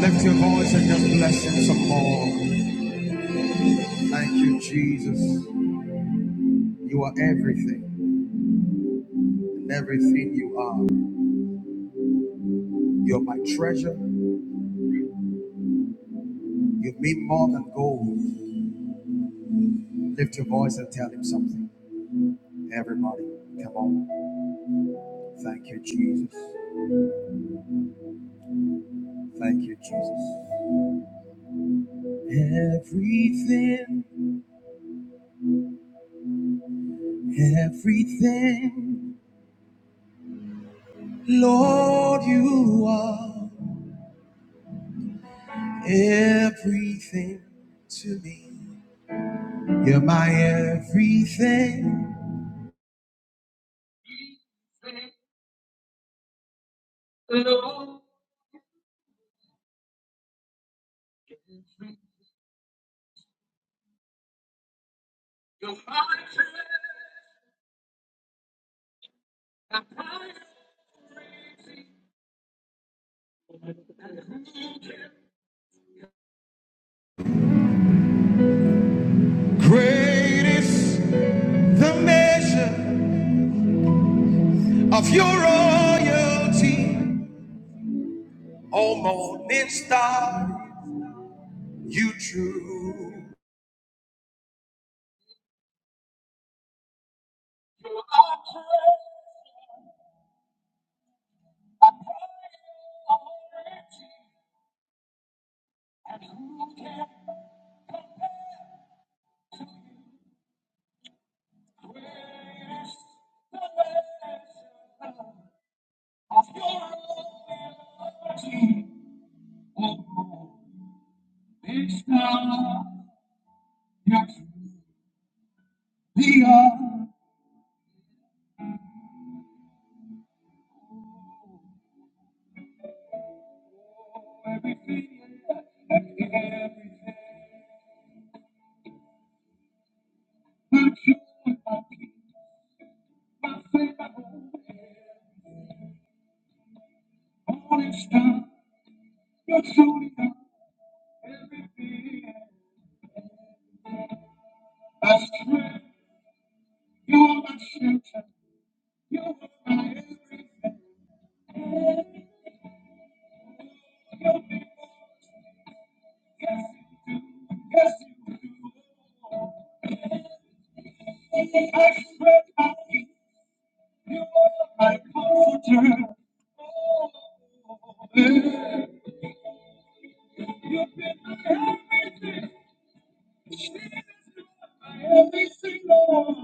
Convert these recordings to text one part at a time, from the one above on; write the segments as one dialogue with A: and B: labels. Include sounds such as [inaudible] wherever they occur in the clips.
A: Lift your voice and just bless him some more. Thank you, Jesus. You are everything, and everything you are. You're my treasure. You mean more than gold. Lift your voice and tell him something. Everybody, come on. Thank you, Jesus. Thank you, Jesus. Everything, everything, Lord, you are everything to me. You're my everything. Great is the measure of your royalty. O morning star, you true. Morning star, you're shining up. I swear You're my shelter. Every single one.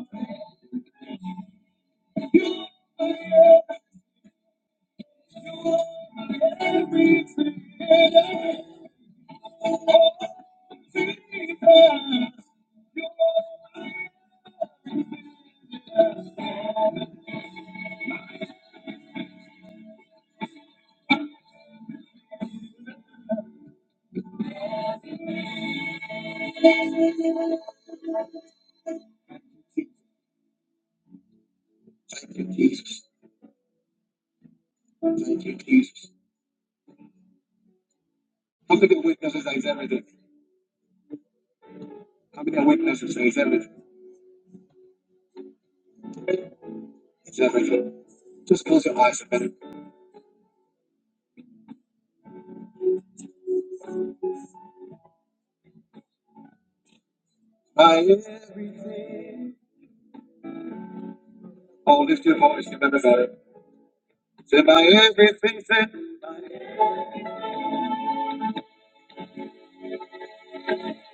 A: Thank you, Jesus. Thank you, Jesus. How many witnesses is everything? How many witnesses is everything? It's everything. Just close your eyes a minute. My everything. Oh, lift your voice, you remember that. To my everything, say,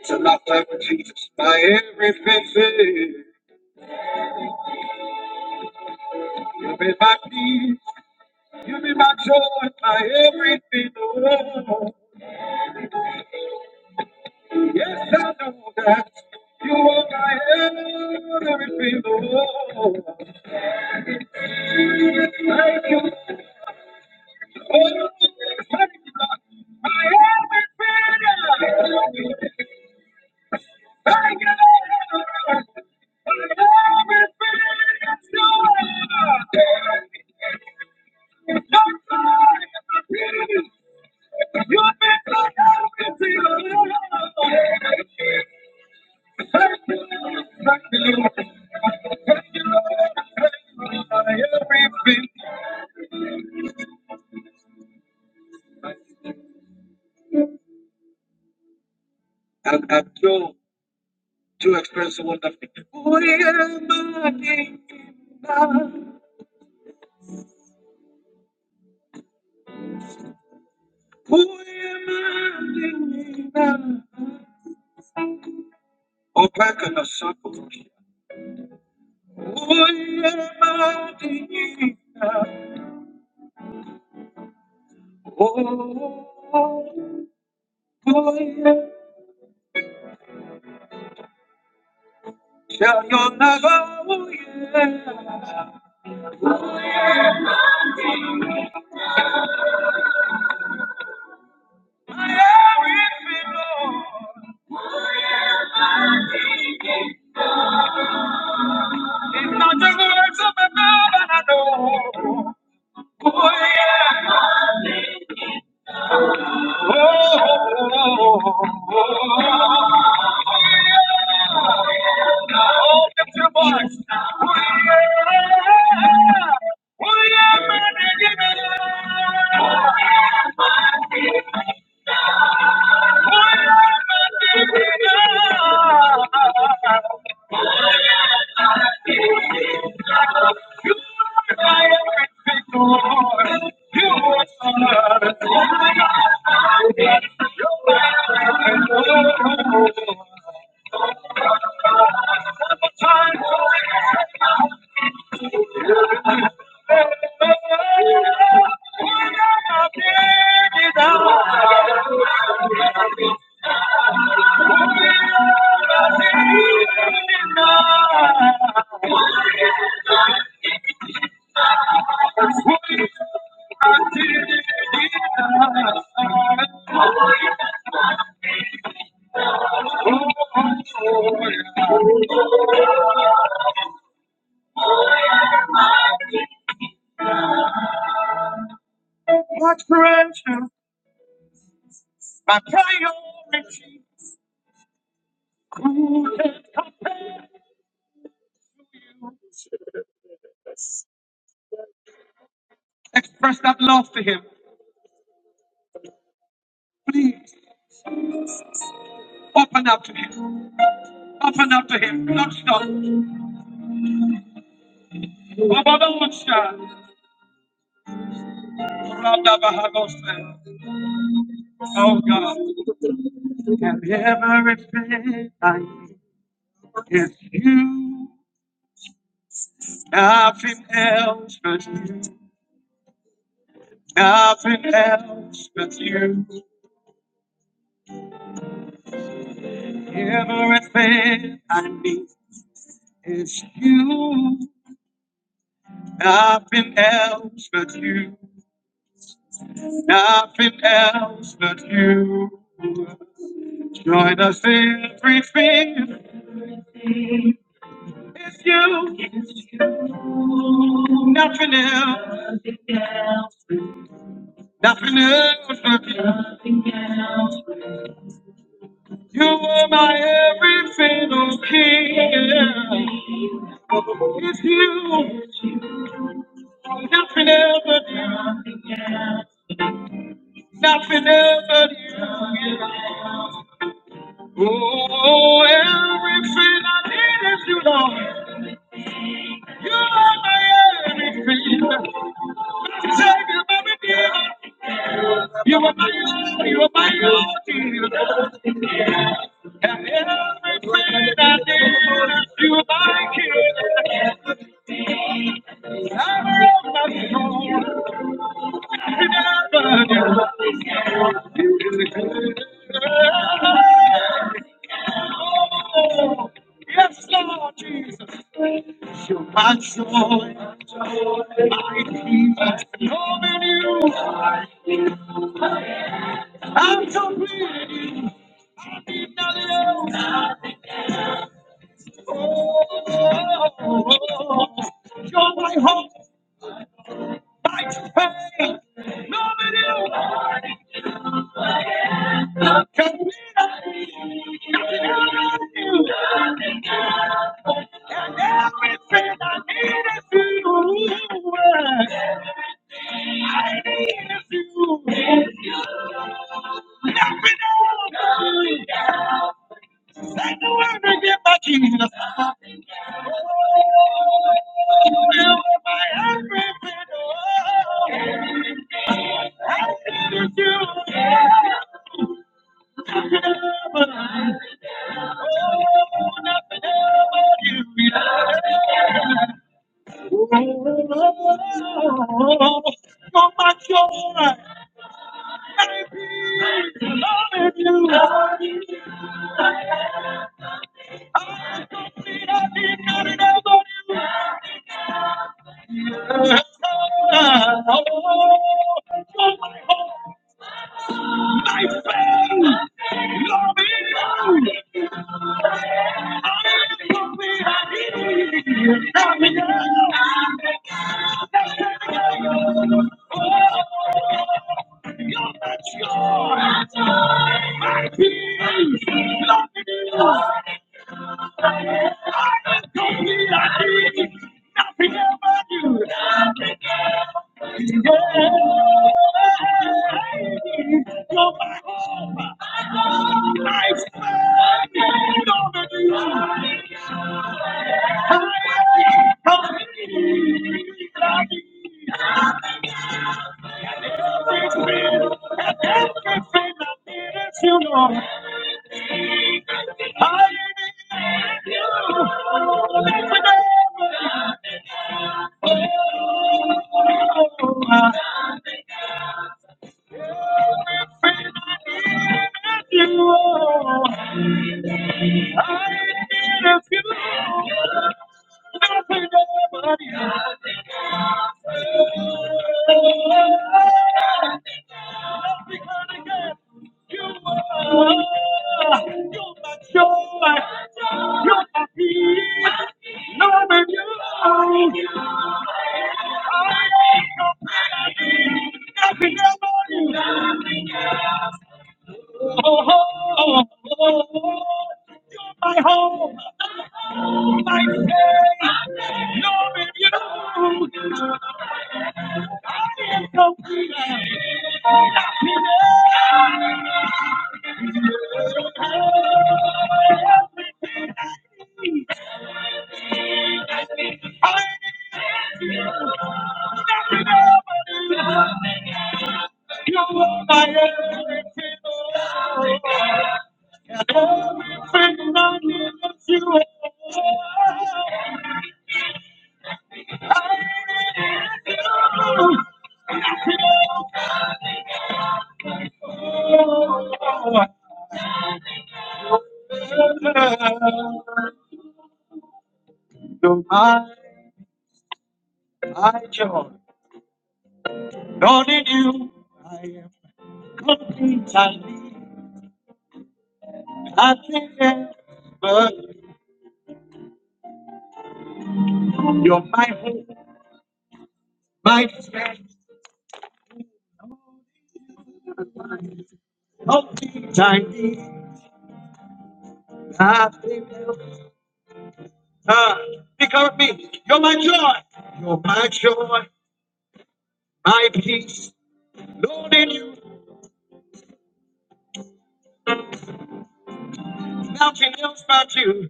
A: to my life with Jesus, my everything, say, you be my peace, you be my joy, my everything, oh Lord. Yes, I know that you are my everything, oh Lord. Thank you, Lord. Thank you, Lord. My everything, my everything. And I'm so to express wonderful. Who am I? Who am I denying? Oh, back in the circle. Who am I denying? Oh, oh, yeah. Shall you never, oh, yeah. My everything, Lord. It's not the words of a man I know. Oh, yeah. We are the champions. We are we are marching on. We are marching on. We are marching on. You are my everything, Lord. You are my everything. You are my everything. You are my everything. My precious, my priority, who can come? Express that love to him. Please open up to him. Open up to him. Don't stop. Oh God. And everything I need is you. Nothing else but you. Nothing else but you. Everything I need is you. Nothing else but you. Nothing else but you. Join us in everything. It's you. Nothing else. Nothing else but you. You are my everything, oh King. yeah. It's you. Nothing else but you. Nothing else but you. yeah. Oh, everything I need is you, Lord. You are my everything. Savior, my redeemer. You are my all, you are my all, Jesus. And everything I need, you are my king. Power of my soul, never Oh, Yes, Lord Jesus. You're my joy, my peace. loving you, I'm complete. Nothing else. Oh, oh, oh, oh. you're my hope, my faith. loving you, can be nothing else. but you. Everything I need is you. I need is you. Nothing else. Ain't the word to get my Jesus. Nobody. You're my joy, you're my peace, Lord, and you oh, oh, oh. You're my home, my safe. You're my I, I joy. None in you complete I need nothing else. but you. You're my home, my strength, complete I need nothing else. Ah, pick up me. You're my joy. You're my joy, my peace. Lord, in you. Mountain else about you.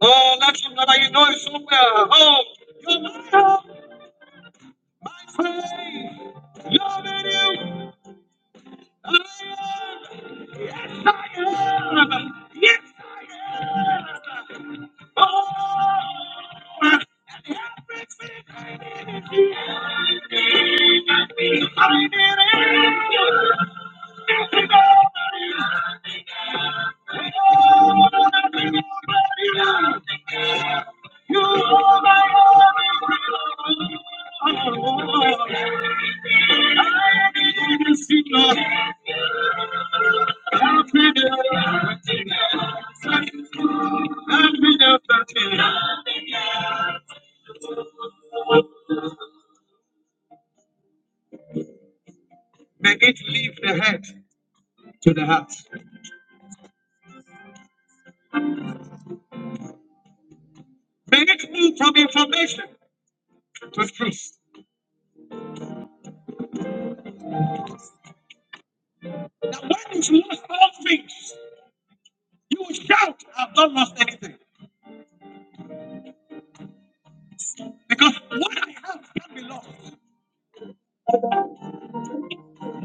A: Oh, let you know that you know it somewhere. Oh, you're my hope, my praise. Love in you. I am. I am. Yes, I am. in You You are my hope. I am in you, see, Lord. I'm with you. I'm am May it leave the head to the heart. May it move from information to truth. That when you lost all things, you will shout, I've not lost anything. Because what I have can be lost.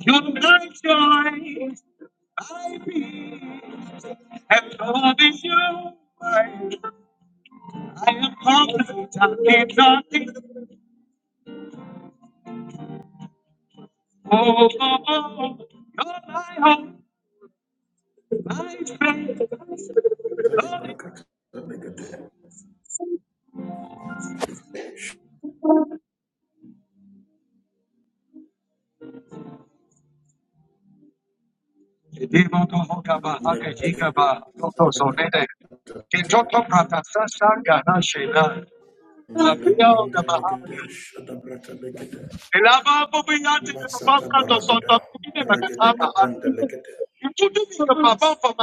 A: You're my joy, I be, and Lord is you. I am confident I need nothing. Oh, oh, oh, you're my hope, my strength, Lord is
B: Telegraph, Telegade, Leg, Telegade, Melebranda Legade, Shadabrata Legade,
A: Elaba hapo bei yake ni
B: Masata Baragada, Regade la Branda Legade,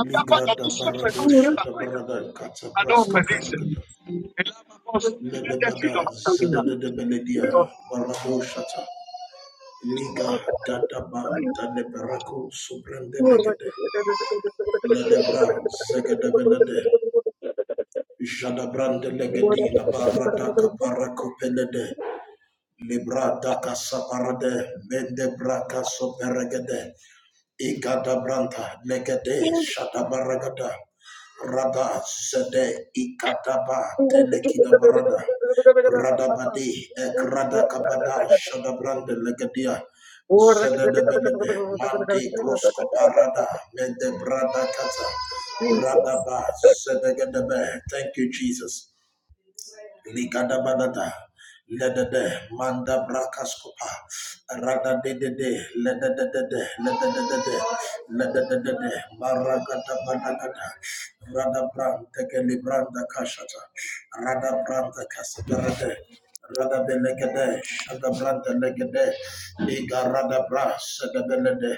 B: Ligrada Barado, Shadabarada, Katabraska Paragada, Ledebada, Zada de Beledia, Barado Shata, Liga, Dadaba, Daneberako, Subrande Legade, Ledebra, Zagadabelade, Jadabrande legadina baradaka parakopelede. Librata kasaparade. Mende braka soperegede. Igadabranta legede shadabaragada rada zede ikadaba telekidabarada radabadi ekrada kabada shadabrande legedia zedebelebe mante krosko parada medebrada kata radaba zedegedebe thank you jesus Likadabadada. Ledede manda brakaskopa rada de de de ledede de de ledede de de ledede de de marakata banakata rada branta keli branda kashata rada branta kasadarade rada belekede shada branta legede liga rada bras de belede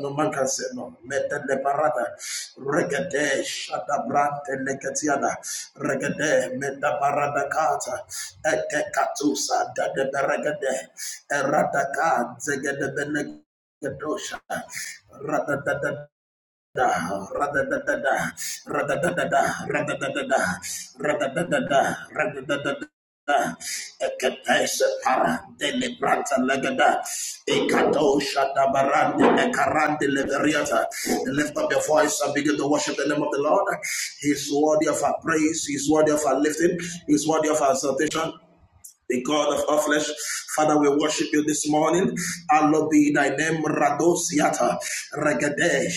B: No man can say no. Mete le parada, regede, shada brante le regede, meta parada kata, ete katusa, da de beregede, erada ka, zegede benegedosha, rada Ra-da-da-da-da, ra-da-da-da-da, ra-da-da-da-da, ra-da-da-da-da, ra-da-da-da-da. Ekepeshe para delibrata legada. Ekato shata barande ekarande leveriata. Lift up your voice and begin to worship the name of the Lord. He's worthy of our praise. He's worthy of our lifting. He's worthy of our salvation the God of all flesh. Father, we worship you this morning. Allah be thy name, Rados Yata, Regade,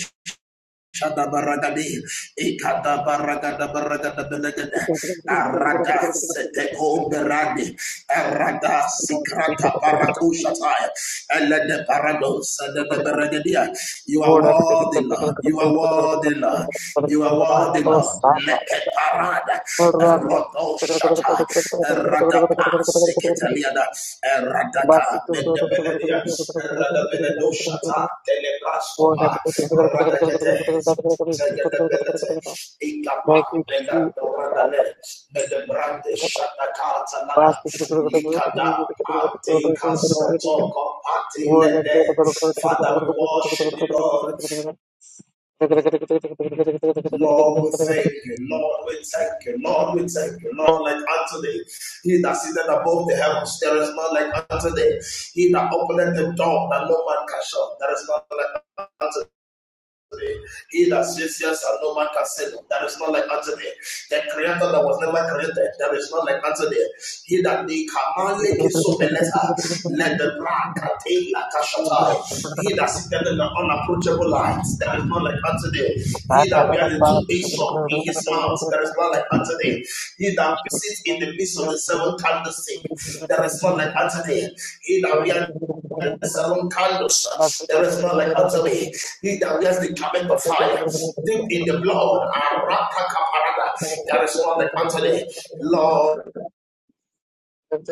B: Shada baragadi, ikada Shadabaragadi, Ikadabaragadabaragadabalagada, Arada Seteko Beradi, Arada Sikrata Parakushataya, Elede Parados, Elede Beregadia. You are worthy, Lord. You are worthy, Lord. You are worthy, Lord. Leke Parada, roto Shata, Seketaliada, Radata, Mendebeledia, Radabeleno Shata, Telebrascopa, Radakete, Zegadabelete, Ikapa, Bella Doradale, Medebrande Shatakata
A: pass
B: nada
A: के किसी को तो कोई तो हम
B: Likada,
A: जी के किसी को तो
B: Ante
A: इसे किसी को तो करते हैं
B: Casoto,
A: वो
B: Compati
A: लगते हैं
B: Lede.
A: तो लोग सब किसी को तो
B: Father, we
A: करते हैं किसी को तो
B: worship the
A: करते हैं किसी
B: Lord.
A: को
B: Lord, we
A: तो करते
B: thank
A: हैं
B: you. Lord, we thank you. Lord, we thank you. Lord, like Anthony, he that sitteth above the heavens, there is none like Anthony. He that openeth the door that no man can shut, there is none like Anthony. He that says yes and no man can say no. There is not like unto thee. The creator that was never created, there is not like unto thee. He that they command, commanded so beleta, let the black attain like a shatai. He that sitteth in the unapproachable light, there is not like unto thee. He
A: साथ
B: that
A: आता था
B: wears the two
A: पास किसी को तो
B: Aesop in his
A: करते हैं किसी
B: mouth,
A: को
B: there is not like
A: तो
B: unto
A: करते हैं
B: thee. He that
A: कुछ
B: sits in the midst of the seven candlestick, there is not like unto thee. He that wears Salon
A: बस
B: candles.
A: तो
B: There
A: तो तो
B: is none
A: तो
B: like unto me. He that wears the garment of fire, deep in the blood, Arapakaparada. there is none
A: तो
B: like unto thee. Lord,
A: तो तो Yes,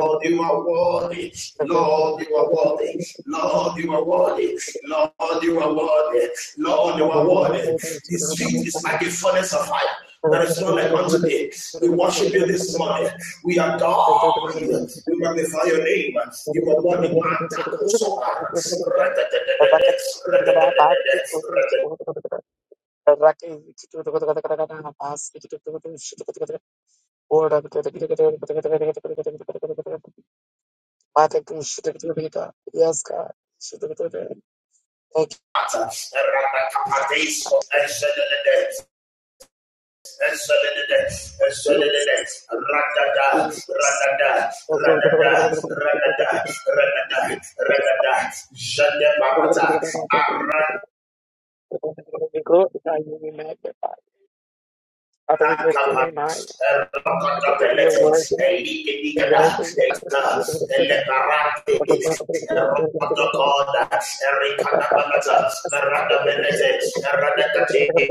B: Lord, you are worthy. Lord, you are worthy. Lord, you are worthy. Lord, you are worthy. Lord, you are worthy. His feet is like a furnace of fire. There is no like unto thee. We worship you this morning. We adore you. We magnify your name. You are worthy. Man, tackle so
A: God. Thank We glorify
B: Esolidide, esolidide, radada, radada, radada, radada, radada, radada, jende parata,
A: you, we magnify. Father, we lift your
B: Nakapa,
A: name high.
B: Rokota
A: Father, that you're
B: Belete,
A: worthy,
B: Elite
A: be
B: Nigada,
A: worthy.
B: Eka, Elebarate, Rokoto Koda, Erikata Balata, Merada Belete, Radakati.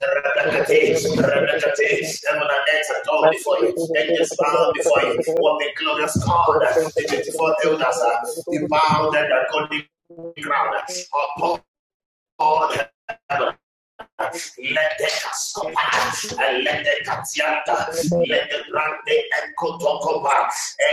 B: Radakati, Radakati, Heaven and earth are tall
A: Bless
B: before you, angels bow before you.
A: you.
B: What the glorious God,
A: Thank
B: the 24 elders, uh, the bowed and the golden crown upon all heaven. Lete Cascopa, Lete Catianta, Lete Grande and Cotocopa,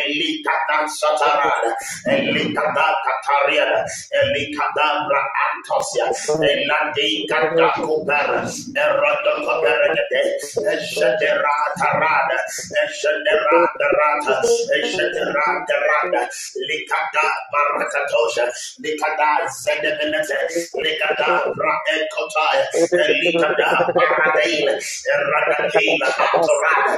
B: Elicada Satarada, Elicada Catariana, Elicadabra Antosia, Elade Catacopera, Erodo Coperade, Eshadera Tarada, Eshadera Darata, Eshadera Rada, Likada Barakatosha, Likada Zedebenete, Likada Braekotaya, Likada Paradela, Radakila Atorada,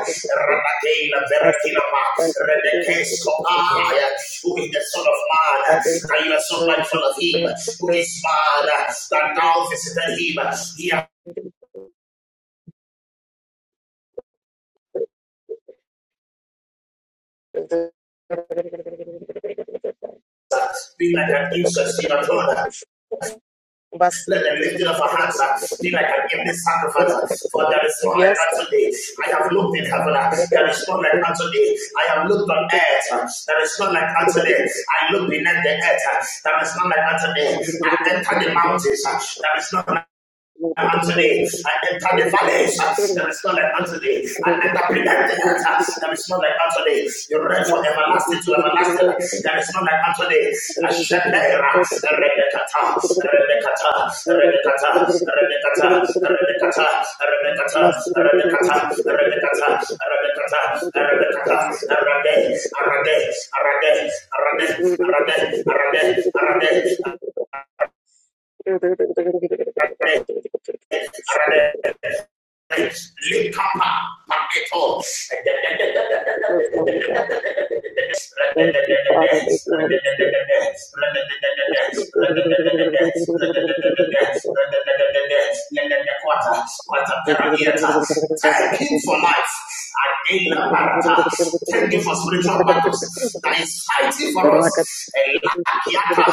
B: Radakila Verakinapa, Redekeskopaya, who is the Son of Man, that you are so mindful of him, who is man, that now visited him, he has
A: you.
B: been like an insect in a throne,
A: Bas-
B: Let the lifting of our hands uh, be like an evening sacrifice. uh, For there is none like
A: Yes, God.
B: unto thee. I have looked in heaven. uh, There is none like unto thee. I have looked on earth. uh, There is none like unto thee. I look beneath the earth. uh, There is none like unto thee. I enter the mountains. uh, There is none like unto thee. I enter the valleys. There is none like unto thee. I enter beneath the earth. There is none like unto thee. You reign from everlasting to everlasting. There is none like unto thee. Ashadera, Rebekata, Rebekata, Rebekata,
A: Yes.
B: Rebekata, Rebekata,
A: Thank
B: Rebekata, Rebekata, Rebekata, Rebekata, Rebekata, Arade, Arade, Arade, Arade, Arade, Arade, Arade,
A: you,
B: Arade. Thank
A: Father. Thank you, Holy
B: him for life. Adela Barata. Thank you for spiritual battles that is fighting for us. Elakiata,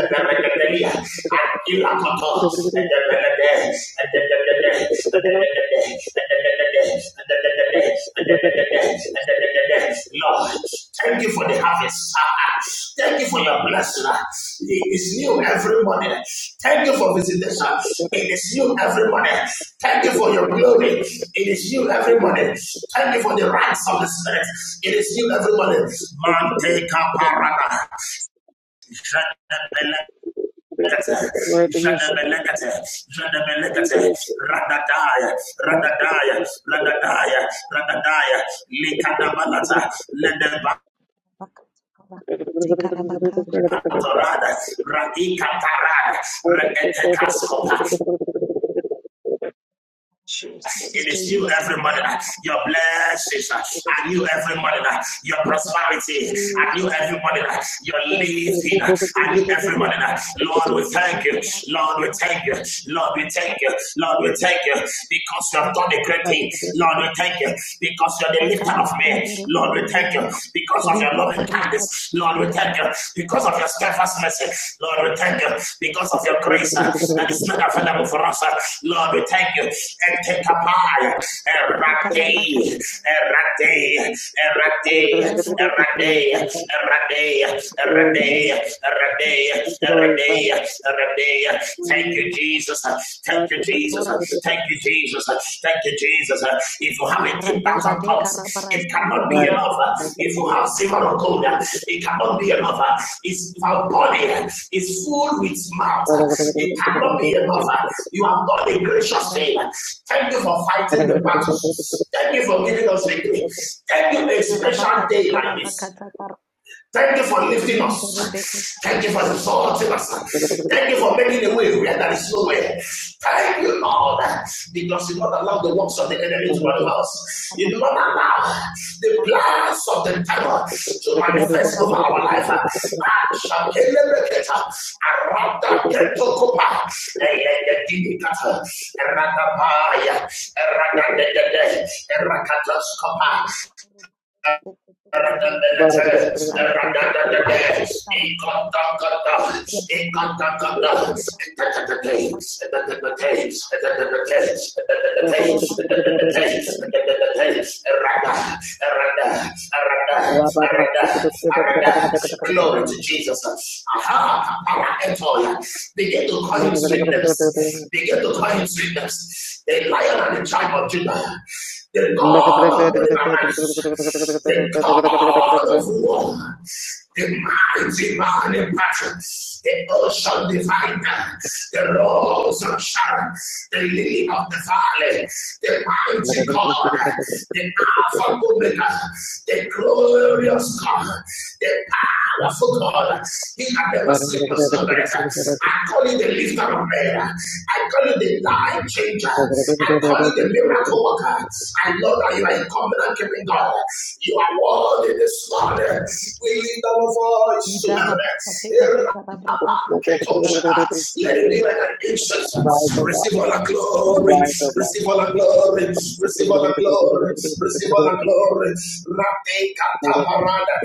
B: Eberekedelia, Akilakota, Edebelede, Edebelede,
A: Spirit.
B: Edebelede, Edebelede, Edebelede, Edebelede, Edebelede. Lord, thank you for the harvest. Thank you for your blessing. It is new every morning. Thank you for visitation. It is new every morning. Thank you for your glory. It is new every morning. Thank you for the rights of the Spirit. It is new every morning. Mante kaparada. Jadabele- Jadabelekete, jadabelekete, radadaya, radadaya, radadaya, radadaya, likadabalata, Ledeba, Torada, Ratika Parada,
A: Jesus,
B: It is you
A: Jesus.
B: every morning, your blessings, and you every morning, your prosperity, and you every morning, your lifting, and you every morning. Lord, we thank you. Lord, we thank you. Lord, we thank you. Lord, we thank you because you have done a great thing. Lord, we thank you because you're the lifter of men. Lord, we thank you because of your loving kindness. Lord, we we thank you because of your steadfast mercy. Lord, we thank you because of your grace uh, that is not available for us. uh. Lord, we thank you. And take a pie. Erate, erate, erate, erate, erate,
A: Glory,
B: erate,
A: glory,
B: erate, erate, erate. Thank
A: glory.
B: you, Jesus. uh, Thank you, Jesus. uh, Thank you, Jesus. Thank you, Jesus. If you have a 10,000 tongues, it cannot be enough. If you have silver or gold, it cannot be enough. If your body is full with mouth, it cannot be enough. You have done a gracious thing. Thank you for fighting the battles. Thank you for giving us victory. Thank you for a special day like this. Thank you for lifting us. Thank you for exalting us. Thank you for making a way where there is no way. Thank you, Lord, because you not allow the works of the enemy to manifest. us. You not allow the plans of the devil to manifest over our life. Ah,
A: Thank
B: Glory to Jesus. Aha, aha, Begin to call him sweetness. Begin to call him sweetness. The lion and the tribe of Judah. The God of morning and the God of war, the mighty man in battle, the ocean divider, the rose of Sharon, the lily of the valley, the mighty God, the Alpha
A: you.
B: and Omega, the glorious God, the powerful God. He
A: Rise,
B: handle of sickness,
A: O
B: no less. I call you the lifter of men. I call you the life changer. I call you the miracle worker. I know that you are a covenant keeping God. You are worthy this morning. We lift our voice to heaven. Let it be like an incense.
A: God.
B: Receive all the glory.
A: Rise, O
B: Receive all the glory. Receive all the glory. Receive all the glory. Rate katabarada.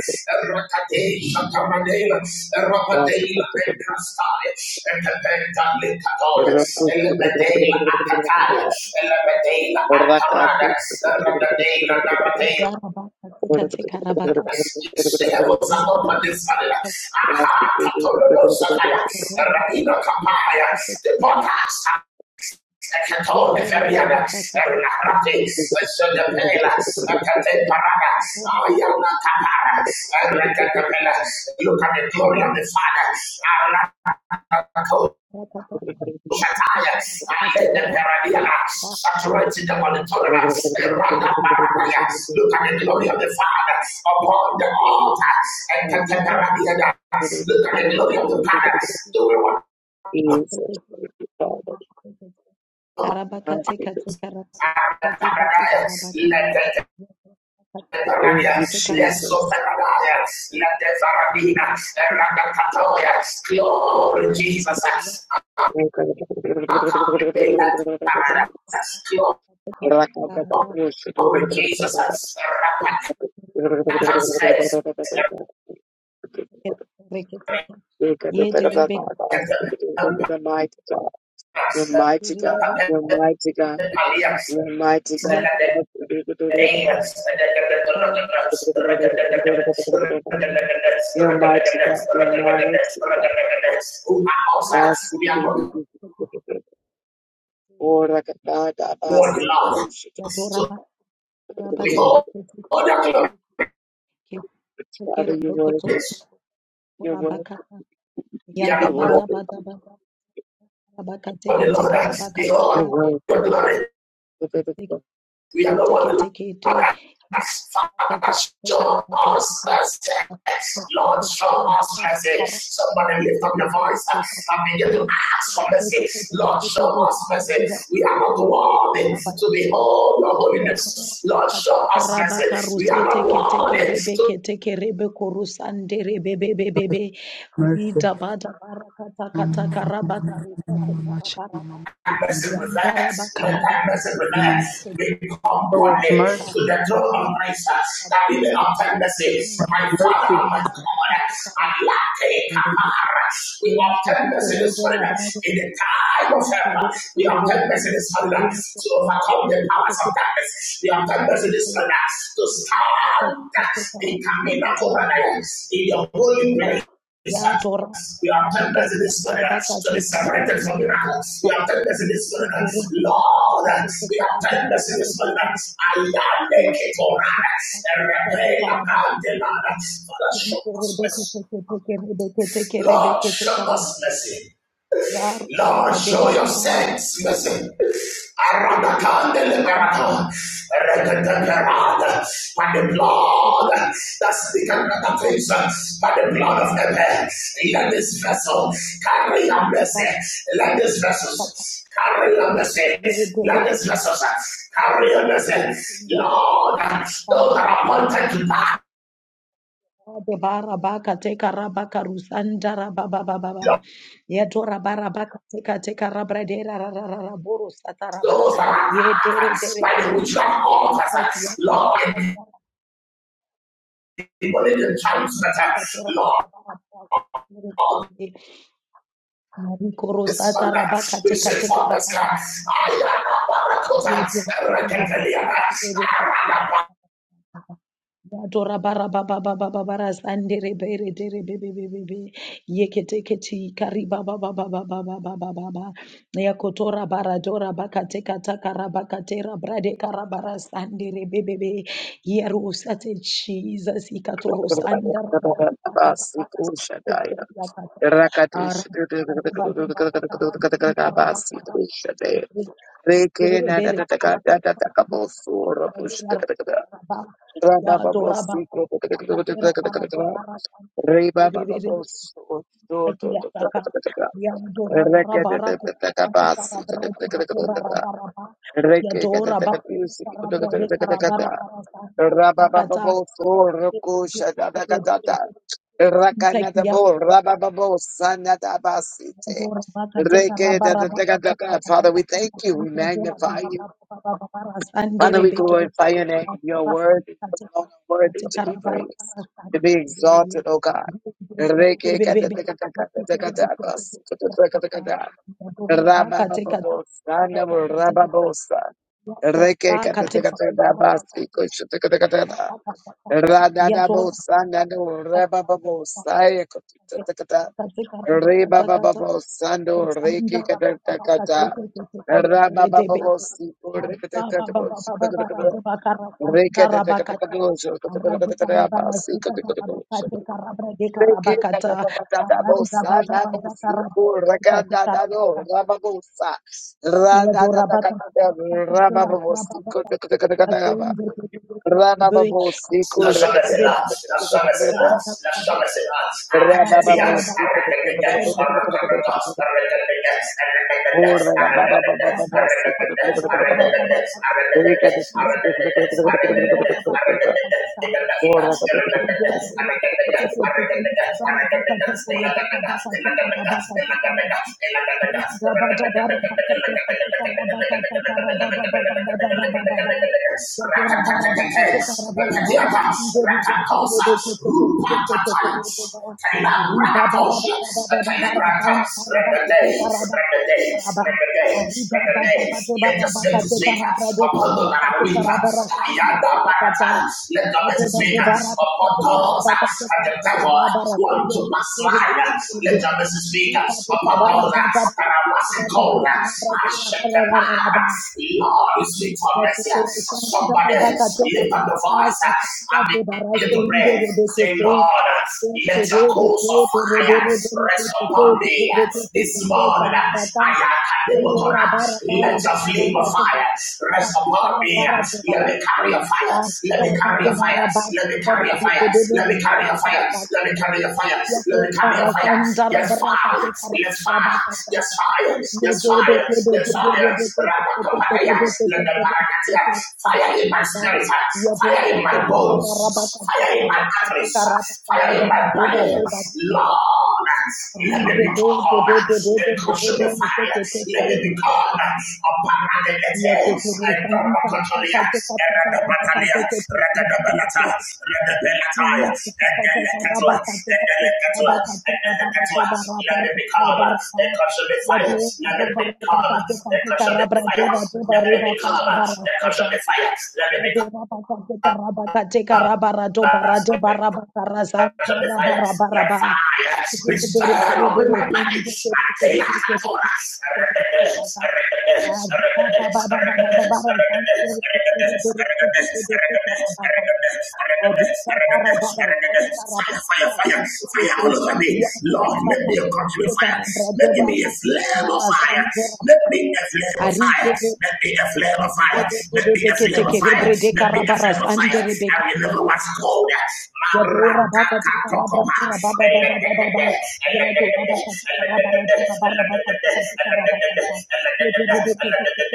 B: Rakate shataradela. Rapadela and crastale. And the pentale catole. And the dela acatale. And the dela atarada. And the dela
A: God.
B: Naradela, Yes, they have what's up on this panel. Aha, Catolono Sakaya, Radino Kapaya, the Potas, the Catone Feriana, Rarate, Sodapela, Cate Parada, Ayana Capara, Recatapella, look at the glory of the Father,
A: [laughs]
B: Shataya, I heard the Paradiana, saturating the Monitorana,
A: Jesus,
B: around the Paradaya. Look at the glory of the Father upon the altar, and Look at the glory of the Father. Do we want
A: thank you, Father. I you,
B: the Paradise? Let the
A: Thank you,
B: Paradias, yes, so
A: Jesus.
B: Paradias, let the
A: Thank
B: Faradina, around the Catoya, glory Jesus,
A: you,
B: accompany that Paradise, glory Jesus, Rapatakastes. Who are outside,
A: mighty God. You're mighty God. You're mighty God. You're mighty God. You're mighty God, you're mighty God. Basi
B: we are not
A: Ora kadada
B: born
A: basi
B: alone.
A: kushi.
B: So behold, the glory,
A: Father, you're worthy. You're worthy.
B: we are
A: You're
B: not born
A: worthy.
B: alone.
A: You're
B: Behold,
A: worthy.
B: the glory, We are not what the Lord has Father, show us mercy. Lord, show us mercy. Somebody lift up your voice and begin to ask for mercy. Lord, show us mercy. We are not worthy to behold your holiness. Lord, show us mercy. We are not worthy to
C: Lord, mercy. Mama, mama, mama, mama, mama, mama, mama.
B: blessed relax.
C: Come
B: Let thy blessed
C: on,
B: relax.
C: mama.
B: We come
C: Show us
B: boldly to
C: mercy.
B: the throne of grace uh, that we may obtain mercy. My Father, oh
C: Mercy.
B: my God, I lack a our, uh, We obtain mercy this morning uh, in the time of help. uh, We obtain mercy this morning uh, to overcome the powers of darkness. We obtain mercy this morning uh, to stand uh, in Camino Corona in your holy place. In fact, you have done this in this morning to be separated from the miracles. You have done this in this morning. Lord, you have done this in this morning. I am naked or and repay about the Lord. Father, show us mercy. Lord, show us mercy. Lord, show your saints mercy. Aradakande liberata, regedeperada, By the blood that speaketh better things, by the blood of Abel, let this vessel carry your mercy. Let this vessel carry your mercy. Let this vessel carry your mercy. Lord, those that are appointed to pass, those that are attacked by the witch of altars, Lord, people in the times that, Lord. This one, we should for this car. I am a barakota. Rekenteliana.
A: Basi kushadaya. Rakatish. Basi kushadaya. Reke na da da da da da da da kabosura Father, we thank you. We magnify you. Father, we glorify your name. Your word is alone are worthy to be praised, to be exalted, O God. Rabababos, Rababos,
B: La Shamesela. La us La Shamesela.
A: Thank
B: Rakatakosa, Rupatakai, Rakatosha, Telegrata, Rakatay, Rakatay, Rakatay, Rakatay, let the spirit speak upon those that are Barata, let the message speak upon those that the devil want to backslide, let the message speak upon those that are massive cold, Lord is sweet for mercy. Somebody lift up the voice and begin to pray. Say, Lord, let your coals of fire rest upon me this morning. I am able to let your flame of fire rest upon me. Let me carry your your fires. Let me carry your fires. Let me carry your fires. Let me carry your fires. Let me carry your fires. Let me carry your fires. Yes, fire. Yes, fire. Yes, fire. Yes, fire. Yes, fire. Rapatopataya. Let the parakatia. Fire in my spirit. Fire in my bones. Fire in my arteries. Fire in my body. Lord, let me become a consuming fire. Let me become a paralytic. I don't want to hear. Eradabatalia, Ragadabalata, Radabelataya, Edelekatua, the Edelekatua. Let me become a consuming fire. Let me become a consuming fire. Let me become a consuming fire. Let me become the flame of fire. Let me the flame of fire. I remember what's cold. Maratatatokopa. Elegedede, elegedede, elegedede, elegedede, elegedede, elegedede,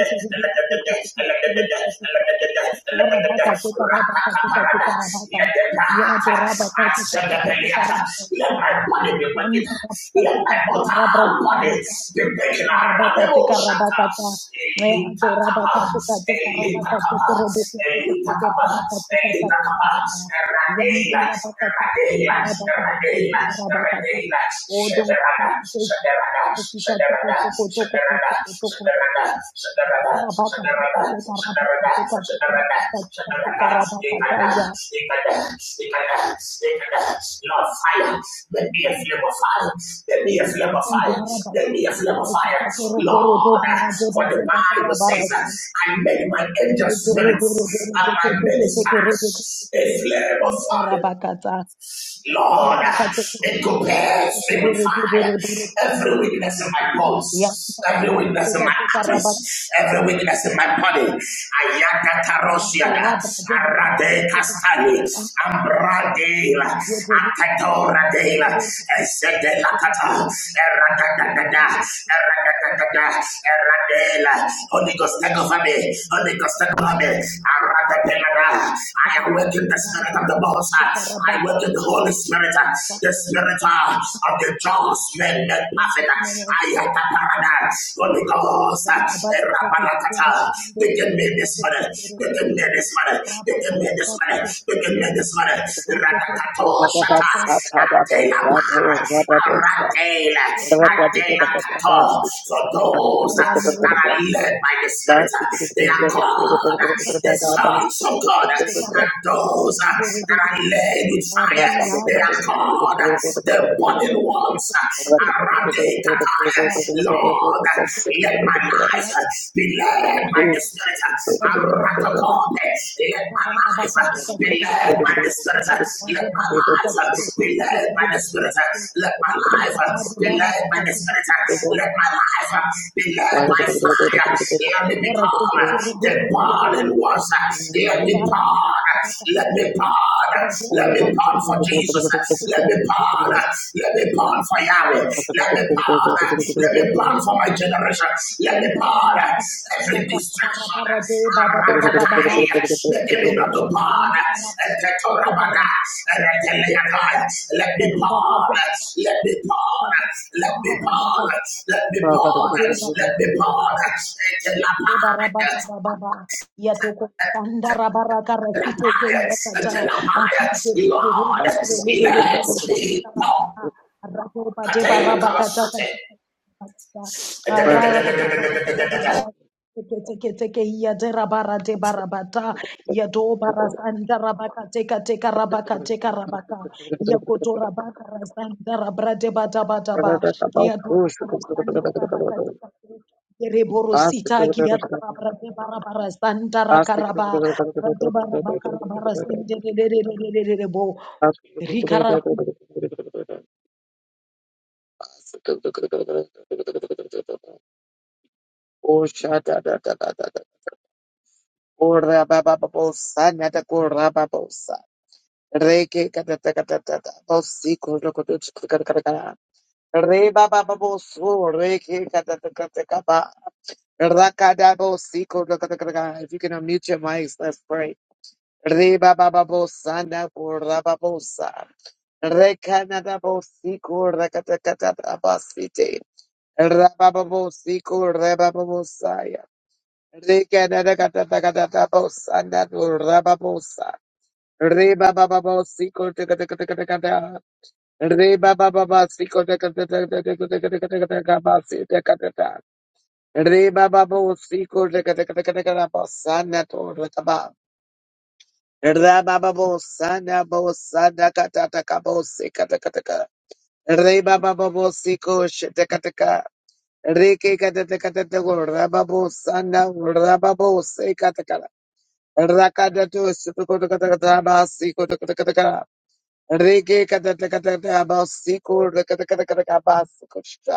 B: elegedede, elegedede, elegedede, elegedede, elegedede. Ratataparada. Let the path accept the Peliata. Let my body be wicked. Let my mortal body be taken out of the shatter. Elita elitakapa, elita elitakapa, eradela, eradela, eradela, eradela, shederada, shederada, shederada, shederada, shederada, shederada, shederada, shederada, shederada, shederada, ikada, ikada, ikada, ikada. Lord, fire, let me a flame of fire, let me a flame of fire, let me a flame of fire, Lord. For the Bible says, that I made my angels spirits and my ministers a flame of fire. Lord, it compares me with fire. Every weakness in my bones, every weakness in my arteries, every weakness in my body. Ayata tarosiana, arade castani, ambradela, atatora dela, esedela kata, eradadadada, eradadadada, eradela. Holy Ghost, take over me. Holy Ghost, take over me. Arade I awaken the spirit of the Most High. I awaken the Holy Spirit, uh, the spirit uh, of the just men made perfect. I am the paradise. Holy Ghost, uh, Rabalakata. Begin me this morning. Begin me this morning. Begin me this morning. Begin me this morning. Radakato Shata. Atena para, aratela, atena kato. For those that are led by the Spirit, they are called the sons of God. And those that are led with fire, they are called the burning ones. Aradekata. Lord, let my life be led by the Spirit. Aratokop. Let my life life be led by the Spirit. Let my life be led by the Spirit. Let my
A: you.
B: life be led by the Spirit.
A: Plastic.
B: Let my life be led by fire. Let me become the burning ones. Let me burn. Let me burn. Let me burn for Jesus. Let me burn. Let me burn for Yahweh. Let me burn. Let me burn for my generation. Let me burn every distraction. The enemy of the born. and the Torabada, and the Leakai, Let me born. Let me born. Let me born. Let me born. Let me born. Until I buy it. Until I buy it. Until I buy it. Lord, let me born. Contain the cost. And then
A: plastic, Oh, sha up, da da da da da. Oh, ra ba ba ba ba sa na da ko ra ba ba sa. Re ke ka da da ka da da da. Ba si ko ro ko do ch ka ka ka ka. Re ba ba ba ba so re ke ka da da ka da ka ba. Ra ka da ba si ko ro ka da ka ka. If you can unmute your mics, let's pray. Ribababosa na kurababosa. Rekanababosiku rakatakatabasite. Rabababosiku rabababosaya. Rekanadakatakatakabosa na kurababosa. Ribabababosiku takatakatakatakata. Ribabababasiku takatakatakatakabasite katata. Ribabababosiku takatakatakatakabasa na kurakaba. Rabababosana bosana katataka bose katakataka. Rebababosiko shetakataka. Reke katakatatako rababosana rababose katakara. Rakadatu sukutukatakatabasiko tukatakataka. Reke katakatakatabasiko rakatakatakatabasiko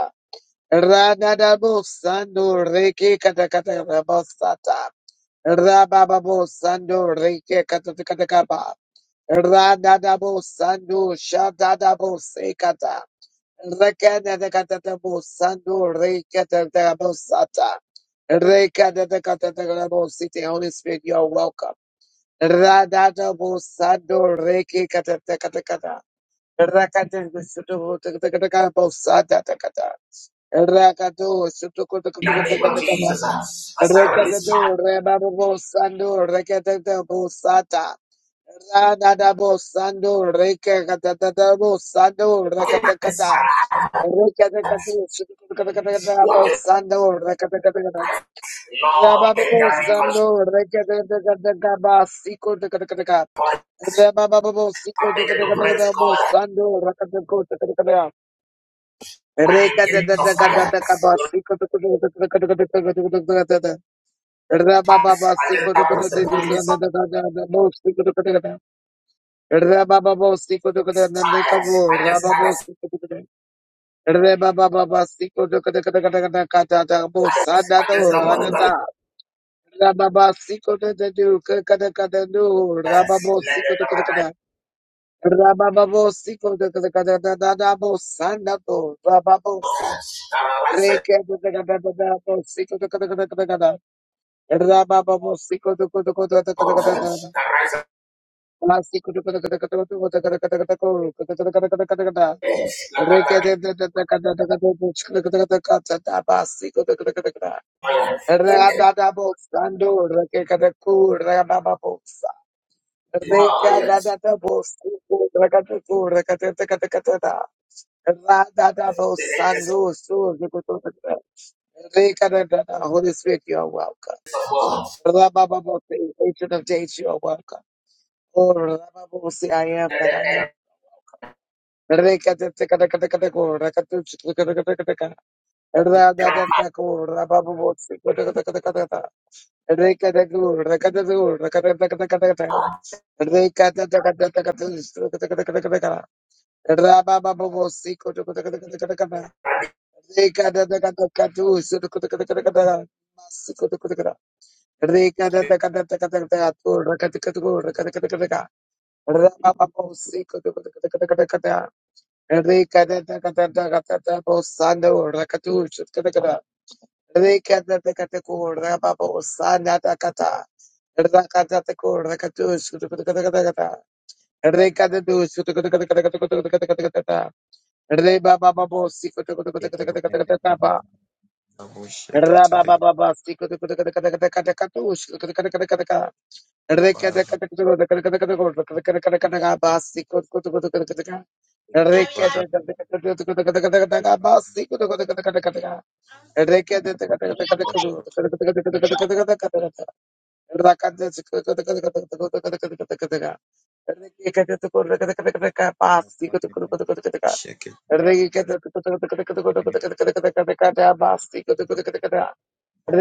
A: Ranadabosando reke kata kata rabosata. Rabababosando reke katakatakaba. Ranadabosando shadadabose kata Rekanadakatabosando reke katakabosata. Rekadakatakabosite. Holy Spirit, you are welcome. Radadabosando reke kata Rakatakatakabosata. Rakatu, Sutukutukataka,
B: Jesus, uh, as I release fire,
A: Rekadu, Rebabu Sandu, Rekata Busata, Radadabo Sandu, Rekatabu Sandu, Rekatakata, Rekatu, Sutukutukataka,
B: walking,
A: Sandu, Rekatakata,
B: Lord, let me
A: Rababu
B: be
A: Sandu, Rekataka, Sikutukataka,
B: consumed.
A: Rababu
B: I begin to praise
A: Sikutukataka,
B: God.
A: Sandu, Rekatakutakata.
B: I begin to fire.
A: Rabababo,
B: I just I put the police on fire. I just I just fire. I just love money on fire. Let the Barakatara
A: Rekada
B: water that rise up fire. The
A: Radada
B: employer
A: Bosando, so the good. Rikadadada, Holy Spirit, you are welcome.
B: will
A: Rabababose, Ancient of Days, you are welcome. Oh, Rababose, I am that I am. Rikadadadadadadadadako, rakatuchikadadadadadaka. Radadadadako, Rabababose, kadadadadadadada. Rikadadadu, rakadadu, rakadadadadadadada. Rikadadadadadadadadadadadadadadadadadadadada. Rabababose, kadadadadadadadadadadada. Rikadadadadadadadadadadadadadadada. Baba
D: Thank
A: Basti Oh,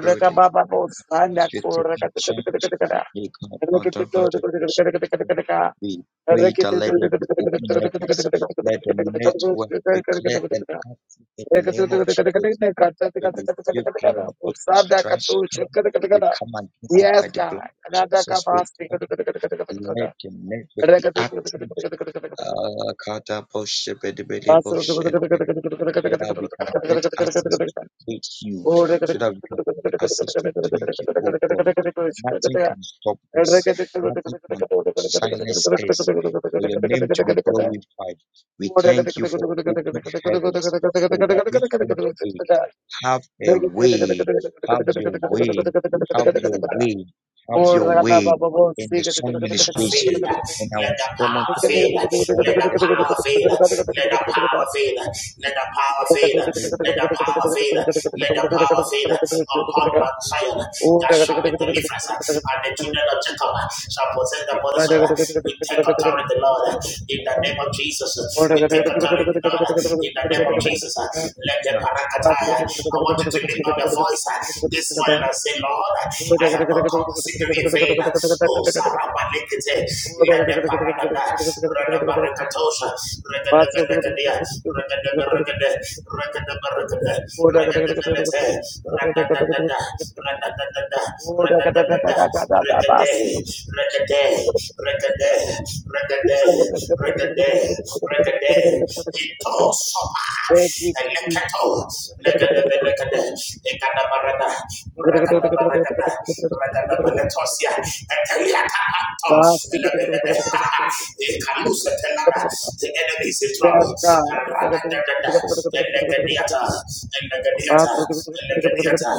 A: Reka Baba Boss, Sanda Kura, Yes, God. Another capacity. Oh,
B: fail. Let the power fail. Let the power fail. Let the power fail. Let the power fail. Let the power fail. Let the power fail upon my child. That shall be deliverance. And the children of Jacob shall possess the body We take authority, Lord, in the name of Jesus. We take authority, Lord, in the name of Jesus. Let the
A: Thank
B: parakataya. I want you to lift up your voice uh, this morning and say, Lord, I have not come to seek you in vain. Oh, Sarabalikite, let the parakata, Rada Barakatosha, Rada de Berekadia, Rada de Berekade, Rada de Berekade, Rada de Benete, Rada da da da, Rada da da da, Rada da da da, Regade. Regade, regade, regade, regade, regade, regade. Ito sopa,
A: you,
B: eleketo, legade
A: Jesus.
B: belegade, ekada barada,
A: Yes, God.
B: regada baragada, regada beletosia, etelia kapato, elebelede, ekalusa telada. The enemy is in trouble. Radadadada, elegadiata, elegadiata, elegadiata,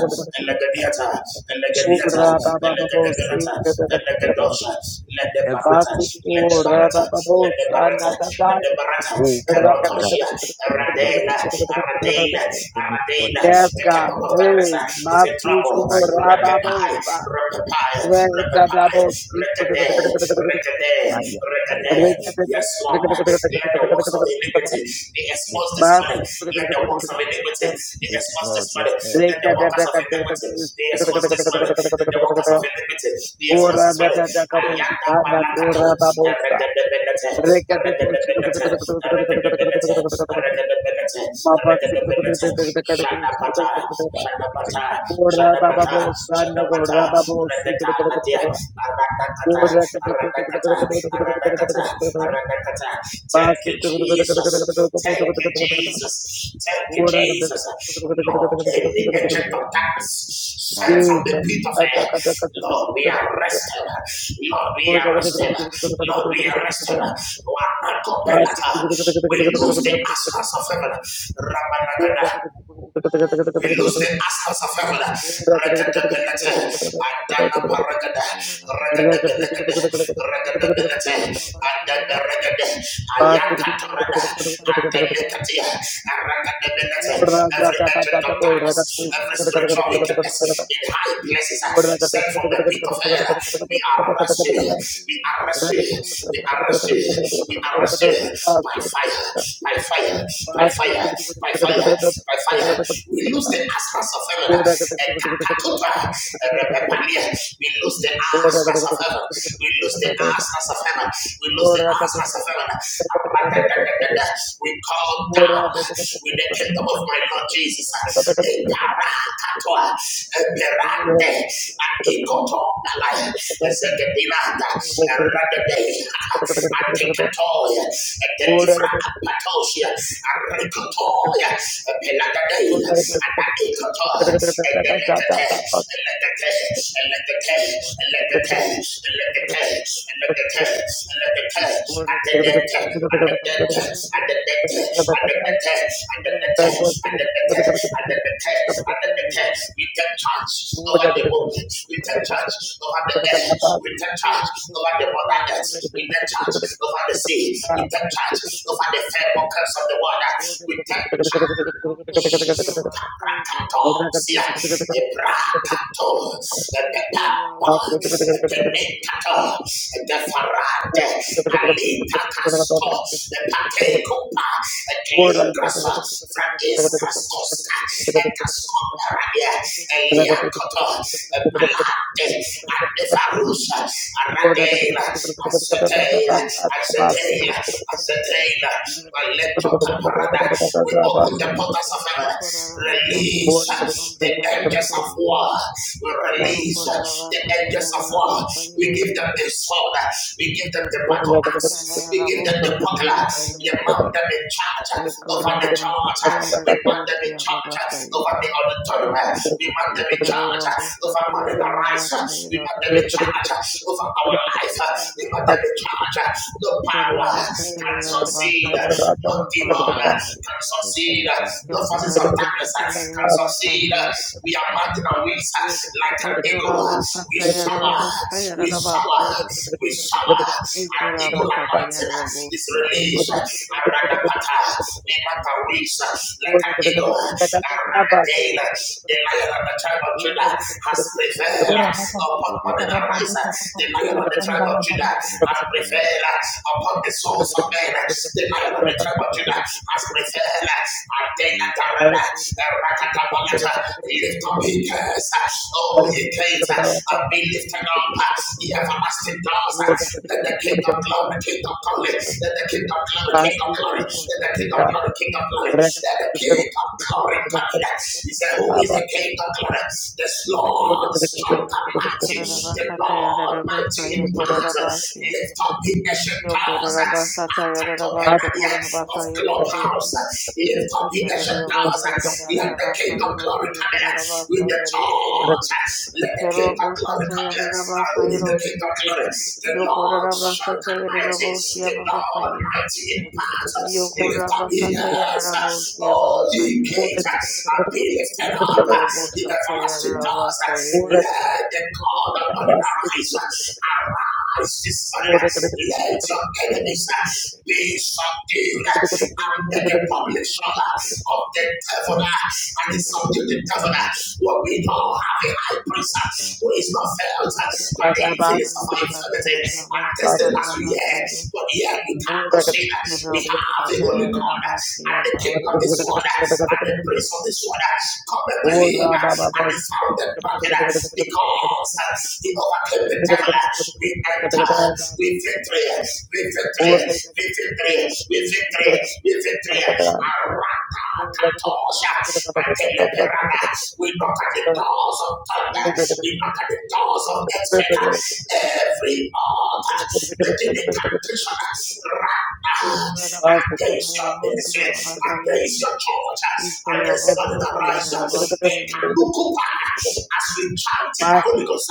B: elegadiata, Elegebiata, Elegedeberata, Elegedosha, Ledebarata, Ledebarata, Ledebarata, Ledebarata, Carotoshia, Aradela, Aradela, Aradela.
A: Yes,
B: The kingdom
A: God.
B: of darkness
A: Hey,
B: uh, is in trouble.
A: Masiku
B: Repepai,
A: Rababosa.
B: repepai,
A: Ora baba
B: repepai, rekade, rekade, rekade. Yes, Lord. Let the works of iniquity be exposed this morning. Let the works of iniquity be exposed this morning. Let the the workers of iniquity, the expose this morning, the workers of iniquity, the expose this morning. Ayanda Palakato, Regedebenete, Regedebenete, Regedebenete, Regedebenete, Regedebenete, Shadapata, Shadapata, Shadapata,
A: bossa, no ora
B: Shadapata,
A: baba
B: Regeta, Nadia,
A: bossa,
B: Aradakata,
A: Jesus.
B: Aradakata, Aradakata, Aradakata. Thank you, Jesus. Thank you, Jesus. Thank you, Jesus. Lord, any agent of darkness sent from the pit of hell, Lord, we arrest him. Lord, we arrest him. Lord, we arrest him. Wanakopelata. We lose the aspects of heaven. Rabanagada. We lose the aspects of heaven. Rekadabelete, Adana paragada, Rekadabelekade, Rekadabelete, Adana regade,
A: Thank
B: Ayakatarada, Adelekatia, Rekadabelete. Every agent of darkness, every spiritual wickedness in high places, sent from the pit of hell, we arrest you, we arrest you, we arrest you, we arrest you by fire, by fire, by fire, by fire, by fire, we lose the aspects of heaven. Eh, katatupa, eh, We lose the aspects of heaven. We lose the aspects of heaven. We lose the aspects of heaven.
A: you.
B: We call down with the kingdom of my Lord Jesus. Eh, parakatoa, eh, berande, ah, ikotopalaya, eh, zekedinanda, eh, radede, ah, ah, atikatoya, eh, delivra apatosia, ah, rikotoya, Pelagaday, and that and the Lekate, and let the Tex, and let the Tex, and let the Tex, and let the Tex, and let the Tex, and let the Tex, at the
A: Thank
B: Dent, at the Dent, at the Dent, at the Tex, at the Tex, at the Tex, at the Tex, at the Tex, we take charge over the moment, we take charge over the air, we take charge over the mother earth, we take charge over the sea, we take charge over the fair pockets of the water, we take Sia, Ebrakato, Epetampo, Epenekato, Epefarade, Alita Casto,
A: you.
B: Epatecopa,
A: Thank
B: Eteligrasa, Fratis Crastosca, Etascoperadia, Eliacoto, Epalate, Andefarusa, Aradela, Asetela, Asetela, Asetela, Valeto Caparada, we open the portals of heaven. Release the angels of war. We release the angels of war. We give them the sword. We give them the battle axe. We give them the buckler. We mount them in charge over the charge. We mount them in charge
A: you.
B: over the
A: Oh,
B: auditorium. We mount them in charge over Marina Rise. We mount them in charge over our life. We mount them in charge. No power can so some seed, uh, no demon uh, can succeed, uh, no forces of darkness uh, can succeed. uh, We are mountain on wings uh, like an eagle. uh, We shower, we shower, we shower. An eagle anointing uh, is released uh, around the path. No matter wings uh, like an eagle uh, around the day. uh, The lion of the tribe of Judah has prevailed uh, upon morning and rise. uh, The lion of the tribe of
A: Thank
B: Judah has prevailed upon the souls of men. uh, The light of the church of Judah has prevailed. Adela Tarada, Rakatabalata, lift up ye cares. Oh, ye gates, and be lifted up. uh, Ye everlasting doors. uh, Let the King of glory, King of glory, let the King of glory, King of glory, let the King of glory, King of glory, let the King of glory come in. uh, He said, Who is the King of glory? The Lord strong and mighty the Lord mighty in power. Lift up the ancient powers. Attack the area of clubhouse.
A: you.
B: Lift up the ancient powers. Let the King of Glory come in with the church. Let the King of Glory come in. Who is the King of Glory? The Lord strong and mighty. The Lord mighty in power. Lift up the ears. Oh, ye gates. And be lifted up. The everlasting it does. Let the God of morning arise. Arise this morning. Let your enemies be subdued. And make a publisher of the devil. And it's subdue the devil. What we know have a high priest who is not felt by the influence of our infirmity. And tested as we hear. But here we cannot say that we have the Holy God and the King of this world and the Prince for this one uh, cometh to him uh, and he found them market uh, because uh, he overcame the devil. uh, We enter with victory, with victory, with victory, with victory, with victory. Arata katosha. I tell the piranha, we knock at the doors of thunder, we knock at the doors of earthquake. uh,
A: Or
B: Every altar,
A: Pass.
B: the dedication, Against your ministry, against your church, against money that rises, and Kanukupa, as we chant in the Holy Ghost,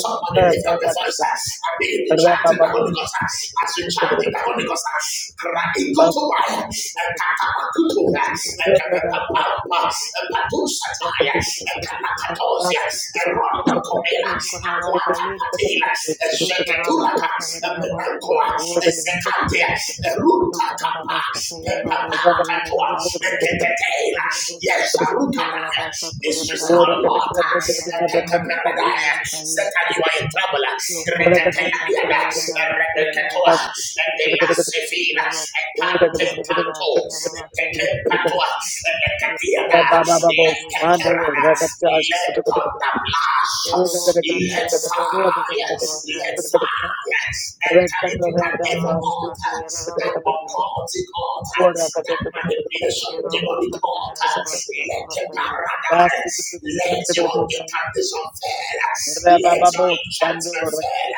B: somebody lift up the voice and begin to chant in the Holy Ghost, as we chant in the Holy Ghost, Kraikutuba, and Katamakutuba, and Kapapapa, and Patusataya, and Kanakatosia, and Rondo Comela, Aquata Patela, and Shekatulaka, and Ekoa,
A: Baba
B: Esekate, Eruta Kapa, Pepapata Toa, Yes, Arukata, this is our Lord, you are in trouble, Reketeliana, Reketoa, Ekelasifina, Ekantekato, Ekekepatoa, Ekeketiana, Ekekerada, Let on the blast, let fire, Let's, ah, let's
A: Thank
B: enter into that evil altar, that occultic altar, that manipulation demonic altar. Let the paradise, let your incantation fail, let your enchantment fail.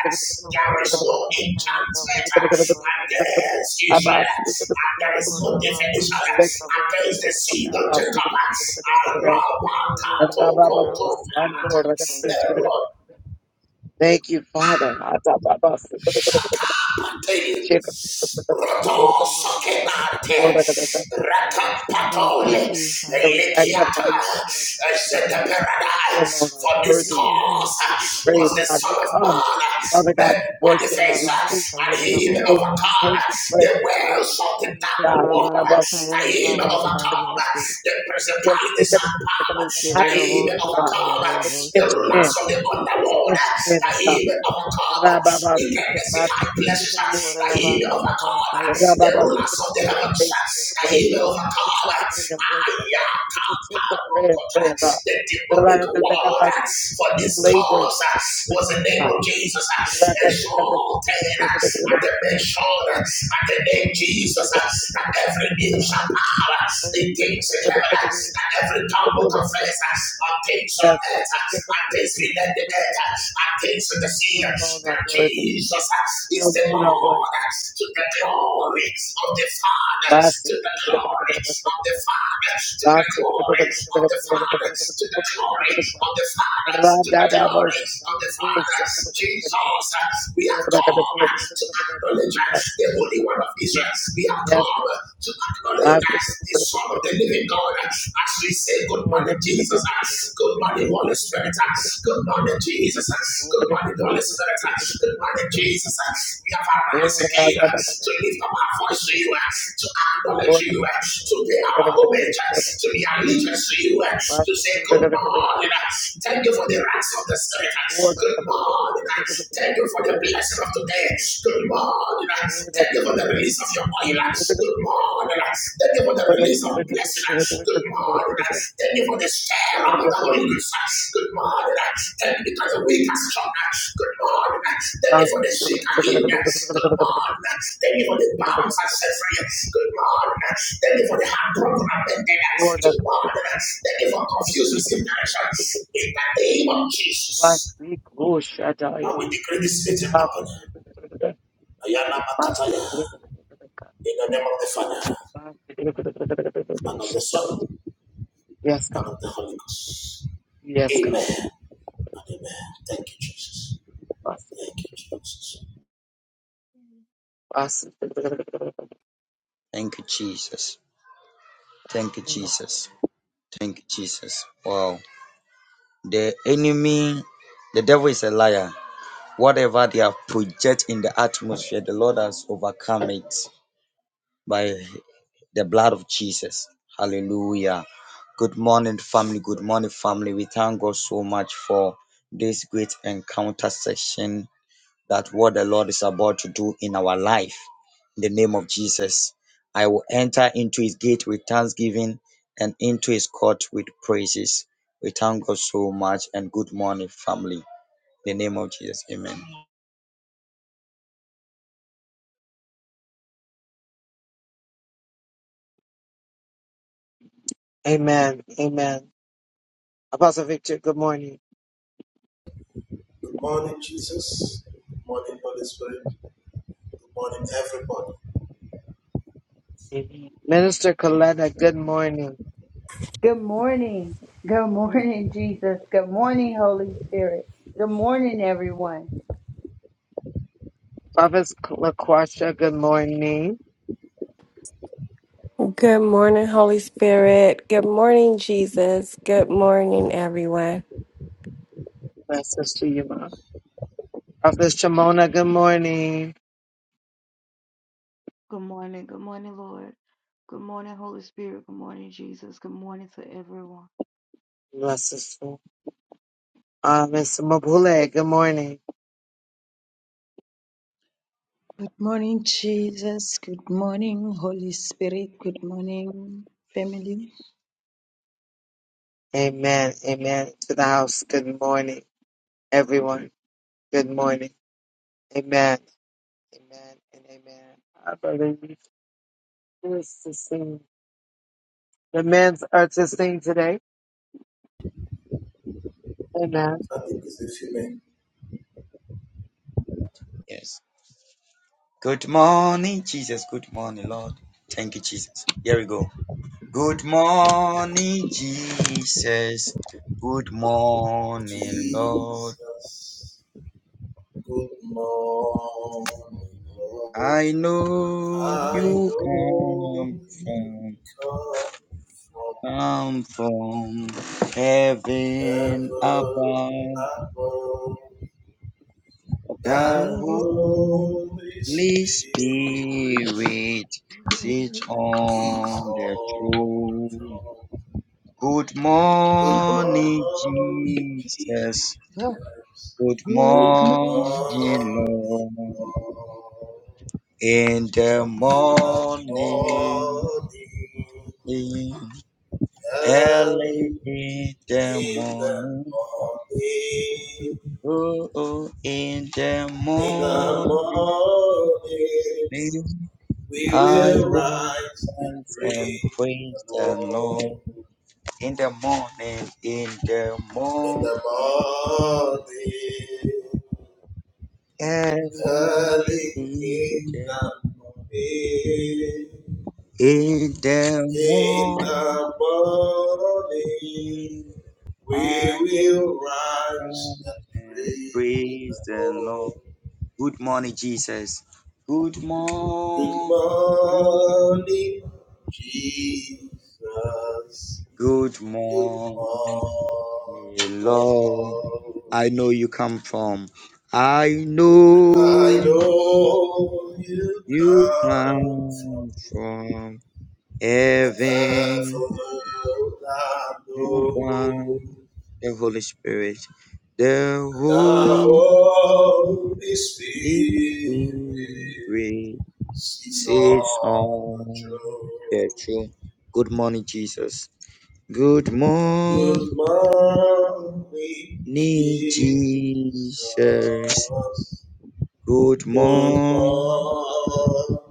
B: There is no enchantment against Israel, and there is no definition against the seed of Jacob. Arabakatokotoparata,
A: you, Father.
B: Rakanate,
A: Lord,
B: Rotosokenate,
A: I got that. Father, we worship you.
B: Rakapatole,
A: Father, we
B: Elikiata,
A: magnify you. We you.
B: Ezeteperadai.
A: You alone are
B: For this
A: worthy
B: cause
A: to be
B: uh, was
A: praised,
B: the
A: God.
B: Son
A: We
B: of
A: come,
B: Man uh,
A: Father God,
B: made
A: to worship you. We
B: manifest, uh,
A: came
B: and
A: to
B: he may
A: praise
B: overcome
A: you. We
B: uh,
A: came to pray
B: the
A: before you,
B: wells of the dark
A: God. And
B: water,
A: God, well,
B: and he may overcome the
A: Father, just
B: principalities and power,
A: not
B: that
A: to be
B: he may
A: here, God,
B: overcome
A: but to
B: the
A: enter
B: rulers
A: in,
B: of the
A: but to
B: underworld,
A: enter in,
B: that
A: oh
B: he
A: God.
B: may overcome
A: Rabba, Basite,
B: wickedness in
A: Basite,
B: high
A: to
B: places,
A: commune with
B: that
A: you,
B: he may
A: God.
B: overcome the
A: Rababa said
B: rulers
A: to
B: of the heavens,
A: participate in your
B: that
A: praise,
B: he may
A: to
B: overcome.
A: participate in worship, to
B: Ayaka
A: participate
B: paroko
A: in prayer,
B: comfort.
A: God.
B: the
A: The
B: demonic
A: Rababa
B: word uh,
A: said to
B: for
A: be
B: this
A: co-laborers
B: cause uh,
A: with
B: was the
A: you, oh
B: name
A: God.
B: of Jesus uh, exalted uh, at the mention uh, at the name Jesus uh, that every knee shall bow uh, in things in heaven uh, that every tongue will confess uh, on things on
A: Yes.
B: earth uh, and things within
A: God.
B: the earth uh, and things in the sea
A: You
B: uh,
A: alone are
B: that
A: worthy.
B: Jesus uh,
A: You
B: is the
A: alone are worthy.
B: Lord to the glory of the Father,
A: My
B: to the glory of the Father, to the
A: Yes, God.
B: glory of the Father, to the glory of the Father, to the glory of the Father. Jesus, we have come to acknowledge the Holy One of Israel. We have come to acknowledge
A: Last week.
B: the Son of the Living God. As we say, Good
A: Lord,
B: morning, Jesus. Good morning, Holy Holy Spirit. Good morning, Jesus.
A: Lord,
B: Good morning, Holy Spirit. Good morning, Jesus. We have arise again to lift up our voice to you, to acknowledge you, to pay our homage, to be allegiance to you, to say good morning. Thank you for the rights of the Spirit. Good morning. Thank you for the blessing of today. Good morning. Thank you for the release of your oil. Good morning. Thank you for the release of blessing. Good morning. Thank you for the share of the Holy Ghost. Good morning. Thank you because the weak are strong. Good morning. Thank you for the sick are healed. Good morning. Thank you for the bounds are set free. Good morning. Thank you for the heartbroken and mended. Good morning. Thank you for confusing in direction. In the name of Jesus. I will decree this
A: Yes, God. Yes, God. Yes,
D: you, Jesus. Thank you,
A: God.
D: Jesus. Thank you, Jesus. Wow. The enemy, the devil is a liar. Whatever they have projected in the atmosphere, the Lord has overcome it by the blood of Jesus. Hallelujah. Good morning, family. Good morning, family. We thank God so much for this great encounter session that what the Lord is about to do in our life. In the name of Jesus, I will enter into his gate with thanksgiving and into his court with praises. We thank God so much and good morning, family. In the name of Jesus, amen.
A: Amen. Amen. Apostle Victor, good morning.
B: morning, Jesus. Morning, Holy Spirit. Morning, everybody.
A: Amen. Minister Coletta, good morning.
C: Good morning. Good morning, Jesus. Good morning, Holy Spirit. Good morning, everyone.
A: Prophet LaQuasha, good morning.
E: Good morning, Holy Spirit. Good morning, Jesus. Good morning, everyone.
A: Blessings to you, Mom. Prophet Shimona, good morning. Blessings to you. Uh, Miss Mabule, good morning. Amen. Amen. To the house, good morning. Everyone, good morning. Amen. Amen and amen. I believe this to sing. The men's are to sing today. Amen.
B: I think it's a few minutes.
D: Yes. Good morning, Jesus. Good morning, Lord. Thank you, Jesus. Here we go. Good morning, Jesus. Good morning, Lord.
B: Jesus,
D: I know you come from come from heaven above. The Holy Spirit sits on the throne. Good morning,
B: holy
D: Jesus.
B: Jesus,
D: Good
B: good morning,
D: morning, Lord.
B: Lord.
D: In the
B: In the
D: morning,
B: morning,
D: in
B: early
D: early in the
B: in the
D: morning,
B: morning,
D: oh, oh, in the
B: in the
D: morning.
B: morning,
D: Live.
B: we
D: I
B: will
D: will
B: rise and
D: dance and
B: praise the
D: praise the Lord
B: Lord.
D: in the morning, in the
B: In
D: morning,
B: the morning,
D: in
B: Early
D: the
B: in the morning,
D: in the
B: in
D: morning.
B: the morning, we
D: I
B: will rise
D: dance
B: and
D: and
B: praise the
D: praise the
B: Lord.
D: Lord. Good morning, Jesus. Good
B: Good
D: morning.
B: morning, Jesus.
D: Good
B: Good
D: morning,
B: morning,
D: Lord.
B: Lord.
D: I know you come from. I
B: I
D: know.
B: know you
D: You
B: come from
D: come from heaven
B: heaven I
D: above.
B: know.
D: The Holy Spirit, the
B: The
D: Holy
B: Holy Spirit
D: Spirit
B: is
D: sits
B: on the
D: on the
B: throne.
D: throne. Good morning, Jesus. Good morning,
B: Good morning, Jesus.
D: Jesus. Good
B: Good
D: morning,
B: morning,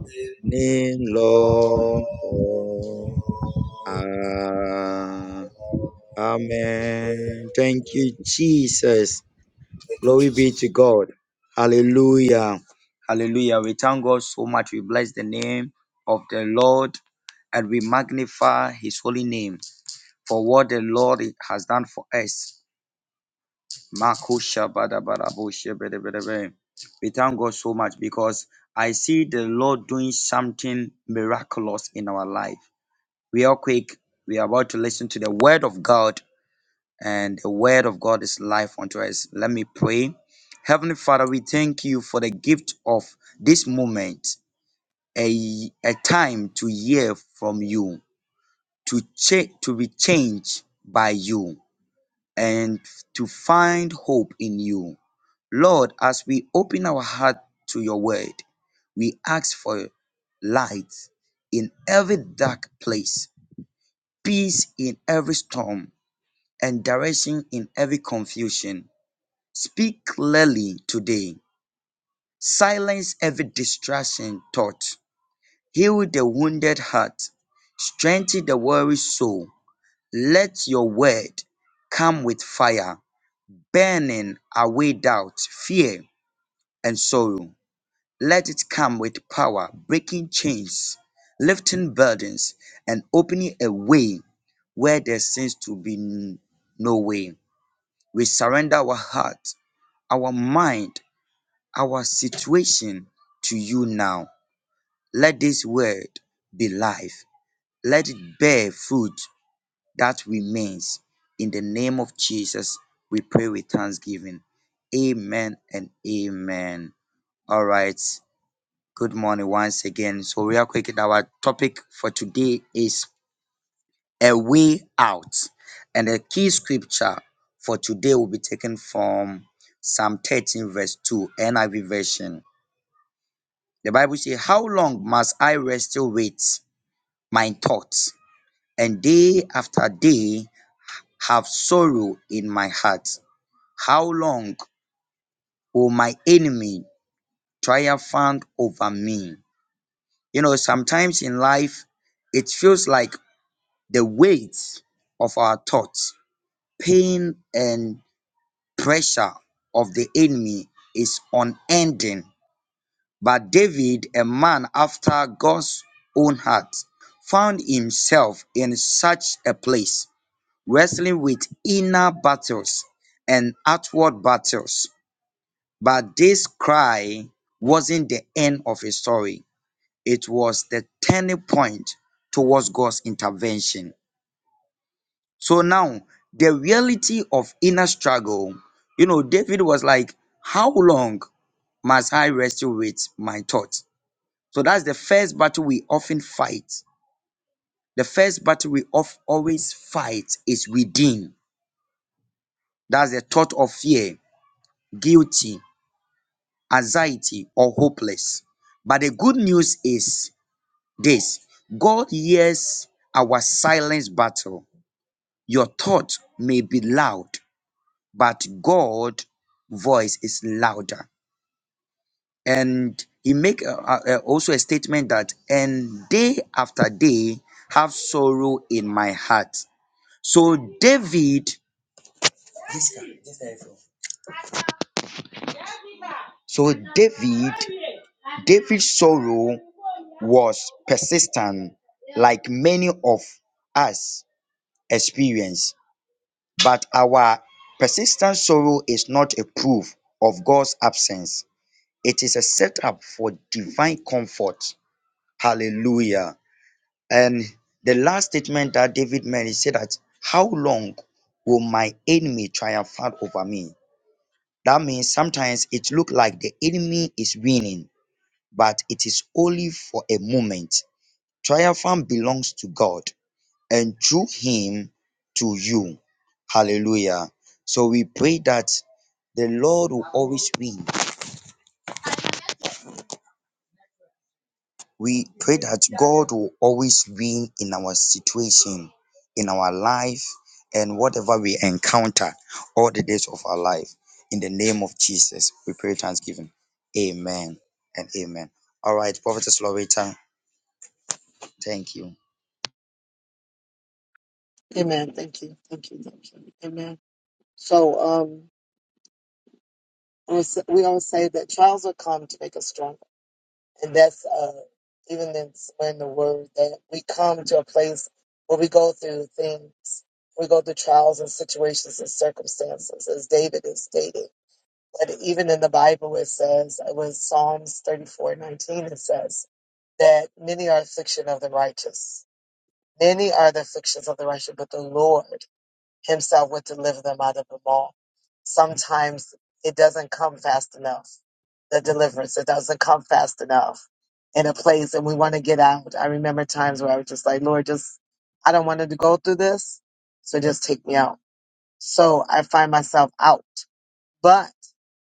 B: Lord.
D: Lord. Amen. Thank you, Jesus.
B: Thank you,
D: Glory be to
B: Jesus.
D: God. Hallelujah. Hallelujah. We thank God so much. We bless the name of the Lord and we magnify his holy name for what the Lord has done for us. Makusha bada bada bushe bede bede bede. We thank God so much because I see the Lord doing something miraculous in our life. Real quick, we are about to listen to the word of God and the word of God is life unto us. Let me pray. Heavenly Father, we thank you for the gift of this moment, a, a time to hear from you, to check to be changed by you, and to find hope in you. Lord, as we open our heart to your word, we ask for light in every dark place, peace in every storm, and direction in every confusion. Speak clearly today. Silence every distraction thought. Heal the wounded heart. Strengthen the weary soul. Let your word come with fire, burning away doubt, fear, and sorrow. Let it come with power, breaking chains, lifting burdens, and opening a way where there seems to be n- no way. We surrender our heart, our mind, our situation to you now. Let this word be life. Let it bear fruit that remains. In the name of Jesus, we pray with thanksgiving. Amen and amen. All right. Good morning once again. So, real quick, our topic for today is a way out. And the key scripture for today will be taken from Psalm 13, verse 2, NIV version. The Bible says, How long must I wrestle with my thoughts, and day after day have sorrow in my heart? How long will my enemy triumphant over me? You know, sometimes in life, it feels like the weight of our thoughts, pain, and pressure of the enemy is unending. But David, a man after God's own heart, found himself in such a place, wrestling with inner battles and outward battles. But this cry wasn't the end of his story, it was the turning point towards God's intervention. So now, the reality of inner struggle, you know, David was like, How long must I wrestle with my thoughts? So that's the first battle we often fight. The first battle we of always fight is within. That's the thought of fear, guilty, anxiety, or hopeless. But the good news is this God hears our silent battle. Your thought may be loud, but God's voice is louder. And he make uh, uh, uh, also a statement that, and day after day have sorrow in my heart So David, this guy, this guy from- so David, David's sorrow was persistent, like many of us experience. But our persistent sorrow is not a proof of God's absence. It is a setup for divine comfort. Hallelujah. And the last statement that David made, he said that, How long will my enemy triumph over me? That means sometimes it looks like the enemy is winning, but it is only for a moment. Triumphant belongs to God and through him to you. Hallelujah. So we pray that the Lord will always win We pray that God will always win in our situation, in our life, and whatever we encounter all the days of our life. In the name of Jesus, we pray thanksgiving. Amen and amen. All right, Prophetess Loretta, thank you.
A: Amen. Thank you. Thank you. Thank you. Amen. So um, we s- we always say that trials will come to make us stronger, and that's uh, even in in the word that we come to a place where we go through things, we go through trials and situations and circumstances, as David is stating. But even in the Bible, it says, it was Psalms thirty four nineteen. It says that many are affliction of the righteous. Many are the afflictions of the righteous, but the Lord. himself would deliver them out of them all. Sometimes it doesn't come fast enough. The deliverance, it doesn't come fast enough in a place and we want to get out. I remember times where I was just like, Lord, just, I don't want to go through this. So just take me out. So I find myself out but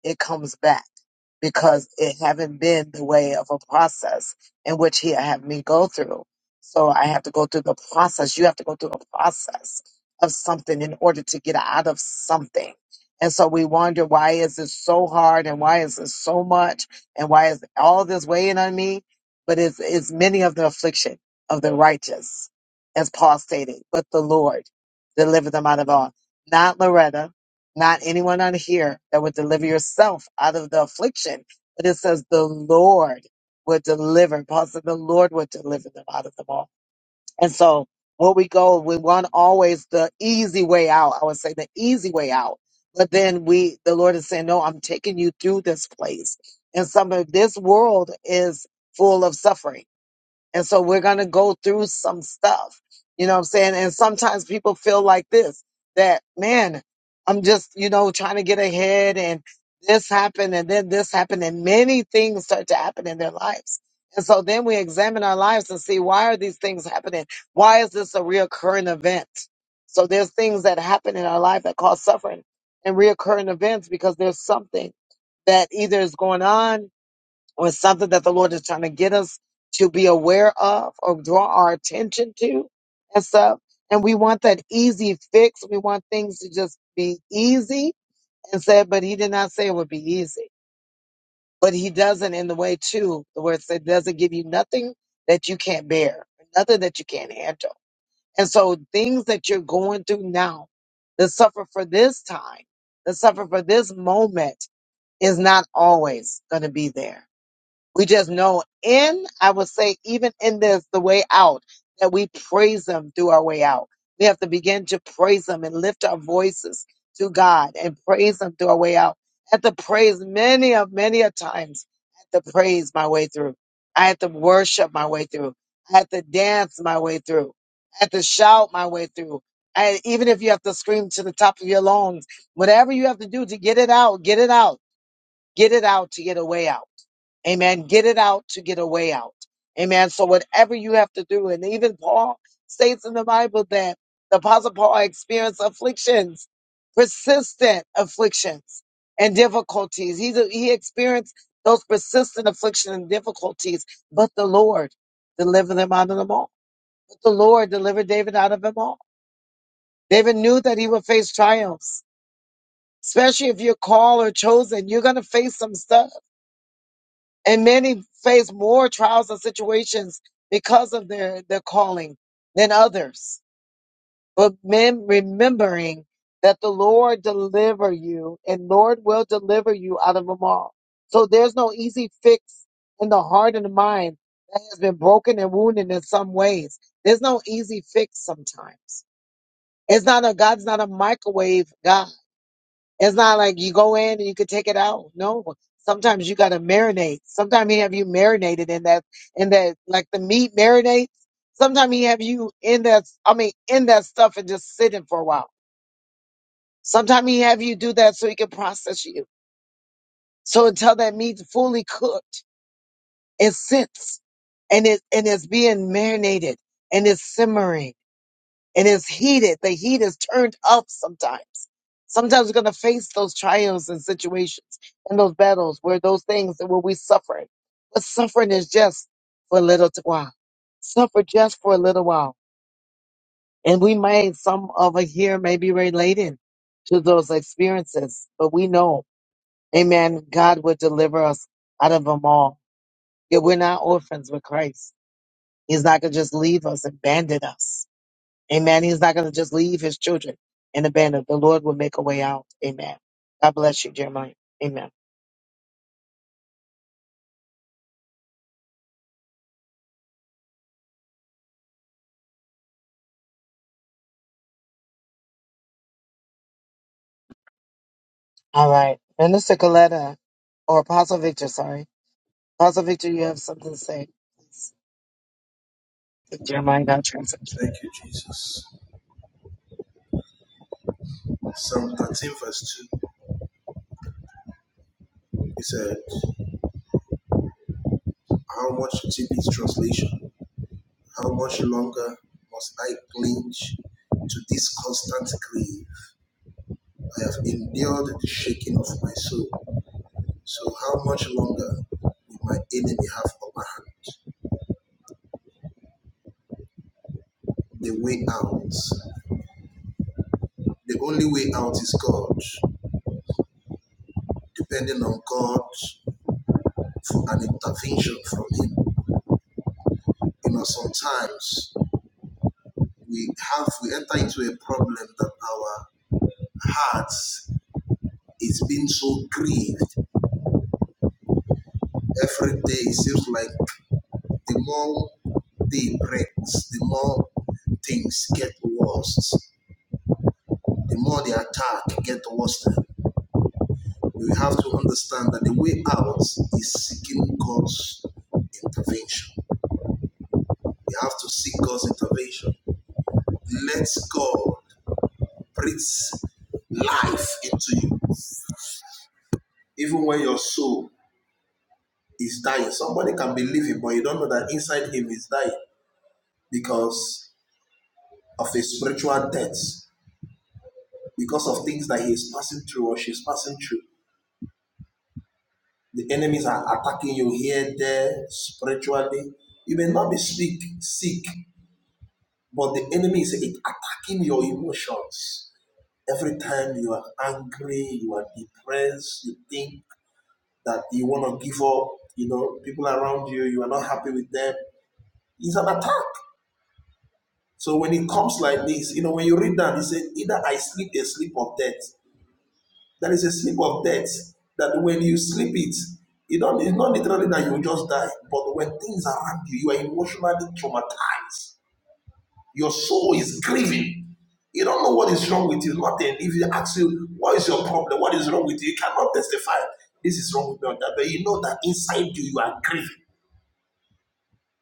A: it comes back because it haven't been the way of a process in which he had me go through. So I have to go through the process. You have to go through a process of something in order to get out of something. And so we wonder why is it so hard and why is it so much and why is all this weighing on me? But it's, it's many of the affliction of the righteous, as Paul stated, but the Lord delivered them out of all. Not Loretta, not anyone on here that would deliver yourself out of the affliction. But it says the Lord would deliver. Paul said the Lord would deliver them out of them all. And so what we go, we want always the easy way out. I would say the easy way out. But then we, the Lord is saying, no, I'm taking you through this place. And some of this world is full of suffering and so we're going to go through some stuff. You know what I'm saying? And sometimes people feel like this that, man, I'm just, you know, trying to get ahead and this happened and then this happened and many things start to happen in their lives. And so then we examine our lives and see why are these things happening? Why is this a reoccurring event? So there's things that happen in our life that cause suffering and reoccurring events because there's something that either is going on or something that the Lord is trying to get us to be aware of or draw our attention to and stuff. And we want that easy fix. We want things to just be easy and said, but he did not say it would be easy. But he doesn't in the way too, the word said doesn't give you nothing that you can't bear, nothing that you can't handle. And so things that you're going through now, that suffer for this time, that suffer for this moment is not always going to be there we just know in, I would say, even in this, the way out, that we praise Him through our way out. We have to begin to praise Him and lift our voices to God and praise Him through our way out. I had to praise many of many a times. I had to praise my way through. I had to worship my way through. I had to dance my way through. I had to shout my way through. And even if you have to scream to the top of your lungs, whatever you have to do to get it out, get it out, get it out to get a way out. Amen. Get it out to get a way out. Amen. So whatever you have to do, and even Paul states in the Bible that the apostle Paul experienced afflictions, persistent afflictions and difficulties. He, he experienced those persistent afflictions and difficulties, but the Lord delivered him out of them all. But the Lord delivered David out of them all. David knew that he would face triumphs, especially if you're called or chosen. You're going to face some stuff and many face more trials and situations because of their, their calling than others. But men remembering that the Lord deliver you and Lord will deliver you out of them all. So there's no easy fix in the heart and the mind that has been broken and wounded in some ways. There's no easy fix sometimes. It's not a God's not a microwave God. It's not like you go in and you could take it out. No, sometimes you got to marinate. Sometimes he have you marinated in that, in that, like the meat marinates. Sometimes he have you in that, I mean, in that stuff and just sitting for a while. Sometimes he have you do that so he can process you. So until that meat's fully cooked, it sits and it, and it's being marinated and it's simmering and it's heated. The heat is turned up sometimes. Sometimes we're gonna face those trials and situations and those battles where those things and where we suffer. But suffering is just for a little t- while. Suffer just for a little while. And we may, some of us here may be relating to those experiences, but we know, amen, God will deliver us out of them all. That we're not orphans with Christ. He's not gonna just leave us and abandon us. Amen. He's not going to just leave his children and abandon. The Lord will make a way out. Amen. God bless you, Jeremiah. Amen. All right. Minister Coletta, or Apostle Victor, sorry. Apostle Victor, you have something to say. Please. If Jeremiah got translation.
B: Jesus. 19 verse 15 is true. How that I have endured the shaking of my soul So how much longer will my enemy have upper hand? The way out. The only way out is God, depending on God for an intervention from Him. You know, sometimes we have we enter into a problem that our hearts is being so grieved every day. It seems like the more day breaks, the more things get worse. The more the attack get worse. we have to understand that the way out is seeking God's intervention. We have to seek God's intervention. Let God breathe life into you. Even when your soul is dying, somebody can be living, but you don't know that inside him is dying because of a spiritual death, because of things that he is passing through or she's passing through. The enemies are attacking you here, there, spiritually. You may not be sick, sick, But the enemy is attacking your emotions. Every time you are angry, you are depressed, you think that all around you, you are not happy. Attack. Either I sleep, I sleep. That is, that is, either I bang you, you are emotionally traumatized. What is your problem? What is wrong with you? You cannot testify. This is wrong with me. or that. But you know that inside you, you are grieving.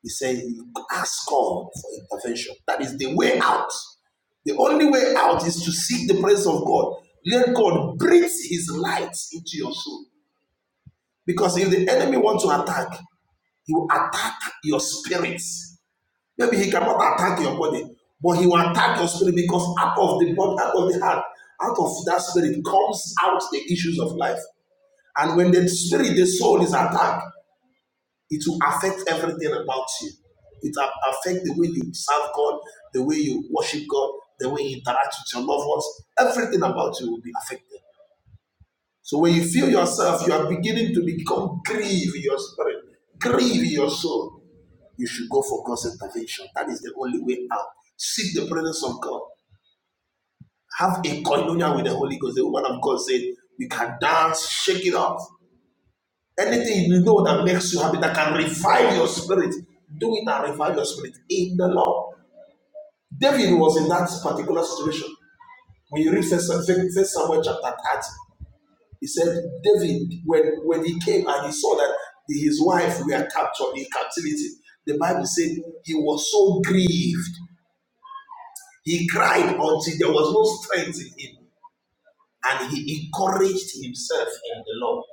B: He said, you ask God for intervention. That is the way out. The only way out is to seek the presence of God. Let God breathe His light into your soul. Because if the enemy wants to attack, he will attack your spirit. Maybe he cannot attack your body, but he will attack your spirit because out of the body, out of the heart, out of that spirit comes out the issues of life. And when the spirit, the soul is attacked, It will affect everything about you. It will affect the way you serve God, the way you worship God, the way you interact with your loved ones. Everything about you will be affected. So when you feel yourself, you are beginning to become grieve in your spirit, grieve in your soul. You should go for God's intervention. That is the only way out. Seek the presence of God. Have a communion with the Holy Ghost. The woman of God said, "You can dance, shake it off." Anything you know that makes you happy, that can revive your spirit, do it and revive your spirit in the Lord. David was in that particular situation. When you read First Samuel chapter 30, he said, David, when, when he came and he saw that his wife were captured in captivity, the Bible said he was so grieved. He cried until there was no strength in him. And he encouraged himself in the Lord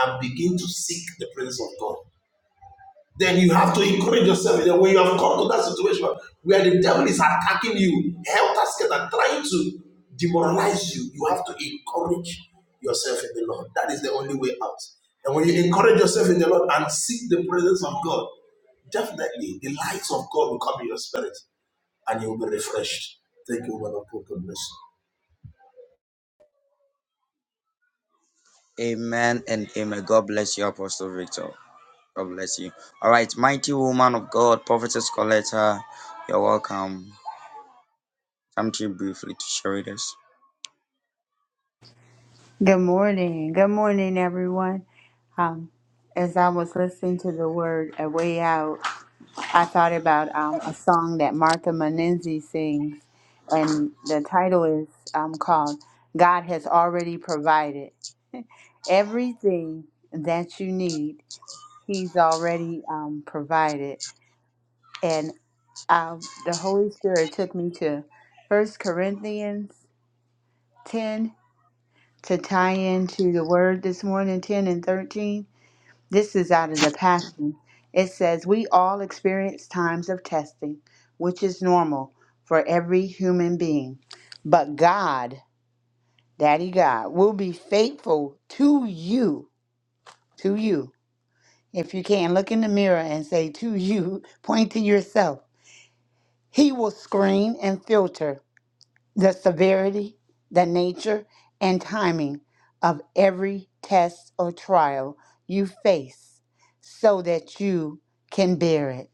B: and began to seek the presence of God. then you have to encourage yourself that when you have come to that situation where the devil is attacking you, helter skelter, trying to demoralize you, you have to encourage yourself in the Lord. That is the only way out. And when you encourage yourself in the Lord and seek the presence of God, definitely the light of God will come in your spirit and you will be refreshed. Thank you, woman of God. bless you.
D: Amen and amen. God bless you, Apostle Victor. God bless you. All right, mighty woman of God, Prophetess Coletta, you're welcome. Something briefly to share with us.
C: Good morning. Good morning, everyone. Um, as I was listening to the word A Way Out, I thought about um, a song that Martha Menenzi sings, and the title is um, called God Has Already Provided. everything that you need he's already um, provided and um, the holy spirit took me to first corinthians 10 to tie into the word this morning 10 and 13 this is out of the passion it says we all experience times of testing which is normal for every human being but god daddy god will be faithful to you to you If you can, look in the mirror and say to you, [laughs] point to yourself, He will screen and filter the severity, the nature, and timing of every test or trial you face so that you can bear it.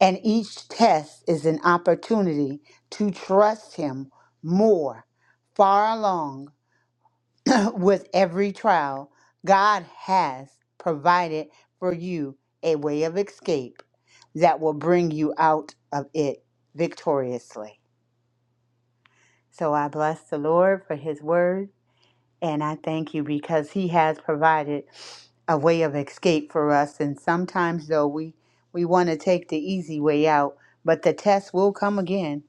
C: And each test is an opportunity to trust Him more, far along. [laughs] [clears throat] with every trial, God has provided for you a way of escape that will bring you out of it victoriously. So I bless the Lord for his word. And I thank you because He has provided a way of escape for us. And sometimes, though, we, we want to take the easy way out, but the test will come again.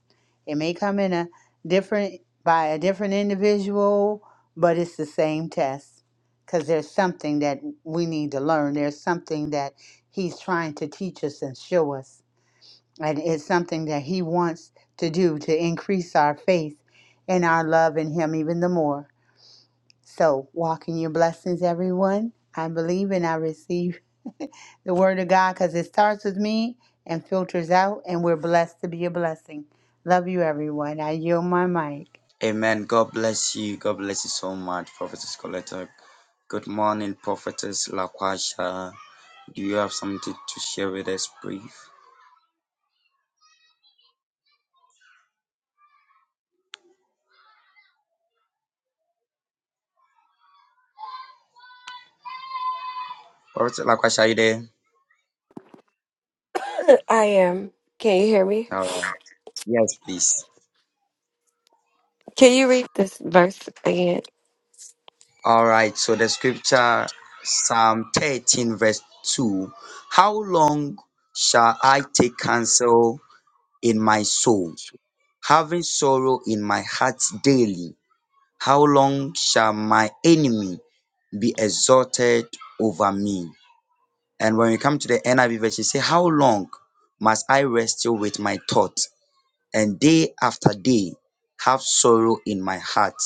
C: It may come in a different, by a different individual, but it's the same test because there's something that we need to learn. There's something that He's trying to teach us and show us. And it's something that He wants to do to increase our faith and our love in Him even the more. So, walk in your blessings, everyone. I believe and I receive the word of God because it starts with me and filters out, and we're blessed to be a blessing. Love you, everyone. I yield my mic.
D: Amen. God bless you. God bless you so much, Prophetess Coletta. Good morning, Prophetess Laquasha. Do you have something to share with us, brief? Prophetess Laquasha, are you there?
E: [coughs] I am. Can you hear me?
D: All right, please.
E: Can you read this verse again?
D: All right, so the scripture, Psalm 13, verse 2. How long shall I take counsel in my soul, having sorrow in my heart daily? How long shall my enemy be exalted over me? And when we come to the NIV version, it say, How long must I wrestle with my thought and day after day have sorrow in my heart?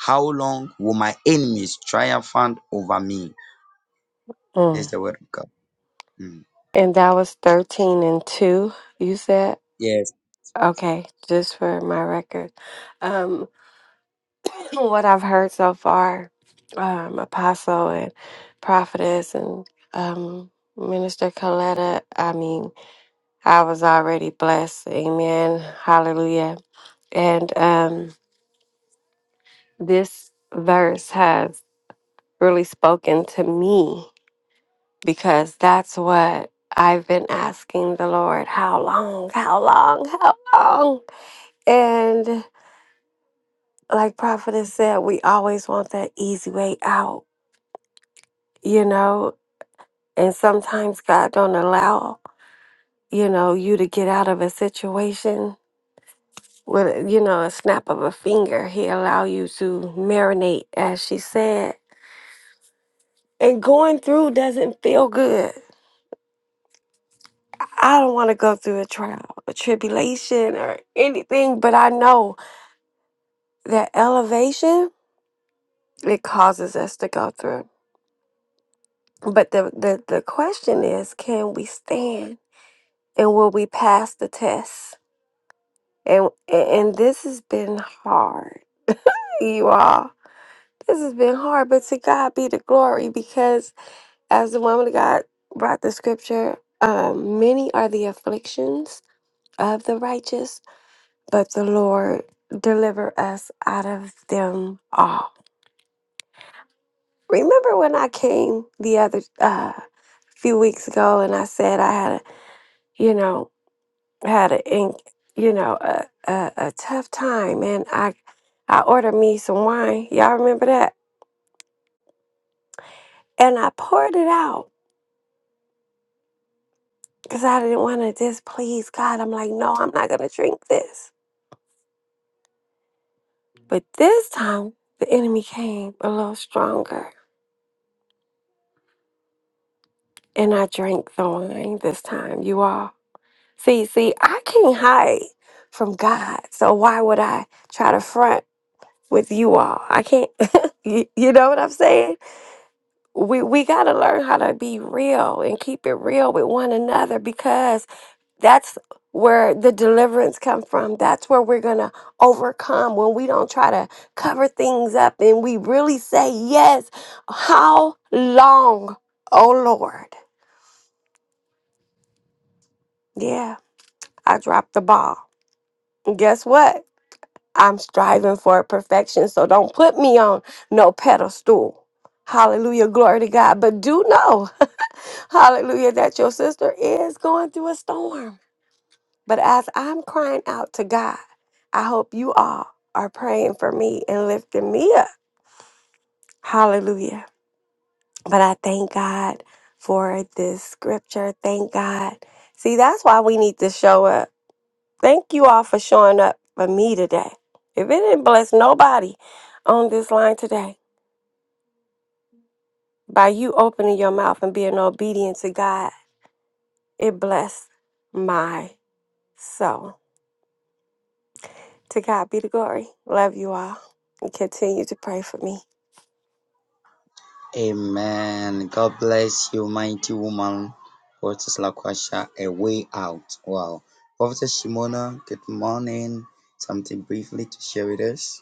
D: How long will my enemies triumphant over me? This is
E: Mm.
D: the word of God. Mm.
E: And that was 13 and 2, you said?
D: Yes.
E: Okay, just for my record. Um, [coughs] [clears throat] what I've heard so far, um, Apostle and Prophetess and um, Minister Coletta, I mean, I was already blessed. Amen. Hallelujah. And, um, this verse has really spoken to me because that's what I've been asking the Lord how long, how long, how long? And like Prophetess said, we always want that easy way out, you know? And sometimes God don't allow, you know, you to get out of a situation with, you know, a snap of a finger. He allow you to marinate, as she said. And going through doesn't feel good I don't want to go through a trial, a tribulation, or anything, but I know that elevation it causes us to go through. But the, the, the question is, can we stand and will we pass the test? And and this has been hard, you all. This has been hard, but to God be the glory, because as the woman of God brought the scripture, um, many are the afflictions of the righteous, but the Lord deliver us out of them all. Remember when I came the other uh, few weeks ago and I said I had a, you know, had a, in- you know, a, a, a tough time and I, I ordered me some wine. Y'all remember that? And I poured it out because I didn't want to displease God. I'm like, no, I'm not going to drink this. But this time, the enemy came a little stronger and I drank the wine this time, you all. See, see, I can't hide from God. So why would I try to front with you all? I can't. [laughs] you, you know what I'm saying? We we got to learn how to be real and keep it real with one another because that's where the deliverance come from. That's where we're going to overcome when we don't try to cover things up and we really say yes. How long, oh Lord? Yeah, I dropped the ball. And guess what? I'm striving for perfection. So don't put me on no pedestal. Hallelujah. Glory to God. But do know, [laughs] hallelujah, that your sister is going through a storm. But as I'm crying out to God, I hope you all are praying for me and lifting me up. Hallelujah. But I thank God for this scripture. Thank God. See, that's why we need to show up. Thank you all for showing up for me today. If it didn't bless nobody on this line today, By you opening your mouth and being obedient to God, it blessed my soul. To God be the glory. Love you all. And continue to pray for me.
D: Amen. God bless you, mighty woman. Prophetess Lakwasha, a way out. Wow. Prophetess Shimona, good morning. Something briefly to share with us.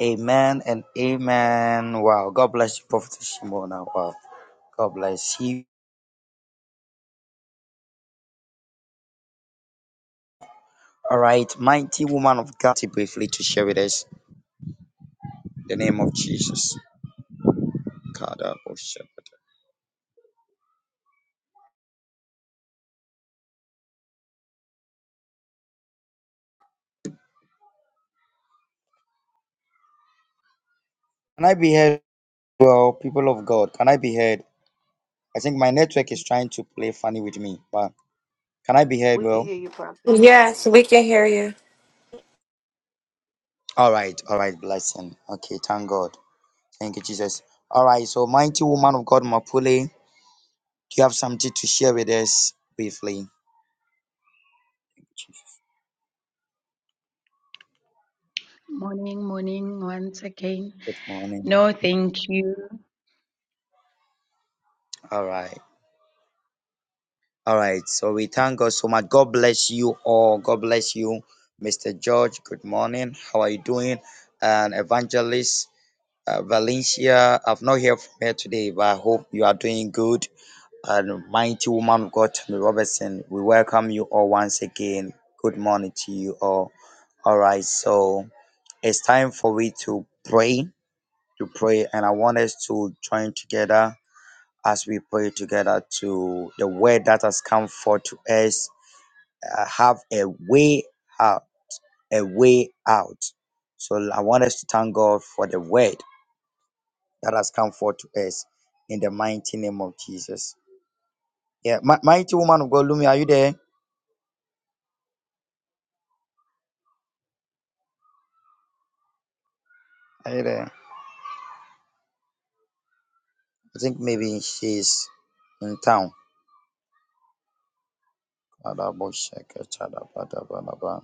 D: Amen and amen. Wow. God bless you, Prophet Shimona. Wow. God bless you. All right. Mighty woman of God, briefly to share with us the name of Jesus. God, I worship it. Can I be heard? Well, people of God, can I be heard? I think my network is trying to play funny with me, but can I be heard? Well,
E: Yes, we can hear you.
D: all right. All right. Blessing. Okay. Thank God. Thank you, Jesus. All right. So, mighty woman of God, Mapule, do you have something to share with us briefly?
F: Morning, morning, once again.
D: Good morning.
F: No, thank you.
D: All right. All right. So we thank God so much. God bless you all. God bless you, Mr. George. Good morning. How are you doing? And Evangelist uh, Valencia, I've not heard from her today, but I hope you are doing good. And mighty woman of God, Tammy Robertson, we welcome you all once again. Good morning to you all. All right. So it's time for we to pray, to pray. And I want us to join together as we pray together to the word that has come forth to us uh, have a way out, a way out. So I want us to thank God for the word that has come forth to us in the mighty name of Jesus. Yeah, mi- mighty woman of God, Lumi, are you there? Are you there? I think maybe she's in town. Kadabo sheke chadabadabadaba.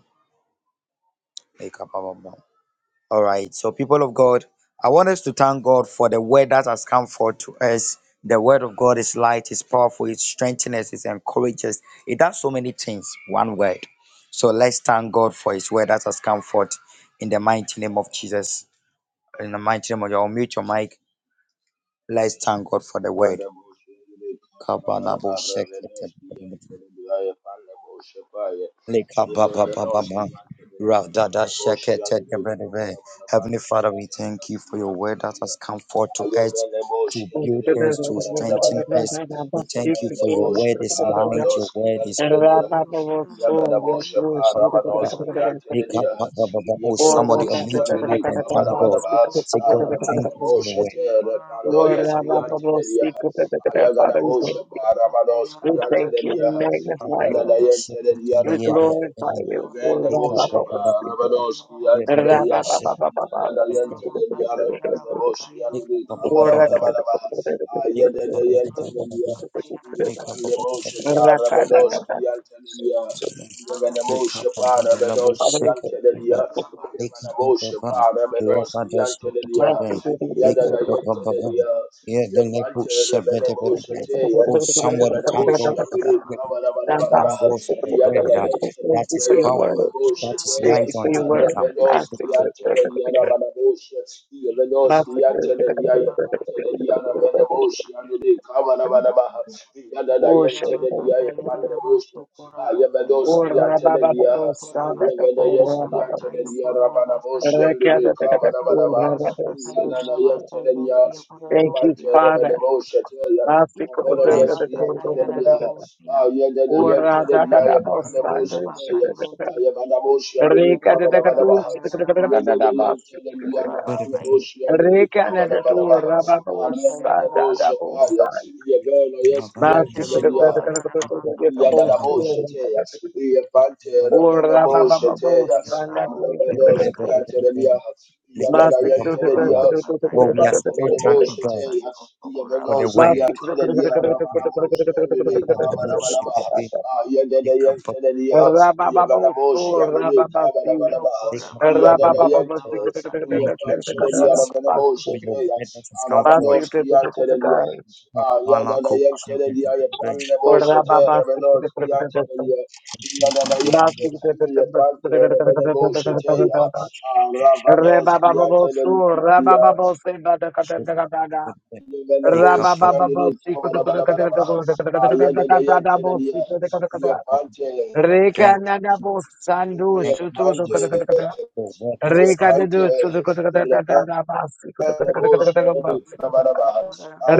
D: Ekabababa. All right. So, people of God, I want us to thank God for the word that has come forth to us. The word of God is light, is powerful, it strengthens us, it encourages. It does so many things. One word. So let's thank God for his word that has come forth in the mighty name of Jesus. In the mighty name of your mute your mic. Let's thank God for the word.
G: Rabba Rabba Rabba Rabba
D: Lika ba ba ba ba ba. Ra da da shekete de bre de bre. Heavenly Father, we thank you for your word that has come forth to us, to build us, to strengthen us. We thank you for your word is light, your word is miracle. Ba ba ba ba ba. Lika ba ba ba ba. Oh, somebody unmute your mic and thank God. Say, God, I thank you for your word. Lika ba ba
G: Rabba
A: Father, we thank
G: Ayagadabosha
A: [laughs] We
G: Parabadoski
A: thank you.
G: Antelia,
A: We
D: ba
A: magnify
D: ba ba.
A: you.
D: Oh, shekete
G: Yadadayantelia
A: We
D: de bre
G: Pante,
D: de
A: glorify
D: bre.
A: you. Lord,
D: Lika
G: Yavanabosha
D: ba ba ba ba ba ba.
G: Parabadoski
D: Re de de
A: raa
G: Antelia,
A: ba
D: de
A: ba ba ba ba, Lord. Raa ba ba ba ba
D: shekete
A: ba ba, Lord.
G: Yadadayantelia Pazaboshi and the
A: Lord, raa
D: de
A: ka
D: bre.
A: ka ka ka
G: Kabarabarabaha,
A: ka.
D: Oh, somebody
G: Ayadadayantelia, Yavanabosha Tarabadoski Antelia. Yavanabosha Parabadoski Antelia, Yavanabosha Parabadoski Antelia,
A: Master, master, master,
G: Yadadaya Tedelia, Yapanta Rabene Moshe,
D: thank
G: Ayabadabush,
D: God for the
G: Yandere,
D: word. Thank
G: Kabadabadabaha,
A: master.
D: God for the word. uh,
G: Yadalayaita,
A: Thank
D: That
A: you
D: is
A: for your
D: power.
A: word.
G: Yapandabush,
D: That is
A: Thank
D: light
A: you for
D: unto
A: your word.
D: us. um,
G: Arabedos, Yantel,
A: Master.
G: Yanabadabush, Yavedos, Yantel,
A: Thank
G: Yapantel, Yanabedabush, Yandere, Kabadabadabaha, Yadalayaita, Yapandabush, Ayabedos, Yantel, Yaha, Yavedos, Yantel, Yarabadabush, Yandere, Kabadabadabaha, Yadalayaita,
A: you,
G: Yapantel,
A: Father.
G: Yapantel, Avero
D: Thank
G: yes yantere diya ha. Ah yede de de
D: you.
G: yantere diya ya pande boşe te ye. Ah ye bana boşe yandere ka bana bana ba ha. Yede de yantere diya ya pande boşe yandere ka
A: Reka
G: bana bana ba ha. Arre bana boşe pa ye. Ye bana yes
A: Masi
G: yantere diya
A: kudukudu
G: ha.
A: kudukudu yakabosi
G: Yagadaboshetea,
A: kudukudu.
G: Yapantera,
A: Ora ba ba ba
G: Benaboshetea,
A: bosa na
G: Arrebelos,
A: kudukudu.
G: Yantelia,
D: [laughs] lift up
A: Masi
D: the voice of
A: kudukudu
G: Yagadayantelia,
D: God.
A: kudukudu
D: Oh, we are so
G: Yapantera,
A: kudukudu.
D: thankful, God,
G: Boshetea,
D: for the
G: Yaganos,
D: word.
A: Masi kudukudu
G: Yantelia,
D: The word
G: Ramanabos,
A: kudukudu
G: Yantelia,
D: about the worship
G: Kamanabanabaha.
D: between
A: kudukudu.
D: the cup of God,
G: Yandadayantelia,
A: Ora ba ba bosa
G: Yavanabosh,
A: ora
G: Yandere,
A: ba ba si.
G: Kabadabadaba,
D: the cup of
A: Ora ba
D: God.
A: ba ba bosi
G: Yandadayante,
A: kudukudu
D: Thank
A: kudukudu.
D: you,
G: Yapantelia,
D: Jesus,
A: Masi
G: Ravanabosh,
D: for
A: kududu
D: your word that has come
A: masi
D: forth.
G: Aravanos,
A: kudukudu
G: Yantelia,
A: kai.
D: Malako, she did
G: Yandadayantelia,
D: the
A: Ora
G: Yapanebosh,
A: ba ba si
G: Revenos,
A: kudukudu kudukudu.
G: Yantelia, Yandadayante,
A: Masi kudukudu
G: Yapante, Revenebosh,
A: kudukudu kudukudu.
G: Aravanos,
A: Rebababosu,
G: Yantelia,
A: Rabababose, Badakatakata,
D: the
G: Yavanabosh,
D: cup of
G: Yandere,
A: Rabababosi,
G: Kabadabadabadaba,
A: Kotakatakatabosi,
G: Yandadayantelia,
A: Kotakata,
D: God.
G: Yapante,
A: Reka
D: Thank you,
A: Nadabos, Sandu,
D: thank
G: Jesus.
D: you,
A: Shutu,
D: Jesus,
A: Kotakata,
D: for the word that has
A: Reka
D: come
A: de
D: forth.
A: Dusu, Kotakata, Basi, Kotakata,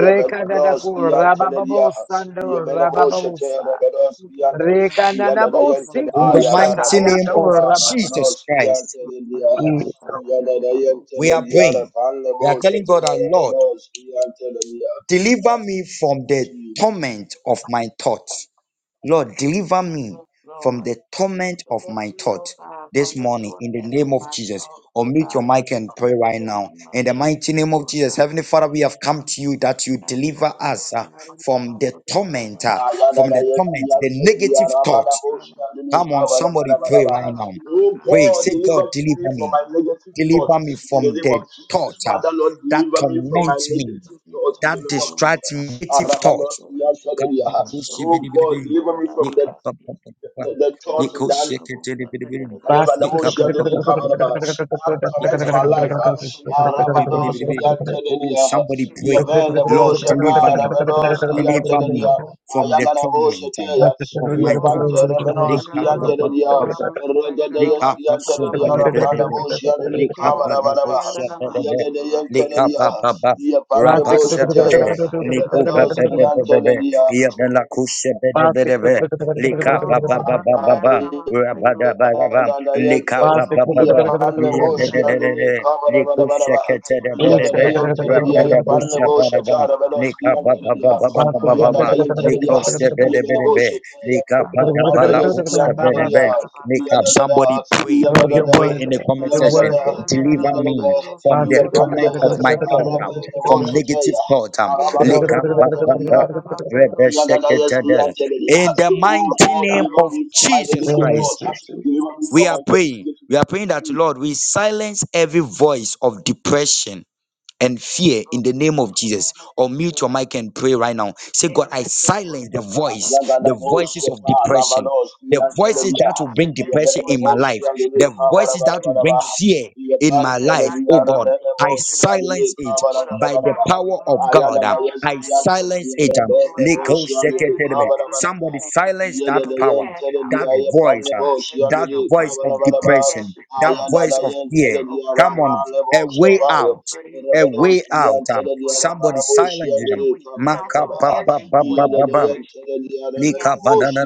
D: The cup of
A: Nadaku, Rabababos, Sandu, Rababosa,
D: God.
A: Reka Nadabosi,
D: In the mighty
A: Kushataya,
D: name of
A: Rababa.
D: Jesus Christ. We are praying. We are telling God our Lord, deliver me from the torment of my thoughts. Lord, deliver me from the torment of my thoughts this morning in the name of Jesus. Unmute your mic and pray right now. In the mighty name of Jesus, Heavenly Father, we have come to you that you deliver us uh, from the torment, uh, from
G: Ayadada,
D: the
G: yes, we
D: torment,
G: are
D: the
G: telling you,
D: negative
G: Arabada,
D: thoughts.
G: Oshia, Dini,
D: Come on,
G: Kabada,
D: somebody
G: Bada,
D: pray
G: Bada,
D: right now.
G: Oh
D: Pray,
G: God,
D: say, God,
G: deliver me
D: deliver
G: from
D: me.
G: my negative
D: Deliver
G: thoughts
D: me
G: in
D: from
G: the name
D: the
G: of
D: thought
G: Jesus.
D: uh,
G: Father Lord,
D: that
G: deliver me from my
D: torments me,
G: negative thoughts in
D: that
G: the name of
D: distracts me.
G: Jesus.
D: Negative
G: Arabada,
D: thoughts.
G: Oshia, Dini, Aha. Oh God,
D: Kababushibidibidibidi.
G: deliver me from that
D: Nikapapapapapa.
G: the, the thoughts that
D: Nikoshiketelibidibidi.
G: I have an
A: Plastic,
G: emotion that didn't come out of
D: Nikapapapapapa.
G: her. That torments my life. uh,
D: Nikapapapapapibidibidibidi.
G: uh, Rabados,
D: Oh,
G: Yantelia,
D: somebody pray.
G: Yavan,
D: Lord,
G: Moshe,
D: deliver me.
G: Rabados,
D: Deliver me
G: Yantelia.
D: from the
G: Ayagana Moshe,
D: torment uh,
G: Tia,
D: of my
G: Yapante,
D: thoughts.
G: Rabados, Yantelia, Regadeus,
D: Lika pasha
G: Yantelia,
D: bele bele
G: Rapana
D: be.
G: Moshe, Yandri,
D: Lika bada
G: Kamarabana,
D: busha bele be. Lika
G: Yagadeyantelia,
D: ba ba ba.
G: Yapanda Moshe,
D: Rabasha bede.
G: Tia,
D: Liku be
G: Rabados,
D: be be be be be.
G: Yantelia,
D: Yadala kusha Lika ba ba ba ba Lika
G: Yandayante,
D: ba ba ba ba.
G: Yapanabos,
D: Yadada
G: Yandini,
D: Liku
G: Kamarabanabana,
D: shekete de bede be.
G: Yandayante,
D: Rabada busha
G: Yapanabos,
D: bada Lika
G: Shatarabadoski,
D: ba ba ba
G: Antelia,
D: ba ba
G: Ayanayante,
D: Lika usha bede bede
G: Yavanabos,
D: Lika bada bala
G: Yapandes,
D: busha bede
G: Yantelia,
D: Make up somebody
G: Yadada,
D: pray,
A: Lord, you're
D: pray,
G: Yadada,
D: pray
A: worthy.
D: in the comment
A: You're
D: section.
A: worthy.
G: Yadada,
D: Deliver me
G: Yadada,
D: from
A: Lord,
D: the
A: you're worthy.
D: torment of
G: Yapante,
D: my thought, um,
G: Arabanabos,
D: from negative thought. Um, lick up, ba- ba-
G: Arabados,
D: ba- rebe- sekete- de.
G: Yagadayasiyanteleria.
D: in the
G: Oh
D: mighty
G: God,
D: name
G: deliver
D: of
G: me from my
D: Jesus
G: negative
D: Christ,
G: thoughts. Deliver me
D: we
G: from
D: are
G: my
D: praying.
G: negative
D: We are praying that,
G: thoughts.
D: Lord, we silence every voice of depression and fear in the name of Jesus. Or mute your mic and pray right now. Say, God, I silence the voice, the
G: Yagadaboshe
D: voices of depression,
G: Parabanoski
D: the voices
G: Antelebia,
D: that will bring depression in my life,
G: Yaveneboshi and the
D: the voices that will bring
G: Kabarabarabaha,
D: fear in my life.
G: Yapantelebia
D: Oh God, I
G: Raveneboshi and
D: silence
G: the
D: it by the
G: Kabarabarabaha,
D: power of God. um, I
G: Ayadanayaski
D: silence
G: Antelebia
D: it. um, Leko
G: Raveneboshi and the
D: seketelebe. Somebody
G: Kabarabarabaha,
D: silence that power, that
G: Yedeleyentelebia
D: voice, um,
G: Yapaneboshi and
D: that
G: the
D: voice of
G: Kabarabarabaha,
D: depression, that voice of fear.
G: Ayadanayentelebia
D: Come on, a
G: Ravaneboshi
D: way out
G: Fire,
D: a way
G: Raveneboshi
D: out. Um,
G: Antelebia
D: Somebody
G: Ravanaboshi
D: silence
G: and
D: them.
G: the
D: Maka ba
G: Kabarabarabaha.
D: ba ba ba ba ba. Lika banana,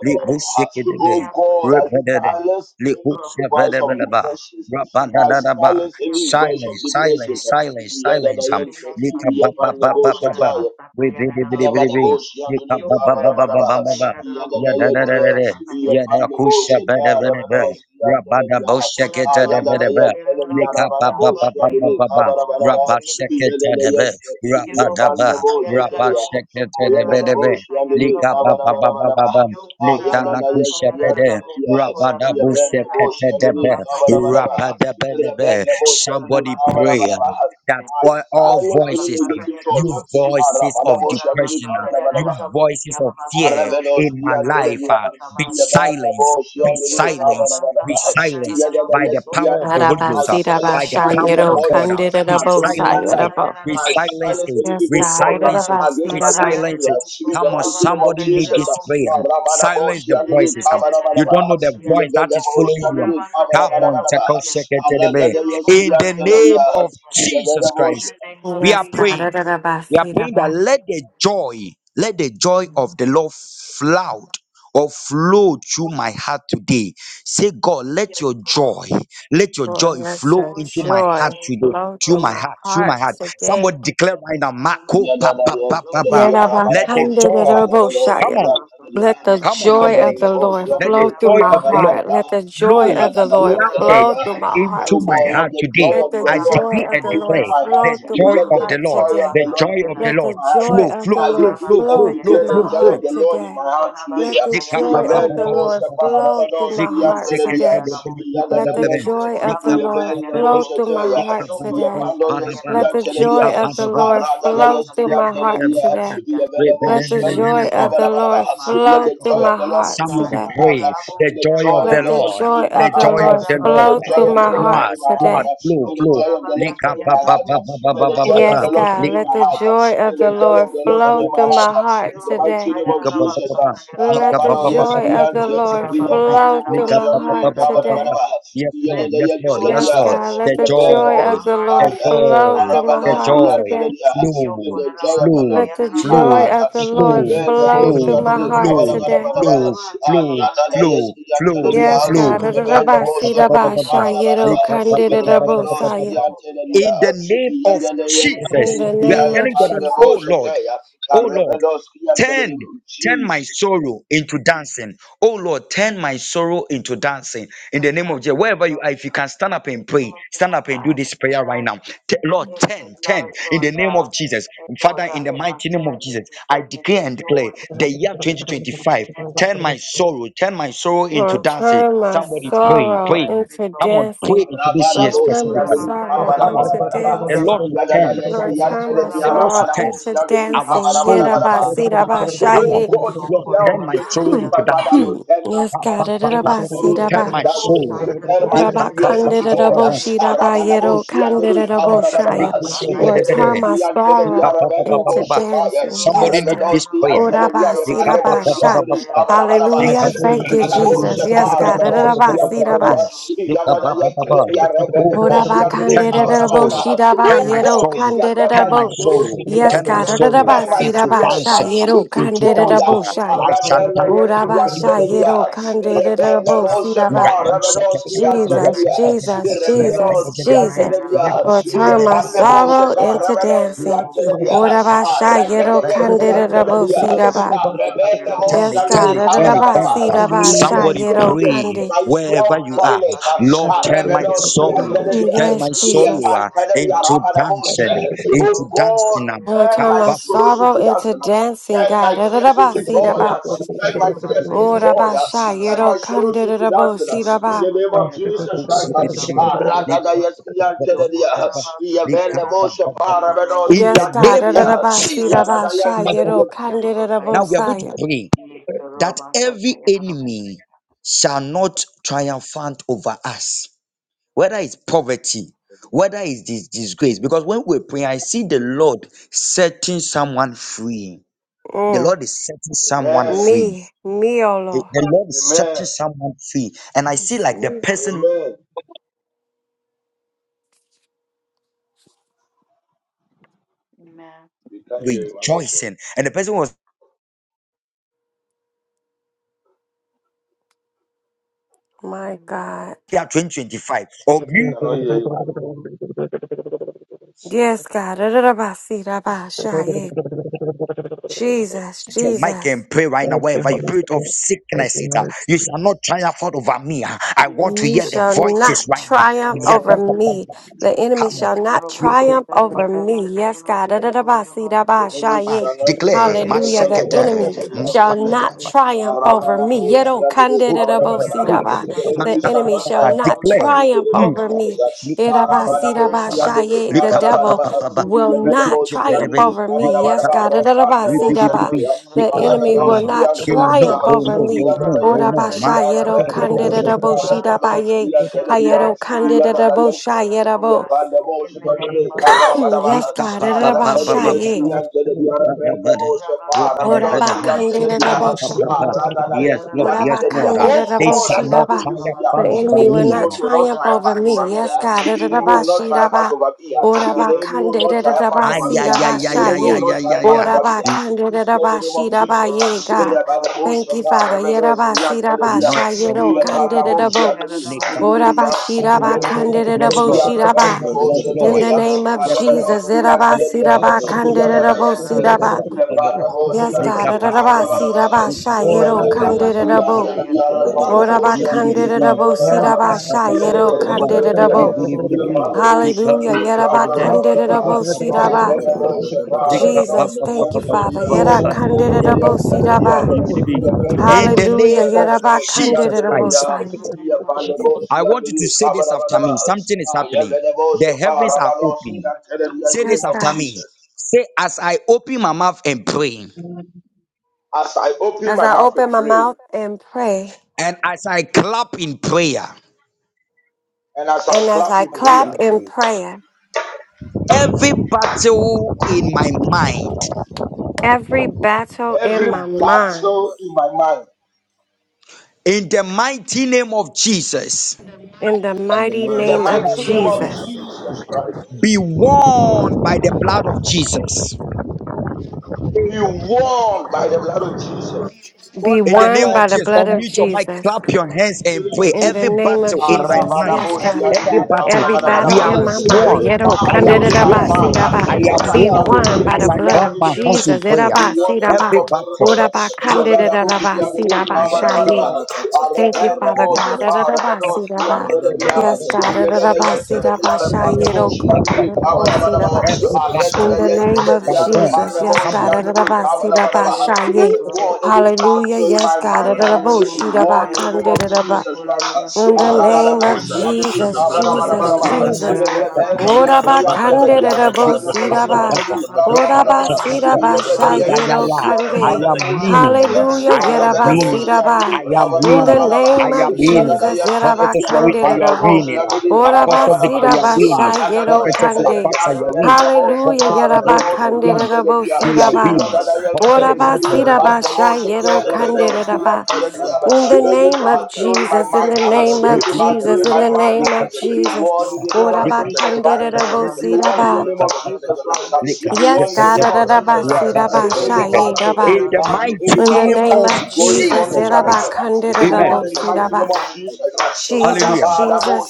D: libu shikidide,
G: God, I
D: ribedede,
G: silence any
D: liku
G: voice of
D: shebedebedeba,
G: depression. I silence any voice
D: Silence,
G: of
D: silence,
G: depression.
D: silence, silence. Um, lika ba ba ba ba ba ba, ribidibidibidi,
G: Ayabadaboshi anduni
D: lika ba ba ba ba ba ba
G: kabarabarabaha.
D: ba ba.
G: Iyadadayete,
D: Yadadadadada, yadakusha
G: iyapandeboshi
D: bedebedebe,
G: tiarabanosi
D: rabadabo
G: yantelebiyaha.
D: shikidedebedebe, lika ba ba ba
G: Ayadadayentelebiyabarabaraboshi
D: ba ba
G: anduni
D: ba ba,
G: kabarabarabaha.
D: rabashikidedebe,
G: Iyadadayete, iyapandeboshi tiyaha. Ayabadaboshi anduni
D: Lika ba ba ba ba ba
G: kabarabarabaha.
D: ba. Lika na kushe
G: Ayadadayesi
D: bede.
G: yantelebiyaha.
D: Rabada buse
G: Iyabendeboshi
D: kete debe.
G: anduni kabarabarabaha.
D: Rabada bede be.
G: Iyabendeboshi anduni
D: Somebody pray. uh,
G: kabarabarabaha.
D: That
G: I
D: all, all
G: silence any
D: voices, uh,
G: negative thought.
D: you
G: Ah,
D: voices of
G: rabadabo, shadidi,
D: depression, uh, you
G: kabadabadaba.
D: voices of fear
G: Aravenos,
D: in my life,
G: Yantelenia,
D: uh, be
G: Yabana
D: silenced,
G: Bosh,
D: be
G: Yandini,
D: silenced,
G: Kavanavana,
D: be silenced by the
G: Yadavayas,
D: power of the
G: Yantel.
D: Holy
G: I
D: Ghost, uh, by
G: silence
D: the
G: every
D: power
G: evil
D: of
E: Arabasirabashayero
G: voice
D: God. Uh, we
G: uh, against my
D: silence
G: life.
D: it,
G: uh,
D: we
G: I
D: silence
G: silence
D: it,
G: every
E: Yes,
D: we
G: evil
E: God.
G: thought
D: silence it,
G: uh, against
D: we
G: my
E: Arabasiraba.
G: destiny.
D: silence it.
G: uh, In the
D: Come on,
G: mighty name of
D: somebody need
G: Jesus.
D: this prayer.
G: Ravana Bosh,
D: Silence the
G: Yandini,
D: voices. um. You
G: Kavanavana,
D: don't know the voice that
G: Yabana
D: is
G: Bosh,
D: following you. um.
G: Yandini,
D: Come
G: Kavanavana,
D: on, Teko Shekete Debe.
G: Aravenos,
D: in the name
G: Yantelenia,
D: of Jesus
G: Yabana
D: Christ, we
G: Bosh.
D: are
E: Yes, God.
D: praying. We are praying that
E: Arabasiraba.
D: let the joy, let the joy of the Lord flood or flow through my heart today. Say, God, let your joy, let your
E: Lord,
D: joy
E: let
D: flow
E: your
D: into my heart
E: joy
D: today.
E: flow
D: Through
E: through
D: my
E: my
D: heart, through my
E: heart
D: heart. Somebody
E: today.
D: declare right now,
G: Oh
D: Marco, pa, pa, pa, pa, pa. let the joy. Come
E: Yerabakandiraboshayerabo.
D: on,
E: Let the
D: come on,
E: joy of
D: somebody.
E: the Lord
D: Let the
E: flow through
D: joy
E: my
D: of the Lord
E: heart. Let the joy
D: Lord,
E: of the Lord
D: louded
E: flow through my
D: into
E: heart
D: my
G: God,
E: today.
G: let
D: heart
G: the joy
D: today.
E: Let
G: of the
E: the
D: I
G: Lord
E: joy
D: decree
E: of
D: and
E: the
G: flow into
E: Lord
D: declare
G: my heart
D: the
E: flow through
G: today.
D: joy
E: my
G: Let
D: of
G: the
D: the
E: heart
D: Lord,
G: joy
E: today.
G: of
D: the
G: the Lord
D: joy of
G: flow
D: the
E: Let the
D: Lord.
G: my heart.
E: joy
D: Flow,
E: of the
D: flow,
G: I
E: Lord
D: flow,
G: decree
D: flow,
G: and
D: flow,
E: flow through
G: declare
D: flow,
G: the
E: my
D: flow,
G: joy of
E: heart
D: flow.
G: the Lord in
E: today.
G: my heart today.
E: Let the
D: Lika ba
G: The
E: joy
D: ba
E: of
D: ba
E: the
D: ba ba
G: available
D: ba
E: Lord
D: ba ba ba.
E: flow through
G: Shaparamanos,
E: my
G: the
D: Liku
E: heart
D: seke
G: Antelia,
E: today.
D: tele bele
G: the
D: ku ba ba
E: Let the
D: ba ba.
E: joy
G: Adanayantes,
E: of the
D: Lika
G: the
D: ba
E: Lord
D: ba ba ba.
G: available
E: flow through my
G: Shataya,
D: Lika
E: heart
D: ba ba
G: the
D: ba
E: today.
D: la ba la
G: Apandoyas,
D: ba.
G: the
E: Let the
D: Lika
G: Antelia,
E: joy
D: ba
E: of
D: ba
E: the
D: ba.
E: Lord flow
D: Yaka
G: Aradayas,
E: through
G: the
D: seke
E: my
D: tele
E: heart
D: bele
G: Antelia,
D: ba.
E: today.
G: the
D: Re bele
G: available
E: Let the
D: bele bele
G: Shianuni,
E: joy
D: ba.
E: of the Lord
G: Kabarabarabaha. Let
E: flow
G: the
E: through
G: joy of
E: my
G: the Lord
E: heart
G: flow in
D: Somebody
E: today.
G: my heart. uh,
D: pray the
G: Let the
D: joy
G: joy
D: of the
G: of
E: Let
G: the
E: the
G: Lord
D: Lord,
G: fill
E: joy
G: my
E: of
D: the
E: the
G: heart.
D: joy
G: uh,
D: of
E: Lord
D: the
G: Let
D: Lord.
E: flow
G: the joy
E: through
G: of the
E: my
G: Lord
E: heart
G: fill
D: Flood,
G: my heart.
D: flood,
E: today.
G: uh,
D: flow,
G: Let the
D: flow.
G: joy of the Lord
D: Lika
G: fill
D: ba
G: my
D: ba
G: heart.
D: ba
G: uh,
D: ba ba
G: Let
D: ba
G: the
D: ba ba
G: joy of
E: Yes,
G: the Lord fill
D: ba.
E: God, let
G: my
E: the
G: heart. uh,
E: joy
G: Let
E: of the
G: the joy
E: Lord
G: of the
D: Yes,
G: Lord fill
E: flow
G: my
E: through
G: heart.
E: my
G: uh,
E: heart
G: In the mighty
E: today.
G: name of Jesus. uh, uh,
E: Let the
G: Rabado yes
E: joy of the
G: yante.
E: Lord
G: Iyapande
E: flow
G: mo
E: through my
G: shianiri
E: heart today.
G: kabarabarabaha.
D: Lord, yes, Lord, yes,
E: Yes,
D: Lord.
E: God,
G: Iyadadayantadadiyaha.
E: let
D: The
E: the
G: Let the joy of
E: joy
D: joy,
E: of the
D: the
E: Lord flow
D: joy,
E: through my
D: the
E: heart
D: joy,
E: today.
D: flow,
G: the Lord
D: flow,
E: Let the
G: flow in my
D: flow,
E: joy
G: heart.
E: of the
G: the
E: Lord
D: flow,
G: event of
E: flow through
D: flow,
E: my
G: Oceanity,
E: heart
D: flow,
E: today.
G: Kabalabanabanaba, Yadana, yes,
D: flow,
G: the Antelania,
E: Yes, God.
D: flow,
G: the event of Oceanity,
D: flow,
E: Ra-ra-ra-ba-si-ra-ba-sha-ye-ro,
G: Kabalabanaba, the Lebanos,
D: flow,
G: the
D: flow.
G: Antelania,
D: In the
G: the
D: name of
G: Yandana,
E: In
D: Jesus,
E: the
D: we are
G: Antelania,
E: name of
D: telling God
G: and
D: that,
G: the
D: oh
E: Jesus,
D: Lord.
G: Moshetea,
D: Oh Lord,
G: Carrebanos, the
D: turn
G: Antelania,
D: turn my
G: Jesus.
D: sorrow into dancing. Oh Lord, turn my sorrow into dancing. In the name of Jesus, wherever you are, if you can stand up and pray, stand up and do this prayer right now. T- Lord, turn, turn. In the name of Jesus, Father, in the mighty name of Jesus, I declare and declare the year 2025. Turn my sorrow, turn my sorrow into
E: Lord,
D: dancing.
E: turn my
D: Somebody pray,
E: sorrow
D: pray.
E: into
D: Come on, pray
E: dancing.
D: into this
G: Ravana
D: year
E: Lord,
G: Boshi
E: turn my
G: and
D: specifically.
G: the
E: sorrow
G: Kabana
D: Come on,
E: into
D: the Lord
E: dancing.
D: should turn,
G: yes,
E: Lord,
G: we are
E: turn
G: telling
E: my
G: me
D: the Lord should
E: sorrow
G: Ravana
D: turn
E: into
G: Boshi and the
D: our
E: dancing.
G: Kabana
D: sorrow into dancing Come on.
G: Oh
E: Ye-ra-ba-si-ra-ba-sha-ye.
G: God, this
D: Lord,
G: year
D: turn
G: of
D: my sorrow into
G: 2025,
E: [clears throat]
G: Father
D: dancing.
G: Lord,
E: [coughs]
G: ten
E: Yes,
D: Ba, ba, ba,
G: will
D: ba.
G: sorrows
E: God.
D: Turn
G: into
D: my
G: dancing.
D: sorrow.
G: Turn my
E: Ora
D: Lika,
E: ba
D: ba,
G: tears
D: ba,
G: into
E: kandida
D: ba,
E: da
G: joy.
E: bo
D: ba,
E: shi da ba yero
G: Arabanaboshi and
D: ba.
G: the day.
E: kandida da bo
A: Thank
G: Abarabanaba.
E: shaya. Or turn my
G: Yedeyesi and Kennedy
E: sorrow into
G: Arabanabosha Paya.
E: dancing.
D: Somebody
E: Yes,
D: need
E: God.
D: this
G: Arabanoski and
D: prayer.
E: Ora
G: Kennedy
E: ba si da ba
G: Ayakanaboshi and
E: sha.
G: the day. Abarabanaba.
E: Hallelujah.
A: you,
E: Thank you, Jesus.
G: Yanabosha
E: Yes, God. Da da da
G: Parabanoski
E: ba
G: and
E: si da ba.
G: Kennedy. Yanayakennedy
D: Oh
E: Ora
D: God,
G: Arabanaboshi
E: ba
G: and the day.
D: turn
E: kandida
D: my
E: da bo
D: sorrow,
G: Abarabanaba.
E: shi da ba
D: turn
G: Oh
D: my
E: yero
G: God,
D: sorrow,
G: this year
E: kandida
G: turn
E: da
D: turn
G: my
D: my
E: bo.
G: sorrows
D: sorrow,
G: into
E: Yes,
D: turn
G: dancing.
D: my
E: God. Da da da
D: sorrow
E: ba
G: And my
A: Jesus.
E: si da
D: into
E: ba
G: tears
E: sha
G: are
D: dancing,
E: yero
G: sweet to
D: into
G: joy.
E: kandida da
D: dancing.
E: bo shaya.
A: Thank
D: I shall
G: Rebena
A: you,
E: Ora ba
G: Yesia
E: sha
D: dance.
E: yero
G: Teledia,
E: kandida da
G: Rebena
E: bo si da
D: Turn
E: ba.
D: it,
G: Moshepa, Revenosia
E: Jesus,
G: Teledia,
E: Jesus, Jesus,
G: Revenosia
E: Jesus.
G: Teledia,
E: Lord, turn my
G: Yapanda
E: sorrow
G: Mosheka,
E: into
G: Revenosia
E: dancing.
G: Teledia,
E: Urabasha
G: Regada
E: yero
G: Yesia Teledia, Rebena
E: Yes,
D: turn
E: God.
G: Moshandi,
D: it, turn it,
E: Urababa
D: turn it
G: Tabanabana.
D: up.
G: Let
D: Somebody
G: this year be the
D: pray
E: kandi.
G: my year
D: wherever
G: of
D: you are.
G: dryness.
D: Lord, turn my
G: Revenosia
D: sorrow,
G: Teledia,
D: turn
E: Yes,
D: my sorrow
E: Jesus.
D: uh,
G: Yapanda
D: into
G: Rabana
D: dancing,
G: Moshe.
D: into
G: Oh
D: dancing.
G: God.
D: um.
E: Lord,
G: Turn
E: turn
G: my
E: my
G: sorrows
E: sorrow
G: into
E: into
G: dancing.
E: dancing,
G: Turn my
E: God.
G: tears
E: Urababa
G: into joy.
E: sidaba.
G: Turn my tears into joy.
E: Urabasha
G: Turn my sorrows into dancing. In the name of Jesus Christ. Aradadayaski antelia. Yavene Moshe
D: In
G: Paramenoski
D: the
E: Yes, God.
D: name of
G: antelia.
E: Urababa
D: Jesus,
E: sidaba sha
G: Yadadayantelia of Jesus
D: Now
G: Christ.
D: we are going to pray that every enemy shall not triumphant over us, whether it's poverty, whether it's dis- disgrace. Because when we pray, I see the Lord setting someone free. The
E: Mm.
D: Lord is setting someone
G: Amen.
D: free.
E: Me, me, O
D: The
E: Lord.
D: the Lord is
G: Amen.
D: setting someone free. And I see
E: Yes,
D: like the
E: Lord.
D: person
G: Amen. We can hear you, man of God.
D: rejoicing and the person was
E: My God.
D: there 2025 or
G: We cannot hear you,
E: Yes, God. Da-da-da-ba-si-da-ba-sha-ye. Jesus,
D: your mic
E: Jesus.
D: and pray right now, wherever you
A: Holy
D: spirit of
A: Spirit. Thank you,
D: sickness is, uh, you
A: Lord.
D: shall not triumph over me. uh. I want to
E: You
D: hear the
E: shall not
D: voices right now.
E: triumph
D: Yeah,
E: over
D: pum, pum, pum,
E: me.
D: pum, pum.
E: The enemy
D: Come on.
E: shall not
D: You- pum,
E: triumph
D: pum,
E: over me. Yes, God.
G: The
D: pum,
G: enemy
D: pum, pum.
E: Da-da-da-ba-si-da-ba-sha-ye.
G: shall not
D: Declare, my
G: triumph
E: Hallelujah. The
G: over
D: secretary.
G: me
E: enemy
G: in the name of
E: shall
G: Jesus.
E: not triumph over me. Yedo
D: Oh, somebody
G: Arabanaboshiandedekabadabadabaha.
D: pray.
E: kande-da-da-bo-si-da-ba.
G: The
D: Ma-
E: The
G: enemy
D: pa-
G: shall
D: pa-
E: enemy
G: not
D: pa- pa.
E: shall
G: triumph
E: not
G: over
D: Declare.
G: me in the
E: triumph
G: name
D: Hmm.
G: of
E: over
G: Jesus.
E: me.
D: They will know, they
E: Ida-ba-si-da-ba-sha-ye. The devil
G: Arabanaboshiandedekabadabadabaha.
E: will not triumph over me. Yes, God. Da-da-da-ba-si-da-ba.
G: Yemenaboshiandedekabadabadabaha.
E: The enemy will
G: Ayabeloski
E: not
G: and Teledia,
E: triumph
D: will
E: over
D: know, they
E: me.
D: will know, they
G: Yagadayan
D: will
E: Ora
D: know. My
G: Teledia,
E: basha yero
D: second,
G: Ravenda
D: they
E: candida da
D: will
G: Mosheta,
E: boshida
G: Ravaloski
E: baye.
G: and Teledia,
E: Hayero candida da
G: Yagadayan,
E: bosha yera bo.
G: Yapanda Moshi and the
E: [clears throat] Yes,
G: Kabarabadabaha,
E: God, da
G: Ravenda
E: basha ye.
G: Yeski and Teledia, Ravenda Moshepa,
E: Ora ba
G: Ravadoski
D: know.
G: and
E: candida da
G: Teledia,
E: bosha.
G: Ragada
D: Yes,
G: Yeski
D: Lord,
G: and
E: Ora
D: yes,
E: ba
G: Teledia.
D: Lord. Uh,
E: candida
G: Oh
E: da
D: They
G: God,
D: shall
G: I
E: boshida
D: not
G: suppose
E: ba.
G: this
D: tire
G: year
E: The
D: found over
G: the
E: enemy will
D: me.
E: not
G: enemies will not
E: triumph
G: not triumphant
E: over me.
G: over me.
E: Yes,
G: ah.
E: God,
G: The enemy
E: da
G: will not
E: bashida
G: triumphant
E: ba.
G: over me. ah.
E: Ora
G: The
E: ba
G: enemy will not
E: candida da
G: triumphant
D: Ay,
G: over me.
D: ay,
E: basida
G: ah.
D: ay,
G: The
D: ay,
E: basha
G: enemy
D: ay,
G: will
E: ye.
D: ay,
G: not
D: ay, ay,
G: triumphant
E: Ora
D: ay.
G: over me.
E: ba
G: ah.
E: candida
G: This
E: da
G: year, in the name of
E: bashida ba
G: Jesus. ah.
E: ye, God. Thank
G: Rabadabosha,
E: you, Father. Yera
G: Rabadabosha,
E: basida
D: Shall Not
E: basha
D: tire
E: yero
G: the
D: found over
E: candida da
D: me.
G: Yapanabosha,
E: bo.
D: Lika,
G: Yanteleria,
D: Papa, Papa. Yes,
G: Yanteleria,
D: Lord.
E: Orabashirabakandererabosiraba.
D: Yes,
G: Rabadabosha,
E: In
D: Lord.
E: the
G: Yanteleria,
E: name of
D: Yes, Lord.
E: Jesus.
G: Rabadabosha,
D: Make up back up the glory.
G: Yanteleria, Ah, yeah,
D: Make up
E: Irabasirabakandererabosiraba.
D: back up
G: Venables,
D: the back.
G: Shafar,
E: Yes,
D: Make
E: God.
D: up back up back.
G: Rabalos,
D: Make
G: the
D: up back
E: Orabasirabashayero
D: up back. Make up
E: kandererabo.
D: back up back. Be be be be be.
A: Yes,
D: Make up back up back up
E: Orabakandererabosirabashayero kandererabo. siraba shayero
D: back. back. Be
E: kandererabo.
D: be be be be. Make up
E: Hallelujah.
D: bush up the them. Make up back up back up
E: Yerabakandererabosiraba.
D: back back. back. Make
A: God.
D: up back
E: Jesus,
D: up
G: Lord, the
D: back
E: thank you,
D: up back back
E: Father.
D: back. back, back. Make up back up bush
E: Yerabakandererabosiraba.
D: be be be. In the
E: Hallelujah.
D: name of Jesus Christ,
E: Yerabakandererabosai.
D: I want you to say this after me. Something is happening. The heavens are open
G: Antenna, in the
D: Say this
E: Yes,
G: name of
D: after
E: God.
D: me.
G: Jesus.
D: Say, as I open my mouth and pray,
G: as I open
E: As
G: my
E: I
G: mouth and
E: open my
G: pray,
E: mouth and pray.
D: and as I clap in prayer,
G: and as I
E: And as
G: clap
E: I
G: in
E: clap
G: prayer,
E: in prayer,
D: every battle in my mind,
E: every battle in
G: every
E: my
B: in
E: mind,
G: battle in my mind,
D: in the mighty name of Jesus,
E: in the
B: the
E: mighty
G: in the
E: name of
B: mighty
G: mighty
B: name
G: name
B: of
G: of
E: Jesus,
B: Jesus,
G: Jesus Christ,
D: be won by the blood of Jesus.
G: be
B: be
G: won by the
B: warned
G: blood
B: by
G: of
B: the
G: Jesus.
B: Lord, my God, Jesus.
C: Work
E: be
D: In the
C: by
E: won
D: name of
E: by the
C: blood,
D: Jesus,
C: Jesus.
E: blood of
D: unmute your mic,
E: Jesus.
D: clap your hands
G: In the
D: and
G: name
D: pray.
G: of
E: In the
D: Every
E: name
G: Jesus.
E: of
D: battle in my
E: Jesus.
D: mind,
E: Yes,
G: Arabadaboshi,
C: every
E: God.
C: battle.
D: every
G: Adini,
A: For.
D: battle,
E: Every
B: Mother,
D: we
E: battle
G: Kabarabarabaraba.
D: have
E: in
B: brother,
E: my mind,
D: won.
E: yeto
D: I
G: battle
D: have
G: in my
E: kandidaba
D: won.
G: mind,
E: sidaba,
D: I
G: I
B: Shut
D: have
G: shall
E: be
G: clap
D: won.
G: it
E: won by
D: As
E: the
G: greatly.
D: I
E: blood
D: clap
G: One
E: of
G: in
D: my
G: the name of
D: hands in
E: Jesus.
G: Jesus,
D: prayer,
E: Iraba
G: one in the name
E: sidaba,
D: every
G: of
D: battle.
E: uraba
G: Jesus.
E: kandidaba
G: Yabadaboshi, Adini,
E: sidaba shaye.
G: Kabarabarabaraba.
E: Thank you, Father
G: Arabadaboshi,
E: God.
G: Paradadoshi,
E: Da-da-da-ba-si-da-ba.
G: Antelebiaha.
E: Yes, God.
G: Yedede, Yetelebiaha, Repandeboshi,
E: Da-da-da-ba-si-da-ba-sha-ye-do-ko-da-da-da-wo-si-da-ba.
D: Every
E: In
D: battle,
E: the
D: I
E: name of
D: shall won.
E: Jesus. Yes,
D: Come
E: God. Da-da-da-ba-si-da-ba-sha-ye.
G: Oh God, any
E: Hallelujah.
G: battle in
E: Yes,
G: my
E: God.
G: mind, ah more in the name of
E: Da-da-da-bo-shi-da-ba-kan-da-da-da-ba.
G: Jesus Christ.
E: In the
G: Ah,
D: on.
E: name of
G: rabadaboshi, adelika,
E: Jesus,
D: I am
E: Jesus,
G: barabarabaraba.
B: up,
E: Jesus.
G: Rebeno,
B: Shut
G: yes,
B: up,
E: Oraba
G: yante, de
E: kande de
G: diare,
E: de bo
G: pandemoshi,
E: siraba.
G: adelika, barabaraba.
E: Oraba siraba
G: Yedede, yes, de
E: shayero
G: diare,
E: kande.
G: pandemoshi, te,
D: winning.
G: yes.
E: Hallelujah,
D: I
G: Ah,
D: am
E: yeraba
G: rebedeboshi,
D: winning.
E: siraba.
D: I
G: adelika,
D: am
E: In the
D: winning.
G: barabarabaraba.
D: I
E: name
D: am
E: of
G: Yadada,
D: winning.
E: Jesus,
G: yes, de
E: yeraba
D: Prophetess
G: diare,
E: kande
D: Lorita,
E: de
D: you are
E: de bo.
G: pandemoshi,
D: winning. Uh,
G: adelika,
E: Oraba
D: Apostle
G: barabaraba.
D: Victor, you are
E: siraba
G: Ah,
D: winning.
G: yadada,
E: shayero
G: yes,
D: Prophetess
G: de
E: kande.
D: Lapacha,
G: diare,
D: you are winning.
G: pandemoshi,
E: Hallelujah,
D: Prophetess Simona,
E: yeraba
D: you are
G: barabenoshi,
E: kande de
D: winning.
E: de bo
G: adelika.
D: We are
E: siraba.
D: winning.
G: Yadada,
D: Prophetess
G: yes,
E: Oraba
G: de
D: Cometa,
G: diare,
E: siraba shayero
G: pandemoshi,
E: kande
G: God,
E: de de
G: see, I
E: ba.
G: tell you, yeah.
E: In the
G: Any
E: name of
G: battle in my
E: Jesus, in
G: mind,
E: the
G: uh,
E: name
D: you
E: of
G: any
D: are
G: battle
E: Jesus,
G: in
E: in
G: my
E: the
G: mind,
E: name
G: uh,
E: of
G: be
E: Jesus.
G: won in the name of
B: Amen.
G: Jesus Christ.
D: winning.
G: You be won in the
E: Orabakandererabosiraba.
G: name of Jesus Christ. uh,
D: In
G: Be won
E: Yes,
G: in the
E: God.
G: name of Jesus Christ.
E: ererabasiraba,
G: uh. Any battle,
E: shayeraba.
G: any
D: the
G: battle, any
D: mighty
E: In the
G: battle,
D: name
G: uh,
E: name
D: of
E: of
G: going on
E: Jesus.
G: in
D: Jesus
G: my
D: Christ.
G: mind, uh, be
D: Amen.
G: won in the mighty
E: erabakandererabosiraba.
G: name of Jesus. uh.
E: Jesus,
D: Hallelujah.
G: Arabadabo,
E: Jesus.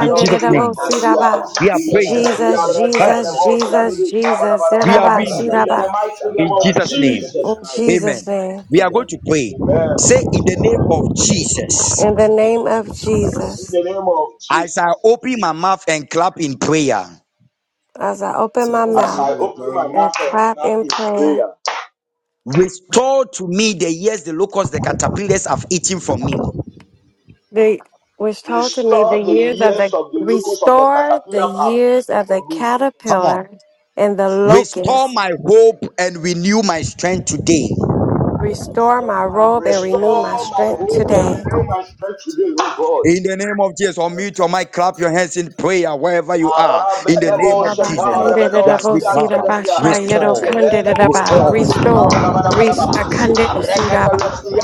D: In Jesus'
G: see, I
D: name.
G: tell you, yeah.
D: We are
G: We enter
D: praying.
G: the year
E: Jesus,
G: of
D: Huh?
G: the
E: Jesus,
G: Lord, see, I do
E: Jesus,
G: this, ah,
E: Jesus.
D: We are winning
G: In the
E: erabasiraba.
G: mighty name
D: In
G: of
D: Jesus' name.
G: Jesus
E: In
G: Christ.
E: Jesus'
D: Amen.
E: name.
D: We are going to pray.
G: Amen.
D: Say in the
G: Amen.
D: name of Jesus.
E: In the
B: In the
E: name
B: name
E: of
B: of
G: In
B: Jesus.
E: Jesus.
G: the name of
D: As I
G: Jesus,
D: open my mouth and clap in prayer,
E: As I
B: It's
E: open
B: a
E: my
G: as
E: mouth.
G: I
B: problem like
G: open my mouth
B: mine.
E: and
G: and
E: clap
G: clap
E: in
G: in
E: prayer.
G: prayer,
D: restore to me the years the locusts, the caterpillars have eaten from me.
E: The was told to me the
G: restore the
E: years of
G: years
E: the
G: of the locusts of the
E: restore the
G: caterpillar have
E: years
G: eaten
E: of the
G: from me.
D: Come on.
E: caterpillar and the
D: Restore
E: locust.
D: my hope and renew my strength today.
E: Restore my robe and
G: Restore
E: renew my
G: my
E: strength
G: hope and
E: today.
G: renew my strength today, O God.
D: In the name of Jesus, unmute your mic, clap your hands in prayer wherever you are.
G: Oh
D: In the name
B: Rataka
D: of Jesus, uh, as we clap, uh, restore,
E: Rabakandidabosirabashayirokandidaba.
D: restore.
E: Restore, restore,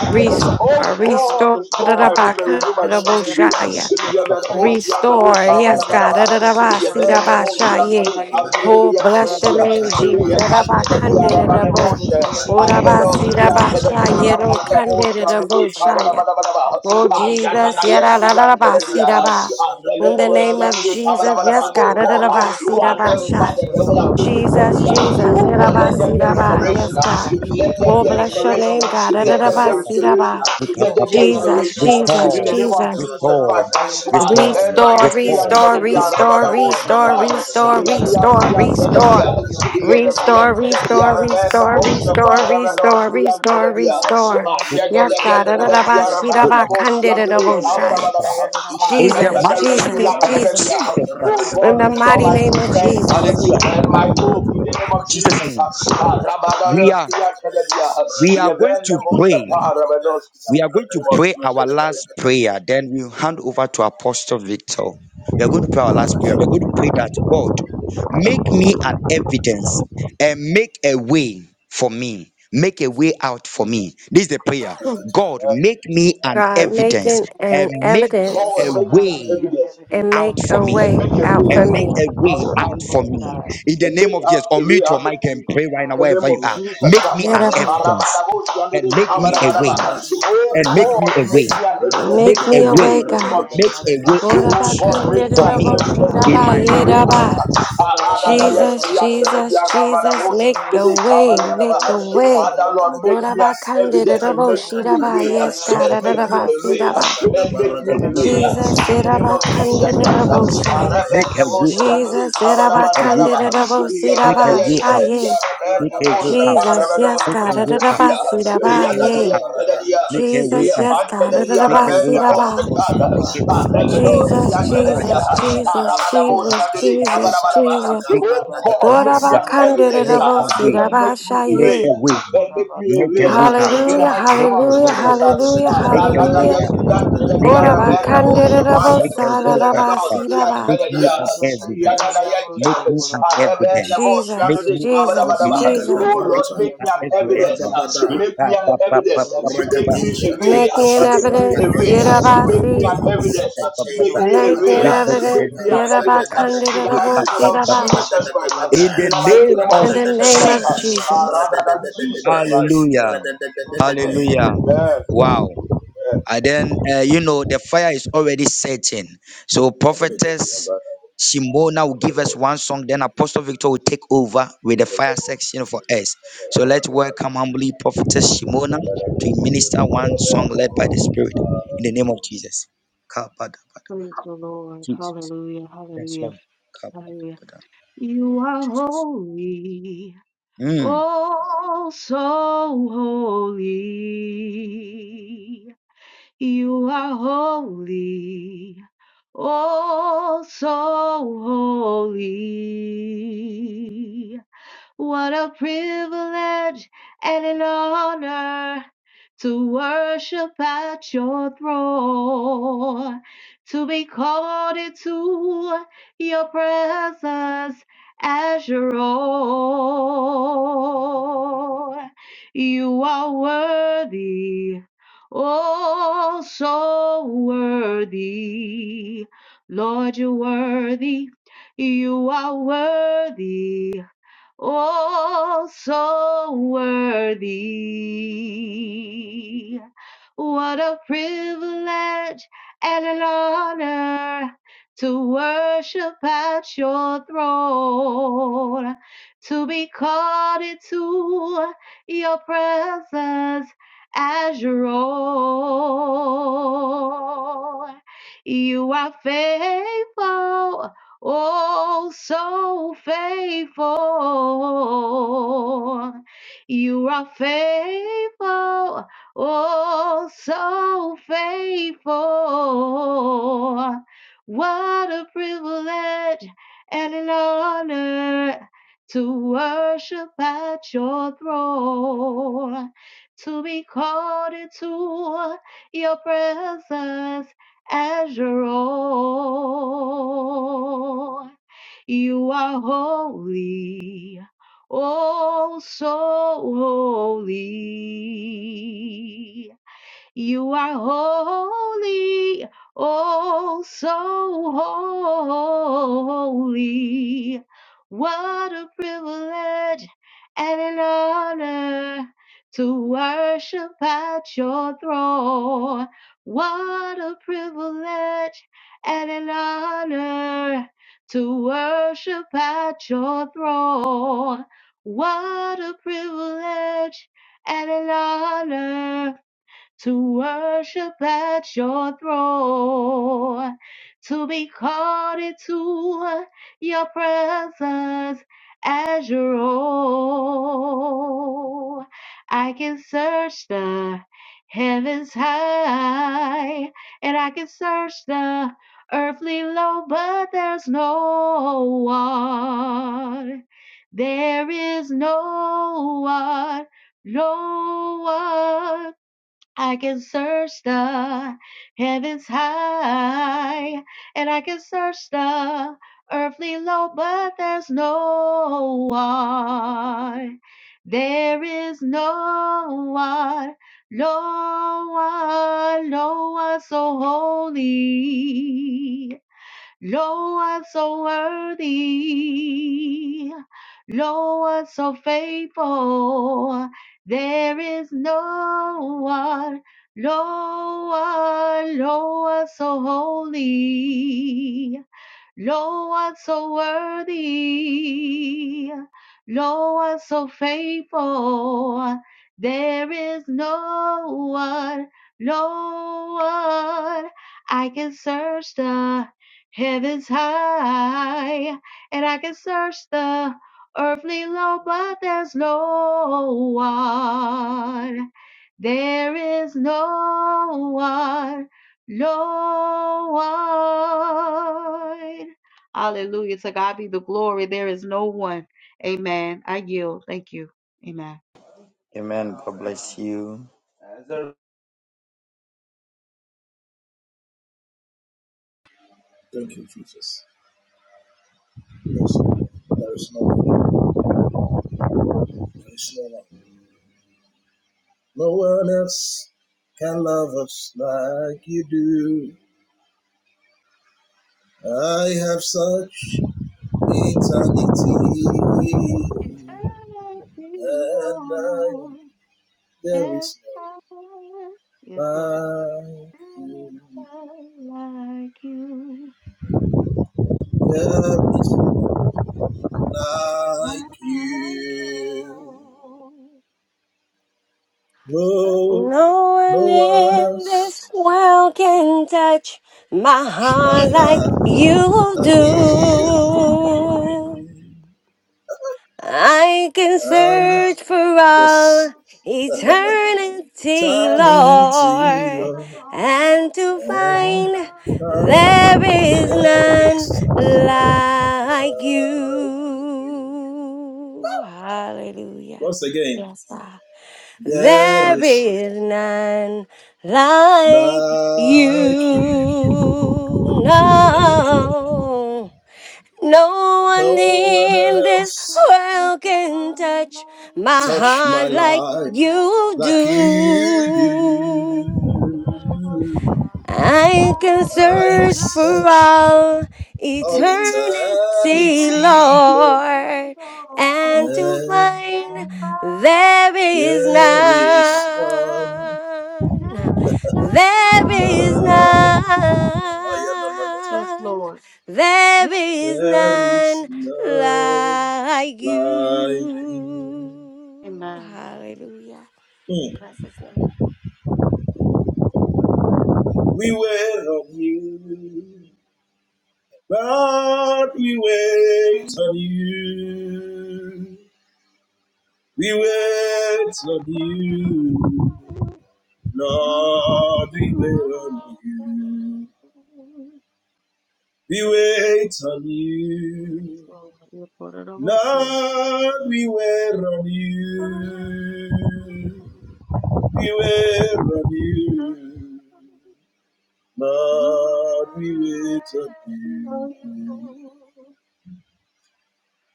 E: restore,
G: God,
E: restore.
G: restore my hope and renew my strength today.
E: Restore. Restore,
B: Subrata
E: yes, God.
B: Negata,
E: Da da da da ba, si Adarabasi, rabashaye. Oh, bless your name, Jesus. Da da ba, Arabakandererabo. Orabasi, da
G: Oh God,
E: rokandererabo,
G: uh, whatever
E: shaya.
G: the
E: Oh, da da ba, Oh, Jesus. Ya da da da ba, si da ba. In the name of Jesus, yes, God. Da da da da ba, si ba, rabasha.
G: devil have taken from
E: Jesus,
G: me, uh,
E: Jesus.
G: oh
E: Ya da
G: God,
E: ba,
G: let there
E: si
G: be a
E: da ba.
G: restoration.
E: Yes,
G: uh,
E: God.
G: Let there
E: Oh,
G: be a
E: bless your
G: restoration.
E: name,
G: uh,
E: God. Da da
G: Let
E: da
G: there be
E: ba,
G: a
E: si da
G: restoration.
E: ba.
G: uh, Let there be a
E: Jesus,
G: restoration. uh,
E: Jesus,
G: In the
D: Restore,
G: name of
E: Jesus.
G: Jesus
D: restore,
G: Christ. uh, ah, Rebbe, no,
E: Restore,
G: yes, the, uh,
D: restore,
E: restore,
G: Rebbe, the, uh,
D: restore.
G: Rebbe,
E: restore,
G: the, oh,
E: restore,
G: Shepherd, yes. Oh
E: restore, restore, restore. Restore, restore, restore, restore, restore, restore, restore. Yes, God. Da, da, da, ba, shi, da, ba, kan, de, da, da, bo, shi.
D: In the
E: Jesus,
D: mighty
E: Jesus,
D: name of
E: Jesus.
D: Jesus Christ,
E: In
G: God,
E: the
G: restore
E: mighty
G: my
E: name of
G: strength
E: Jesus.
G: and my hope in the name
D: in
G: of Jesus.
D: Jesus' name,
G: In the
D: we are we are going to pray. We are going to
G: name of
D: pray our
G: Jesus Christ.
D: last prayer, then we hand over to Apostle Victor. We are going to pray our last prayer. We're going to pray that God make me an evidence and make a way for me. Make a way out for me. This is the prayer.
E: Hmm.
D: God, make me an
E: God, make
D: evidence
E: an,
D: and
E: an
D: make
G: God,
D: a
E: evidence
G: make me an
D: way
G: evidence
E: and
D: out
E: make
D: for
E: a
D: me.
G: and
E: way
G: make a
E: out
D: And
E: for
G: way.
D: make
E: me.
D: a way
G: Ask for
D: out
G: me.
D: for me. In the
G: and
D: name
G: make
D: of
G: up
D: Jesus,
G: a way
D: unmute your
G: out of
D: mic and
G: me.
D: pray right now,
G: In the
D: wherever
G: name
D: you
G: of
D: are.
G: Jesus
D: Make me
G: Christ.
E: Yeah,
D: an
G: Oh God,
D: evidence and make me a
B: Lika
D: way and make
B: Braskopata,
D: me a
G: make
D: way.
G: me an
B: Rada
G: evidence and
E: Make
D: Make
G: make
D: a
E: me
G: me
E: a
G: a
D: way.
G: way
E: way,
G: in the name
E: God.
G: of
D: Make
G: Jesus.
D: a way
E: Lord, da,
D: out
G: Oh
E: ba,
G: God,
E: kan,
G: make me
D: for
G: an
E: bo,
D: me
E: shi,
G: evidence and
E: da,
D: in
G: make
E: ba,
D: my
G: me a
E: yeah,
G: way
E: da,
D: marriage.
G: out.
D: Ah, yeah, yeah.
G: Yes,
E: Jesus,
G: we are telling
E: Jesus,
G: you, Father
E: Jesus, make a way, make a way.
G: Lord, make me an evidence and
E: Murabakandidabo,
G: make me a
E: Shidaba,
G: way and
D: Oh,
E: yes,
D: son
E: God,
D: of the
G: make me
E: Adadaba,
D: Lord,
G: a way
E: Sidaba.
G: and
D: Make
G: make me
D: a
G: a
D: way.
G: way
E: Jesus,
G: in the name of
E: Sidaba,
D: Ba, ba,
G: Jesus
D: ba,
G: Christ.
D: ba.
E: Candidabo, Saya.
D: Make a
G: Oh
D: way out.
G: God, make me
E: Jesus,
D: Make
E: Sidaba,
D: a way out.
E: Candidabo,
D: Make a
E: Sidaba,
D: way out.
E: Shaye.
D: Make a way out.
E: Jesus, yes,
D: Make
E: God,
D: a way out.
E: Adadaba,
D: Make a
E: Sidaba,
B: Badeke
D: way
E: yea.
D: out.
B: Taparada
D: Make a way
E: Jesus,
D: out.
E: yes, God,
D: Make a
B: Rikada
E: Adadaba,
D: way out.
B: Bata
E: Sidaba.
B: Koshkaba
D: Make a way out.
B: Regede
E: Jesus,
D: Ma, ba, ba,
E: Jesus,
D: ba, ba.
B: Batagadagada
E: Jesus,
D: Make a
E: Jesus,
D: ba, ba,
B: Ratika
D: ba,
E: Jesus,
D: ba.
E: Jesus.
B: Sataka
D: Make a ba,
B: Batagada
D: ba, ba, ba.
G: an
B: Regede
G: evidence
D: Make a
B: Bata
G: uh,
D: way.
G: and make me aware
D: Make
E: Orabakandidabosirabashaye.
D: a way.
G: and make me
D: Make
G: aware
D: a way out.
G: in
B: Radadadada
G: the
E: Hallelujah,
G: mighty
D: Make
G: name of
D: a
E: hallelujah,
D: way out.
G: Jesus.
E: hallelujah,
D: Make a way
G: uh,
E: hallelujah.
D: out.
G: uh, Oh
D: Make a way out. Make a way out. God.
E: Orabakandidabosarabasiraba.
D: Make me an evidence. Make me an evidence. Make
E: Jesus,
D: me an
E: Jesus,
D: evidence.
B: Ligada
E: Jesus.
G: Lord,
D: Make
B: Barata
D: me
G: make
D: an
G: me an
D: evidence.
G: evidence.
D: Um,
B: Rababada
D: Make
G: Make
D: a
G: me an
D: ba- ba- ba-
G: evidence.
D: ba- ba-
G: Make
D: ba-
G: me
D: um,
G: a
B: Ragadeshata,
G: way.
D: make
E: Make
D: a
E: me an
D: ba-
G: Make
D: so-
G: me
D: ba-
E: evidence,
G: a
D: ba-
G: way.
D: ba- ba-
G: Make me
B: Ratakesopante,
E: sirabasi.
G: an
D: make a
G: evidence.
D: ba- ba- ba-
G: Make
B: Etela
D: ba-
G: me a
E: Make me
B: Kapata,
G: way.
E: an
D: rebecca de
E: evidence,
G: Make
D: de
G: me an
D: so ka
G: evidence.
D: ta
G: In the
B: Radadadadadada,
D: Make a
G: mighty name
D: ba-
G: of
D: ba-
E: sirabakandidabosiraba.
D: ba-
G: Jesus
B: Radadadadadada,
D: In
G: Christ. In
D: the
G: the mighty
D: name
G: name of
D: of
E: In the
G: Jesus
E: name of
B: Radadadadadada,
G: Christ.
D: Jesus Christ.
E: Jesus.
G: Rather than Jesus
B: Radadadadadada,
G: Christ.
D: Hallelujah.
B: Radadadadadada.
D: Hallelujah.
G: Amen.
D: Wow. And then, uh, you know, the fire is already setting. So, prophetess Shimona will give us one song, then Apostle Victor will take over with the fire section for us. So, let's welcome humbly prophetess Shimona to minister one song led by the Spirit in the name of Jesus. Kapadabada. Jesus. Yes, Lord. Kapadabada. Jesus.
H: we worship and in honor to worship to your presence. You be oh so worthy, Lord, you're worthy. You are worthy. Oh, so worthy. What a privilege and an honor to worship at your throne, to be called into your presence as your own. You are faithful. Oh, so faithful. You are faithful. Oh, so faithful. What a privilege and an honor to worship at your throne, to be called into your presence azure all. You are holy, oh so holy. You are holy, oh, so holy. What a privilege and an honor to worship at your throne. What a privilege and an honor to worship at your throne. What a privilege and an honor to worship at your throne, to be called into your presence as your own. I can search the heavens high, and I can search the earthly low, but there's no one. There is no one, no one. I can search the heavens high, and I can search the earthly low, but there's no one. There is no one, no one, no one so holy. Lo, I'm so worthy. Lo, I'm so faithful. There is no one. Lo, ah, lo, I'm so holy. Lo, I'm so worthy. Lo, I'm so faithful. There is no one, Lord. I can search the heavens high, and I can search the earthly low, but there's no one. There is no one. Lord. Hallelujah. To God be the glory. There is no one. Amen. I yield. Thank you. Amen.
B: Yes, there is no one, there is no one. No one else can love us like you do. I have such eternity,
H: It's thank you,
B: and I
H: Lord,
B: There
H: and
B: is
H: I- Yes, Lord.
B: none like you.
H: I felt Like you,
B: There is like
H: like
B: you.
H: you, Oh,
B: No,
E: No
B: no
E: one
B: one
E: in
B: else.
E: this world can touch my heart
B: My
E: like
B: heart
E: you
B: will
E: do.
H: I-
E: I can
H: I
B: come.
E: search for
B: Yes.
E: all
H: love
B: [laughs]
H: you, but
E: eternity,
H: I
B: Eternity,
E: Lord,
B: Lord.
H: feel wrong.
E: and to find there is none like you. Hallelujah. Yes, God. There is none like you. No, no one in this world can touch my heart like you
B: You do.
E: do.
H: Oh, see, I
E: I can
B: I
H: just
B: am
E: search for
H: just to
B: such
E: all
H: see
E: eternity,
H: that
B: love.
E: Lord, and to find
H: it's
E: there is none. There is
H: not just love. Yes,
E: none.
H: Lord. this
E: There is none like you. Hallelujah. Bless his name.
B: We wait on you. God, we wait on you. We
H: is
B: wait on
H: for you.
B: you.
H: Lord
B: Lord,
H: we are
B: we wait on
H: thankful.
B: you. We wait on you.
H: For the hosts, yeah.
B: Lord, we wait on you. We wait on you. Lord, we wait on you.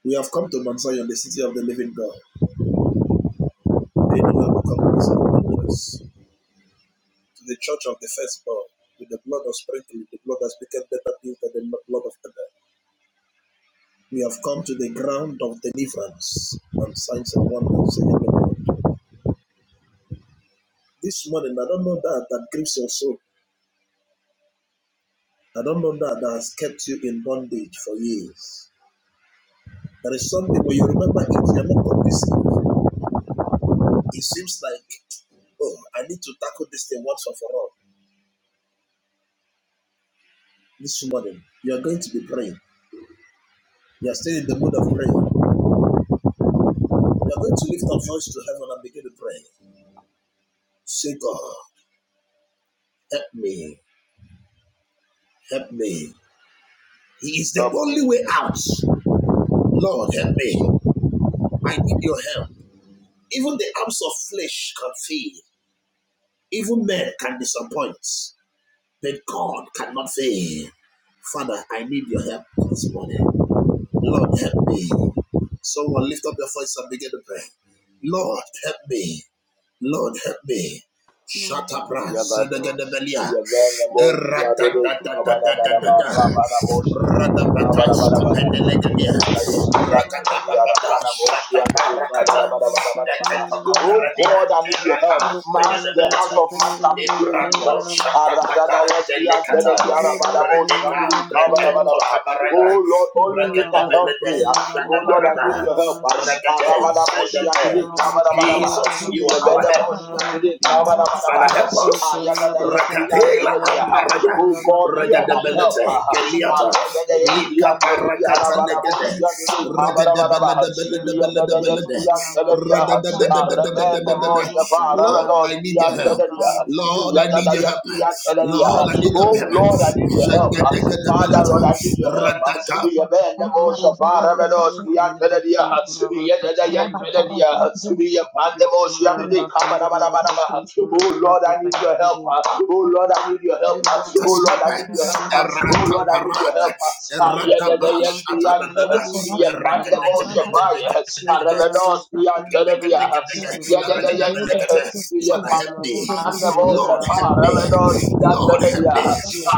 B: We have come to Mount Zion, the city of the living God. They know have become To the church of the firstborn, with the blood of sprinkling, the blood that speaketh better things than the blood We have come to the ground of deliverance and signs and wonders. This morning, I don't know that that grieves your soul. I don't know that that has kept you in bondage for years. There is something when you remember it, you're not convinced. It seems like, oh, I need to tackle this thing once and for all. Eh,
G: Help me.
B: Even men can disappoint, but God cannot fail. Father, I need your help this morning. Lord, help me. Someone lift up your voice and begin to pray. Lord, help me. Lord, help me. Shatabra,
G: Yagade,
B: Sedegadabelia,
G: Yavana Boshi, Adede, Kabada Badaba,
B: Eratatatatatatatata,
G: Rabada Boshi, Adede,
B: Radabata,
G: Kabada Badaba,
B: Scopendelegadia,
G: Yagada, yes, Yata, the
B: Rakatapapata,
G: Arabana Boshi, Adede,
B: Shataparakata,
G: Kabada Badaba, Oh
B: Eketokoperebia,
G: God, I need your help.
B: Terata,
G: Mask the house
B: Segadabeleta,
G: of man can fail me.
B: Ibrado,
G: Aragada,
B: Shatapata,
G: yes, Yata,
B: Delicata,
G: the Arabana Boshi,
B: Redeka,
G: Adede, Kabada Badaba.
B: Preetokabarada,
G: Oh Lord, only you can help me.
B: Regadabelede,
G: Oh Lord, I need
B: Shatabarada,
G: your help. Oh
B: Regade,
G: God,
B: Zedede. Jesus, you are our help. Father, help us. Rakatela amparada.
G: you are my helper.
B: Regadebelete.
G: help.
B: Geliata. Lika parakata negede. Regadebelebelebelebelebe. Radadadadadadadadadada. Lord, I need your help. Lord, I need your help. Lord, I need your
G: Oh
B: help.
G: Lord, I need your help. Father,
B: Shagadagadabelatsko.
G: Lord, I need your help. Oh Lord, I need your help. Oh Lord, I need your help. Oh
B: Erata
G: Lord, I need your help. Oh Lord, I need your
B: parada.
G: help. Ah, yeah, yeah, yeah, yes,
B: Eradabash.
G: we are. Yeah, pandemosha, bye. Ah,
B: Eradagadagadaga.
G: revenos, we are. Yeah, yeah, yeah,
B: Eradagadagada.
G: yes.
B: Father,
G: Yeah,
B: help me.
G: and the most of
B: Lord, help me. Lord, help me.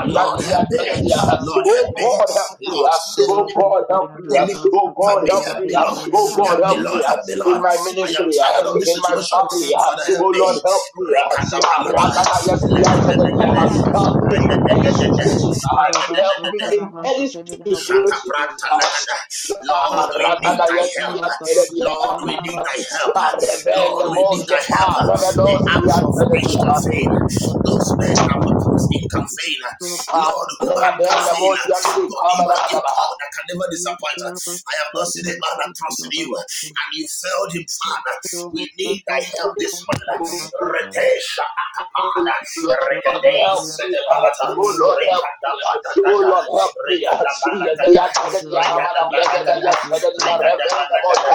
B: Lord, help me. Lord,
G: Oh
B: help me.
G: God, help me.
B: Lord, save,
G: Oh God, help me.
B: deliver
G: Oh
B: Help
G: God,
B: me.
G: help
B: Help
G: me.
B: me, Lord.
G: Oh God,
B: Help me,
G: help
B: Lord.
G: me.
B: Help me,
G: In
B: Lord.
G: my
B: I am
G: ministry,
B: tired of this
G: in my
B: situation.
G: family. Oh
B: Father, help me.
G: Lord, help me.
B: Rekanda panata.
G: Help me in any situations. Help me in any situation.
B: Lord, we need thy help. Lord, help.
G: Reverend
B: Lord, we need
G: Moshe,
B: thy help.
G: Reverend
B: The acts of which
G: Ostia,
B: can fail. Those men that were placed in can fail. Lord, who man can
G: Rabenda
B: fail?
G: bosi ya mili
B: God, you
G: kama la
B: are a
G: madabaha.
B: God that can never disappoint. I have not seen a man that trusted you, and you failed him, Father. We need thy help this morning. Redemption.
G: Oh
B: Father,
G: Lord,
B: Rekade
G: help me.
B: sede balata.
G: Oh Lord, help
B: Rekada
G: me. Oh
B: balagada.
G: Lord, help me. I
B: Rekada
G: need your
B: balagada.
G: help.
B: Rekada balagada. Rekada balagada.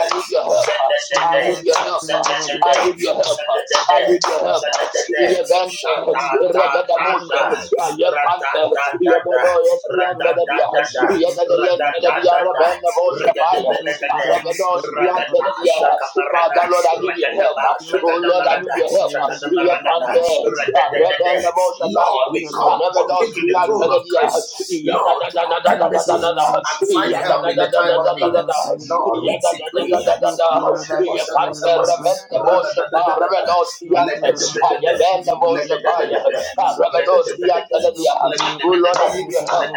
G: I need
B: Zedede.
G: your help.
B: Zedede.
G: I need your help.
B: Zedede.
G: I need your help.
B: Zedede.
G: Revenge,
B: Shada da
G: revenge,
B: da da.
G: I love
B: Rada
G: Panther.
B: da da da.
G: Rebedo, yes, the
B: Rada da
G: Antelia.
B: da da. Rada da
G: Rebedo,
B: da da.
G: Rebedo, Moshe,
B: Rekade
G: Fire.
B: balagada.
G: Rebedo, the
B: Ragata
G: Antelia.
B: Shakabarada,
G: Father, Lord, I need your help.
B: Ragadaba
G: Oh Lord, Lord, I need
B: Shagadabarada,
G: your help. Iya
B: Shagadabarada,
G: pante,
B: Ragadadada.
G: arebe nebo shataya,
B: Lord, we come
G: arebe dos
B: boldly to the
G: iya
B: throne of
G: tenedia,
B: Christ,
G: iya da
B: Lord,
G: da
B: to
G: da da da
B: obtain
G: da da da
B: mercy
G: da
B: and
G: da,
B: find
G: iya da
B: help
G: da
B: in
G: da
B: the time
G: da
B: of
G: da da da
B: need.
G: da da,
B: Lord,
G: iya
B: we
G: da da da da
B: decree,
G: da da da,
B: Lord, help
G: iya
B: us, help us,
G: pante
B: help
G: rebe
B: us.
G: nebo shapa, arebe
B: Radadadadadada.
G: dos iya te,
B: Ledadadadada.
G: ayebe nebo shapaya,
B: Ledadadadada.
G: arebe dos the
B: Ledadadadada.
G: tenedia. Oh Lord,
B: Ledadadadada.
G: I need your help.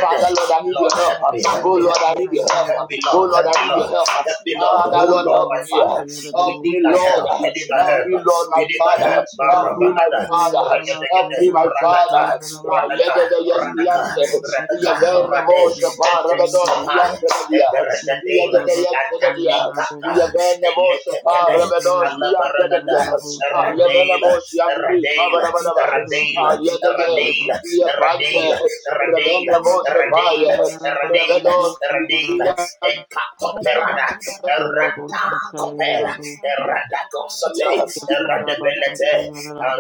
G: Father, Lord, I need your
B: Lord,
G: help.
B: help me, help
G: Oh
B: me,
G: Lord,
B: help
G: I
B: me,
G: need your help.
B: help me,
G: Oh
B: Lord,
G: Lord,
B: help
G: I
B: me,
G: need your
B: Lord.
G: help.
B: Help me, Lord.
G: Father,
B: Oh,
G: Lord, help
B: Lord, my
G: me,
B: Father.
G: help
B: We need
G: me,
B: thy
G: Lord,
B: help. We need thy
G: help
B: help.
G: me, Lord, my
B: We need thy
G: Father,
B: help.
G: help me, my
B: Marabanada.
G: Father, help me,
B: Regadegade.
G: my
B: Radaka.
G: Father. I let
B: Radaka.
G: the yes be
B: Radaka.
G: answered. We
B: Radaka.
G: have been the
B: Rade.
G: most of
B: And
G: our
B: takes
G: Rabados, the
B: copai.
G: answer the
B: And the
G: yes. We have
B: redadela.
G: the yes to
B: And
G: the yes. We have
B: Nikata.
G: been the
B: And
G: most of our
B: Lekade.
G: Rabados, the answer the
B: Alabaranada.
G: yes. I have been the
B: Radela.
G: most young to be covered
B: Radela.
G: over the bus. I
B: Radela.
G: let the yes.
B: Radela.
G: We have
B: Radela.
G: answered. Rabbin
B: Radela.
G: the most of
B: Radela.
G: our
B: Radela. Radela.
G: Rabados,
B: Radela.
G: the
B: Ecatoperana, Errata Copela, Errata Cosate,
G: answer
B: Errata Benete,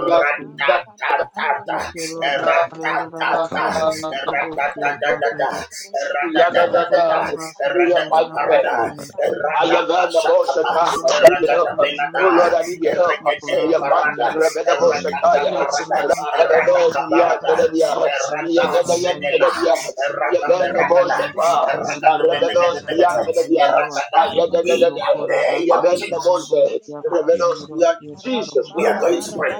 G: the
B: Tata,
G: yes.
B: Errata Tata, Errata Tata, Errata Tata,
G: Yadadada,
B: Errata Parada,
G: Yapante,
B: Errata
G: Ayavanda
B: Shakapa,
G: Boshaka, I need your help.
B: Errata
G: Oh
B: Benada,
G: Lord, I need your help.
B: Erregate
G: Yapante,
B: Parada,
G: Rebeda
B: Errata
G: Boshakaya,
B: Parada, Errata
G: Rebedos,
B: Cabarada,
G: Yakadadia,
B: Errata
G: Yagadayan
B: Sedela,
G: Kadadia,
B: Errata
G: Yavanda Boshaka, Rebedos, Yakadadia,
B: in
G: Ayadadada,
B: the name of Jesus.
G: Yavanda Boshak, Rebedos, Yak, Jesus
B: We are
G: Christ.
B: going to pray.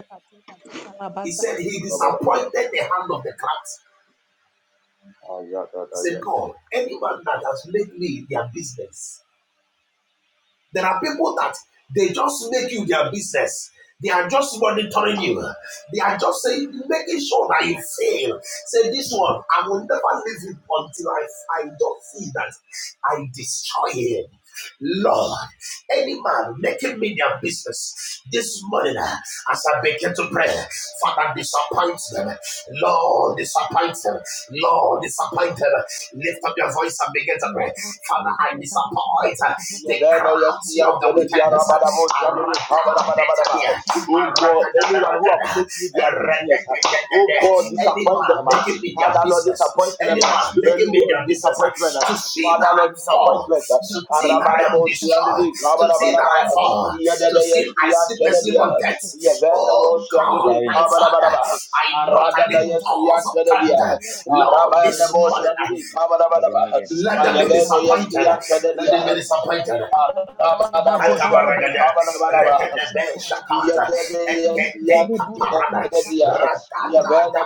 B: He said, He disappointed the hand of the craft. He
G: Ayadada
B: said,
G: Yante.
B: God, anyone that has made me their business. There are people that they just make you their business. They are just monitoring you. They are just saying, making sure that you fail. Lord, any man making me their business. This morning, uh, as I begin to pray, Father, disappoint them. Lord, disappoint them. Lord, disappoint them. Lift up your voice and begin to pray. Father, I disappoint uh, the
G: Yeveno, yes,
B: crowds of the
G: Yadjede,
B: wickedness. uh,
G: Yarabadabo, Shandede,
B: Arada
G: Kabadabadabadaba.
B: Betania,
G: Oh God,
B: Arada
G: anyone
B: Dabarada,
G: who have made me their business, uh, oh God, disappoint them. uh. Father Lord, disappoint them. uh. Anyone disappointment, uh. Father Lord, disappointment. uh. Arabadabo, Shandede, Kabadabadaba.
B: to
G: Yadede, yes, Yadjede, Yar- Yeveno, Shandede, Kabadabadaba. Aradada, yes, Yadjede, Yar- Arabadabo, Shandede, Kabadabadaba. Ayabeno, yes,
B: stand.
G: Yadjede,
B: Regedebe shakata. Ekete kaparada. Radadada.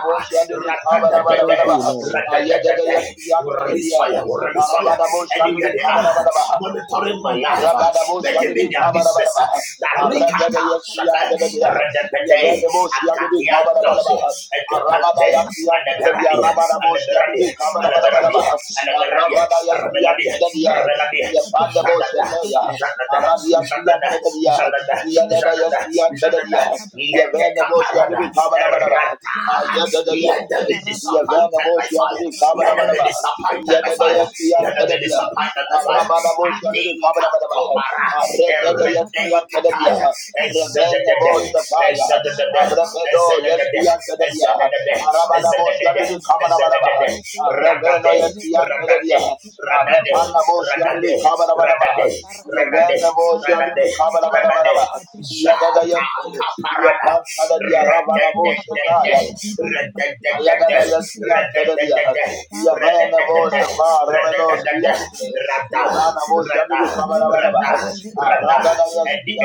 B: Radadadade. Radadadade. We release fire. We release fire. Anywhere they are, monitoring my life, uh,
G: Arabadaboshi
B: making
G: under
B: me
G: the
B: their business. uh,
G: Kabarabadabaha,
B: That
G: Aragada
B: rikata
G: Yaspian
B: shata.
G: Teledia,
B: Radadade.
G: Yavanaboshi under the
B: Akatiatos.
G: Kabarabadabaha, Arabada
B: Ekepante.
G: Yaspian
B: And the
G: Teledia,
B: Beradia. And the
G: Rabadaboshi under
B: Beradia.
G: the
B: And the Beradia.
G: Kabarabadabaha,
B: And the Beradia.
G: Arabada Yaspian
B: Rabeladia,
G: Teledia,
B: Rebeladia,
G: Yapandaboshi,
B: Jadada, Jadada,
G: Arabiaspian
B: Jadada,
G: Teledia,
B: Jadada,
G: Yadada
B: Jadada,
G: Yaspian
B: Jadada,
G: Teledia,
B: let the
G: Yavanaboshi under
B: caparada,
G: the Kabarabadabaha,
B: errata,
G: Ayadada Yank,
B: let them be disappointed by
G: Yavanaboshi under
B: fire,
G: the
B: let them be
G: Kabarabadabaha,
B: disappointed by fire,
G: Yadadayas
B: let them be
G: Yankelia,
B: disappointed by fire,
G: Ramadabo Shandu
B: Adika
G: Kabanabaha,
B: Tobara,
G: Redadayas
B: Errede
G: Yankelia,
B: Kataya. Jata
G: Rebenda Boshapaya, Rebedo Yes Yankelia, Ramadabo Shandu Kabanabanabaha, Rebeno Yes Yankelia, Repanabo Shandu Kabanabanabaha, Yavenda Boshandu Kabanabanabaha, Yadadayanke, Yapantada Ravanabo
B: kaparada, and the
G: Shataya. Oh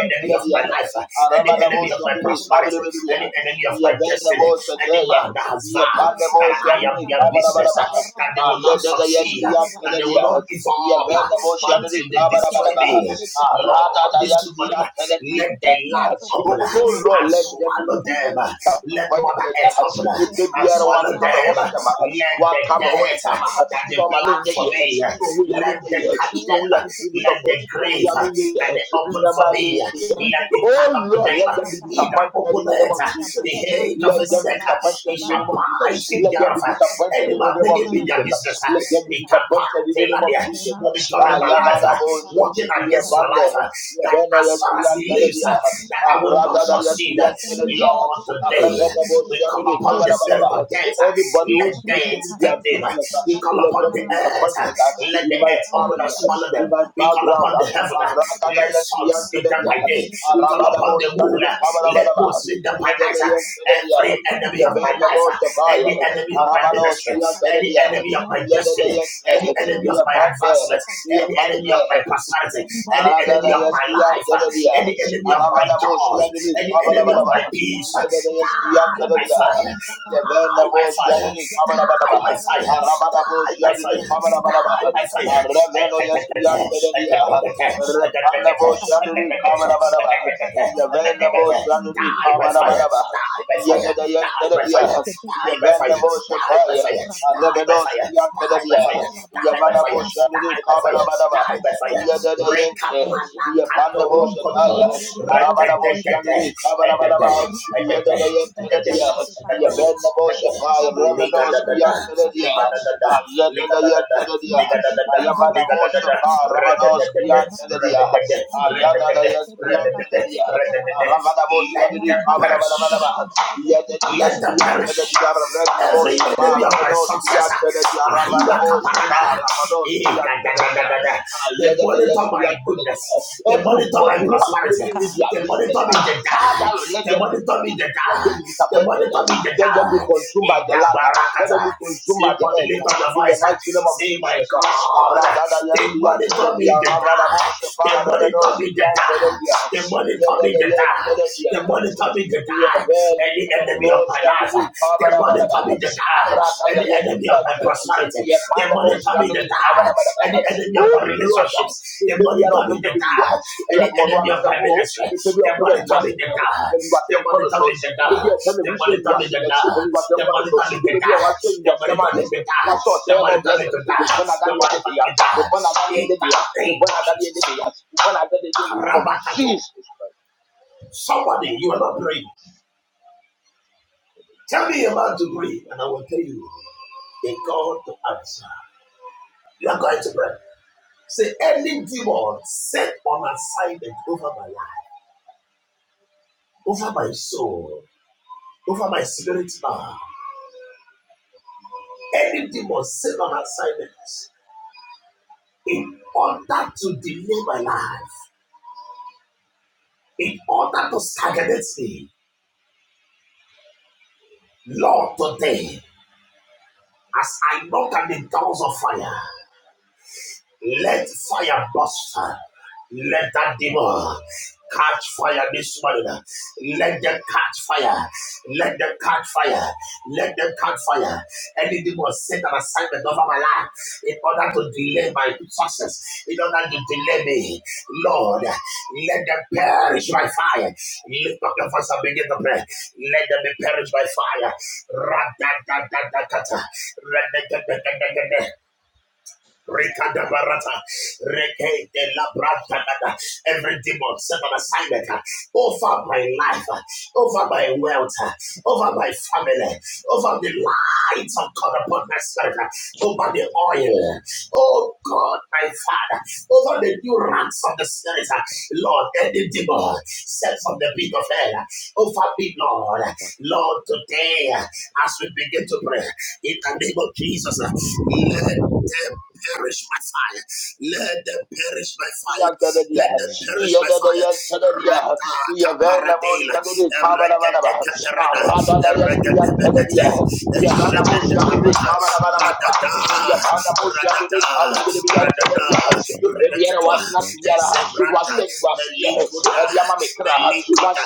B: enemy of my life, any enemy of my prosperity, any enemy of my destiny, any man that has vowed that I am their business, uh, that they will not succeed, uh, that they will not give up uh, until they destroy me. Lord, this morning, uh, let the land open uh,
G: Lord,
B: and
G: let them be
B: swallow them.
G: disturbed
B: Let Mother Earth open uh, and
G: biribiara
B: swallow
G: wakama ho
B: them.
G: sɛm aha
B: Let the
G: wakama ho
B: death uh,
G: ntam aha sɛ
B: that they
G: come
B: plan
G: menyɛ
B: for
G: yɛ hɛ
B: me, uh,
G: sɛ ɔwo yɛ so we
B: let them
G: hɛ
B: catch
G: sɛ
B: them.
G: ɔwo yɛ
B: uh,
G: metumi de
B: Let
G: sɔfo
B: the
G: sɛ ɔwo
B: grave
G: yɛ
B: uh,
G: menyɛ
B: that they open for me, uh,
G: yɛ hɛ
B: let it cut
G: Oh
B: up with
G: Lord,
B: them.
G: let
B: uh,
G: them be
B: He that
G: disappointed in the name
B: openeth
G: of
B: uh,
G: Jesus.
B: the head of
G: Let
B: a
G: them be
B: second,
G: disappointed
B: he
G: in the
B: shall
G: name of
B: bite
G: Jesus.
B: in
G: Let them
B: thereof.
G: be
B: uh,
G: disappointed in the
B: Anyone
G: name of
B: making me their
G: Jesus.
B: business, uh,
G: Let them be
B: they can
G: disappointed in the
B: partake in
G: name of
B: their
G: Jesus.
B: monitoring
G: Ah,
B: my life,
G: yagada
B: uh,
G: bosha,
B: working
G: ye
B: against my
G: bande,
B: life, uh,
G: ye
B: that
G: beno
B: as far as
G: yeskiya
B: he lives,
G: kerebiya,
B: uh, that
G: ah
B: I will not
G: ragada
B: succeed. uh,
G: yeskiya kerebiya,
B: Lord,
G: ah
B: today
G: rabena
B: we
G: bosha
B: come
G: bini
B: upon
G: kabara
B: the spirit of death.
G: Anybody
B: Let
G: who's making
B: death
G: me their
B: take them.
G: business, uh,
B: We call
G: let
B: upon
G: them
B: the
G: be
B: earth.
G: disappointed uh,
B: Let
G: in
B: the
G: my
B: earth open
G: family,
B: and
G: uh,
B: swallow them.
G: in my
B: We call
G: background.
B: upon the
G: uh,
B: heaven.
G: Arakada
B: Let
G: yesi
B: suns speak them
G: yanteleli,
B: by
G: uh,
B: day. We call
G: Arabada
B: upon
G: bosh
B: the moon.
G: yandele
B: Let
G: kabalabalaba, uh,
B: moons speak them by night.
G: Yedede yenteleli, uh,
B: Every enemy of my
G: Yevende
B: life,
G: bosh yafaya,
B: any
G: uh,
B: enemy of my
G: Arabados
B: ministry, any
G: yanteleli, uh,
B: enemy of my
G: Yedede
B: destiny, any
G: yente, uh,
B: enemy of my
G: Yepante, uh,
B: advancement, any enemy of
G: Yepante,
B: my prosperity,
G: Yet
B: any enemy of my life, any enemy of my joy, any enemy of my peace, die by fire, die by fire, die by fire, die by fire, die by fire. Die by fire, die by fire, die by fire, die by fire, die by fire, die by fire, die by fire, die by fire, die by
G: the Antelia, Yavana Moshe Baya, Arabados Yantelia, Yavana Moshe Nuri
B: fire,
G: Kabanabadaba,
B: die by fire.
G: Yadadayente,
B: Rekapana
G: Yapanda
B: katoro.
G: Moshe
B: Koto,
G: Taya, Arabana Moshe
B: Rakadekade,
G: Nuri
B: Edade,
G: Kabanabadaba,
B: Edade, Edade, Edade,
G: Yadadayentelia, Yavana Moshe
B: Edade,
G: Baya, Rabados
B: Ligadadada,
G: Yantelia,
B: Ligadadada, Ligadadada, Ligadadada,
G: Yadadayentelia,
B: Ligadadada,
G: Shapa, Rabados,
B: Radadadade,
G: Yanteledia,
B: Radadade,
G: Ayada,
B: Radadade, Radadade,
G: Yanteledia,
B: Radadade,
G: Ramadabos,
B: Let the
G: Yandi,
B: purse.
G: Kabadabadabadaba, Yadadayas,
B: Let them perish.
G: Yanteledia, Ravenabo,
B: Every
G: Shapa,
B: enemy of my
G: Rabados,
B: success, ah,
G: Yanteledia,
B: ahila
G: Ramadabo, Shapa,
B: kaparana.
G: Rabados,
B: Eh, da, da, da, da,
G: Yanteledia,
B: da, da. they
G: Ayadadayas,
B: monitor my goodness,
G: Yanteledia.
B: they monitor my
G: Everybody who is
B: prosperity,
G: making me their
B: they
G: business,
B: monitor me to die,
G: Father, let
B: they
G: them be
B: monitor me to
G: let them
B: die,
G: be
B: they
G: disappointed. uh,
B: monitor me to
G: Let them be
B: die.
G: consumed
B: In
G: by the
B: that
G: land. uh, Let them
B: barakata,
G: be consumed by
B: sleep
G: the
B: on the
G: edge.
B: lift
G: uh,
B: of
G: In the mighty name of Jesus. uh, Aradada yasiya teredia, ravada moshe para revenos, ya teredia, yedede
B: the
G: yedede, Oh
B: them,
G: Lord, the
B: they
G: baby are
B: monitor me,
G: oppressed
B: they
G: me was. You are one who has a woe. The baby of heaven
B: monitor me,
G: was.
B: they
G: When you was young, Connors, the baby of heaven
B: monitor me.
G: was. next When you was young, Connors, the baby of Ashton was. Yama blessed. was your say? Yama blessed. The born again the end of the year. The born again the end of the year. The born again the end of the year. The born again the end of the year. of Jesus Christ.
B: Tell
G: Yada
B: me, you have a- say on set alignment over my life, over soul, over my spirit man. Any demon set on assignments in order to delay my life, in order to stagnate me, Lord, today, as I knock at the doors of fire, Let fire burst. Let that demon catch fire this morning. Let them catch fire. Let them catch fire. Let them catch fire. Any demon set an assignment over my life in order to delay my success, in order to delay me. Lord, let them perish by fire. Lift up your voice and begin to pray. Let them be perished by fire. Ra-da-da-da-da-da-da. Ra-da-da-da-da-da-da. Rekada barata, reke de la brata Every demon set on assignment uh, over my life, uh, over my wealth, uh, over my family, over the light of God upon my spirit, uh, over the oil. uh, Oh God, my Father, over the new ranks of the spirit, uh, Lord, any demon set from the pit of hell uh, over me, Lord, uh, Lord, today uh, as we begin to pray in the name of Jesus, uh, let them perish by fire. Let them perish by fire. Let them
D: Mm.
B: perish by fire. Ratata paradela. Eregedeke perada. Eregedebelete. Eshedete parata. Radada. Radada. Radada. Radaketwa.
D: Yes,
B: Ezebrata. Melikoda. Melikoda.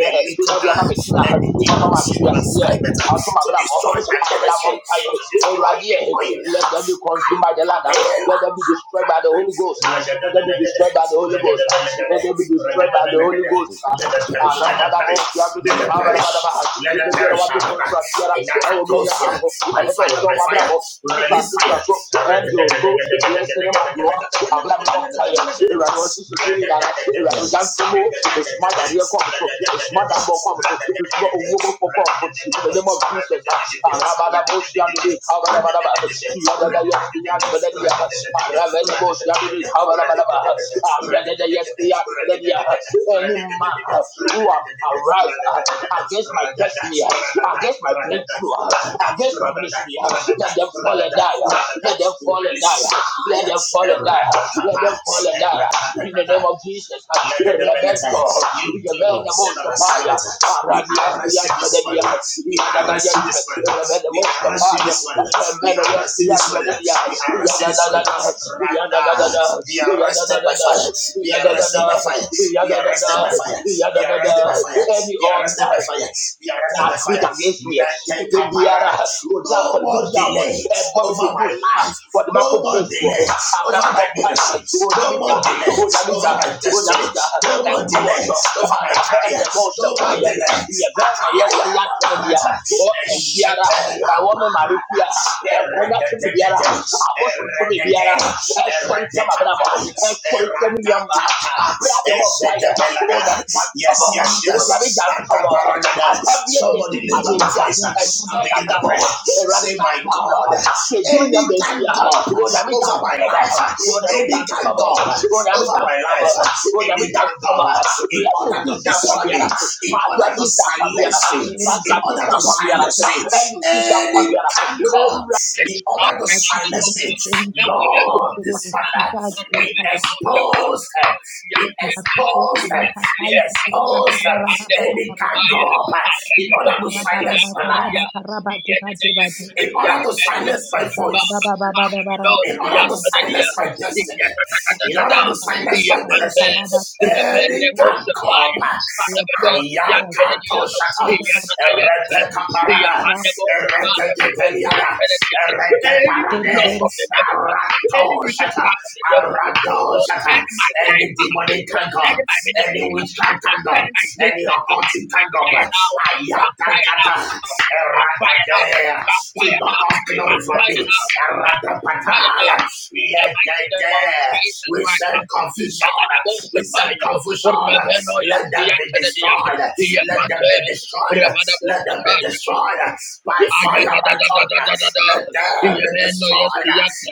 B: Melikoda. Any demon sitting assignment uh, to destroy my ministry,
G: Oh,
B: to destroy
G: Radia,
B: the oil.
G: let them be
B: I
G: consumed by the ladder.
B: compel.
G: Let them be destroyed by the Holy Ghost. Let them be destroyed by the Holy Ghost. Let them be destroyed by the Holy Ghost.
B: Let them
G: Ah,
B: perish, let them
G: Rabadabo,
B: perish,
G: Yabidi,
B: let them perish,
G: Abadabadaba.
B: let
G: You
B: them
G: prepare
B: perish.
G: what to
B: And
G: contract. Here, I will be your man.
B: Akatosia, by
G: Obeto,
B: fire,
G: so
B: by
G: my
B: fire,
G: bravo. This is our
B: release
G: sister,
B: fire.
G: so angel, so blessing of my God. Abraham, Empire, Erado, Sisi, Gini, Dara, Erado, Jantumo, mesoma yadeɛ kɔ me so mesoma dambɔ kɔ me so mesoma owuo bɔfɔ so in the name of jesus arabada bosia de de kabadabada ba yadada yes yadada
B: [laughs]
G: yes arabada bosia de de kabadabada ba yadada yes yadada yes the answer that he has. any man ah, who have arise ah, against my destiny ah, against my breakthrough ah, against my ministry ah, let them fall and die ah, let them let them fall and
B: Release
G: die. Let them fall and die. Let them fall and die. In the name of Jesus.
B: Legadabelata,
G: Rebecca.
B: You demon,
G: Rebecca
B: send on assignment.
G: Mosapaya.
B: We
G: Radias the
B: arrest you this
G: Academia.
B: morning. We
G: The other
B: arrest you this morning.
G: Rebecca
B: We arrest you
G: Mosapaya.
B: this morning. We
G: Tremendo yes
B: arrest you
G: the
B: this morning.
G: Academia.
B: We
G: The
B: arrest you
G: other the
B: this morning.
G: other the
B: Right
G: other
B: now, be
G: the other the
B: arrested
G: other
B: by fire.
G: the
B: Be
G: other
B: arrested by fire.
G: the
B: Be arrested by
G: other
B: fire. Be arrested by fire.
G: the other any
B: Be arrested by
G: altar
B: fire. Be arrested
G: that
B: by
G: speak
B: fire.
G: against me. If
B: Let
G: they
B: it
G: be Ebe biara
B: caparada.
G: ozi
B: No more
G: afọributi awọ
B: delay
G: ẹbọ mi ti
B: over my
G: gùn sa
B: life.
G: wọde ma ko
B: No
G: jẹ
B: more
G: esu ọhọ
B: delay
G: abirana
B: over
G: bọ
B: my
G: pari
B: ministry. No
G: onyamija
B: more delay
G: onyamija
B: over my destiny.
G: onyamija
B: No more
G: ẹkọ Who
B: delay
G: sọ
B: over my
G: arabẹ
B: career.
G: ẹnẹbọ ọsẹ
B: No more
G: báyẹ
B: delay.
G: yẹbẹ ẹnọ yẹ si
B: Akaya
G: ya
B: la
G: tẹlẹ di
B: barata.
G: the ọkẹ biara
B: Eshete la
G: ẹwọ
B: ba.
G: mi ma bi fia ẹkọ nya tún mi biara
B: Eredededede.
G: abosom tún mi biara
B: Eredede.
G: ẹsọ ntẹ ma bẹ na bọ
B: Eredekapai.
G: ẹsọ ntẹ and Yama,
B: Eradakata.
G: Abraham Paya,
B: Eshedebelada.
G: Ogamitantomo,
B: Yes, yes, yes.
G: Ogamitantomo,
B: Atabaragada.
G: Apamia
B: Somebody
G: Etim
B: lift up your
G: Maria,
B: voice uh,
G: a
B: and begin to
G: Shakatabo,
B: pray.
G: a
B: Say, my
G: Ransapam,
B: God,
G: Sejunia
B: any thank
G: Mentia,
B: God over my
G: Ogamitantomo,
B: life,
G: Ogamitantomo,
B: over
G: Ogamitantomo,
B: any
G: Ogamitantomo,
B: in
G: Blessed
B: order to
G: Tisha
B: destroy
G: Pamiana,
B: me, in
G: Padua
B: order to
G: Tisha Pamiana,
B: silence me,
G: Rasa
B: in order
G: Tisha
B: to silence me.
G: Pamiana, Angel Tisha
B: Any canker,
G: Pamiana,
B: in order to silence me. Lord, this Father, we expose her, we expose her, we expose her. Any canker, in order to silence my life, in order to silence my voice. In order to silence my destiny, in order to
G: yeah,
B: silence my ministry,
G: Rebende
B: any
G: Bosapaya,
B: canker
G: Sparabagos, Yatredia,
B: Ayakato shata,
G: Yatayenta,
B: erete kaparada,
G: Yapandabos,
B: erete
G: Sparabagos,
B: keteliada,
G: Yatredia.
B: erete
G: Any block
B: parade,
G: of
F: Terebero,
G: the devil, any
B: arato
G: wicked
B: shata,
G: path of the devil,
B: arado shata.
G: concerning my life,
B: Any demonic kango,
G: concerning my
B: any
G: ministry,
B: witchcraft kango,
G: concerning my
B: any
G: greatness,
B: occultic
G: my
B: kango,
G: fire now, My backfire now,
B: ayata
G: My backfire now,
B: Eradadea.
G: My
B: To
G: backfire
B: knock
G: now,
B: off
G: My
B: glory from
G: backfire
B: me.
G: now, My backfire now
B: Eradapataya.
G: in the mighty name
B: Yedede.
G: of Jesus
B: We send
G: Christ.
B: confusion. We send
G: Yaganabosapaya,
B: confusion.
G: Rebenoyes,
B: Let them be
G: Yatadea,
B: destroyed. Let them
G: Yapate,
B: be destroyed. Let them be
G: Ramadabosataya.
B: destroyed. By fire,
G: Ayada da
B: by
G: da da da
B: thunder.
G: da da da.
B: Let them be
G: Iyebeno
B: destroyed.
G: yesiyate.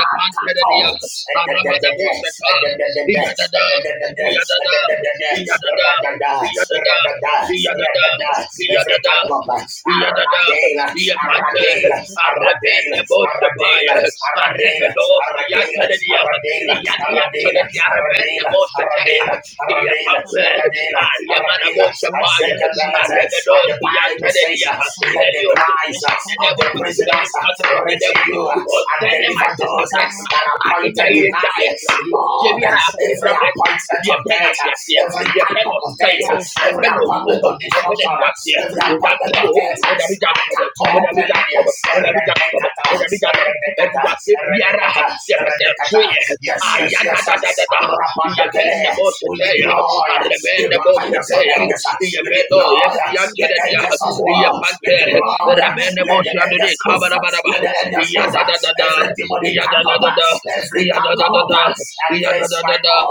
G: Repanteredia.
B: Edededede.
G: Arabadaboseta.
B: Edededede.
G: Iyadada.
B: Edededede.
G: Iyadada.
B: Edededede.
G: Iyadada.
B: Radada.
G: Iyadada.
B: Radada. Regada,
G: Iyadada.
B: regada, every
G: Iyadada.
B: time of
G: Iyadada.
B: Aradela,
G: Iyepante.
B: Aradela,
G: Arrebende
B: Aradela,
G: bosepaye.
B: Aradela, Aradela,
G: Arrebedos
B: Aradela, Aradela,
G: iyateredia.
B: Aradela,
G: Iyadiyateredia. Arrebende
B: Aradela,
G: boseteya.
B: Aradela, Aradela,
G: Iyepampe.
B: Aradela, Aradela,
G: Ayamanaboshabaya,
B: Azekabelete. And
G: Arabedos,
B: the Bible says,
G: Yantadia,
B: uh, Let the
G: any
B: cries uh,
G: orchestration of the
B: of
G: devil,
B: the
G: any
B: prisoners
G: plotting
B: uh,
G: of the
B: reach
G: devil,
B: you uh, and
G: concerning my
B: deliver
G: sister
B: those uh,
G: blessing,
B: that are
G: I give
B: appointed to
G: you a
B: die.
G: blessing.
B: Lord,
G: Jebia
B: every
G: Africa blessing,
B: appointment
G: the
B: of
G: pen as
B: death,
G: she has here,
B: every
G: the pen
B: kingdom
G: of
B: of
G: say,
B: death, uh,
G: the
B: every
G: pen of war,
B: appointment of
G: the pen that
B: destruction, uh,
G: was here,
B: every
G: with that
B: appointment of
G: trouble,
B: death,
G: with that big
B: I
G: trouble,
B: cut
G: with
B: off
G: that big
B: Penania,
G: trouble, with that big trouble,
B: Redekata,
G: with that big trouble, and
B: Redekata,
G: was it Biara,
B: Redekata,
G: the person
B: Redekata.
G: tree,
B: Yes,
G: ah,
B: yes,
G: yada
B: yes,
G: da
B: uh,
G: da da da, the Ben
B: Arapatakele. we
G: Bosch.
B: deploy uh, the
G: Arrebende
B: battalions of
G: bosetea.
B: angels, uh, we
G: Iyebedo yes
B: deploy uh, the
G: iyakere dia.
B: angels of war, we
G: Iyepante.
B: deploy, uh,
G: Rebende
B: let the
G: bosiandere
B: angels move, uh,
G: kabarabaraba.
B: let the angels move, uh,
G: Iyadadadada.
B: every demonic kingdom, uh,
G: Iyadadadada.
B: every kingdom,
G: Iyadadadada.
B: uh,
G: Iyadadadada.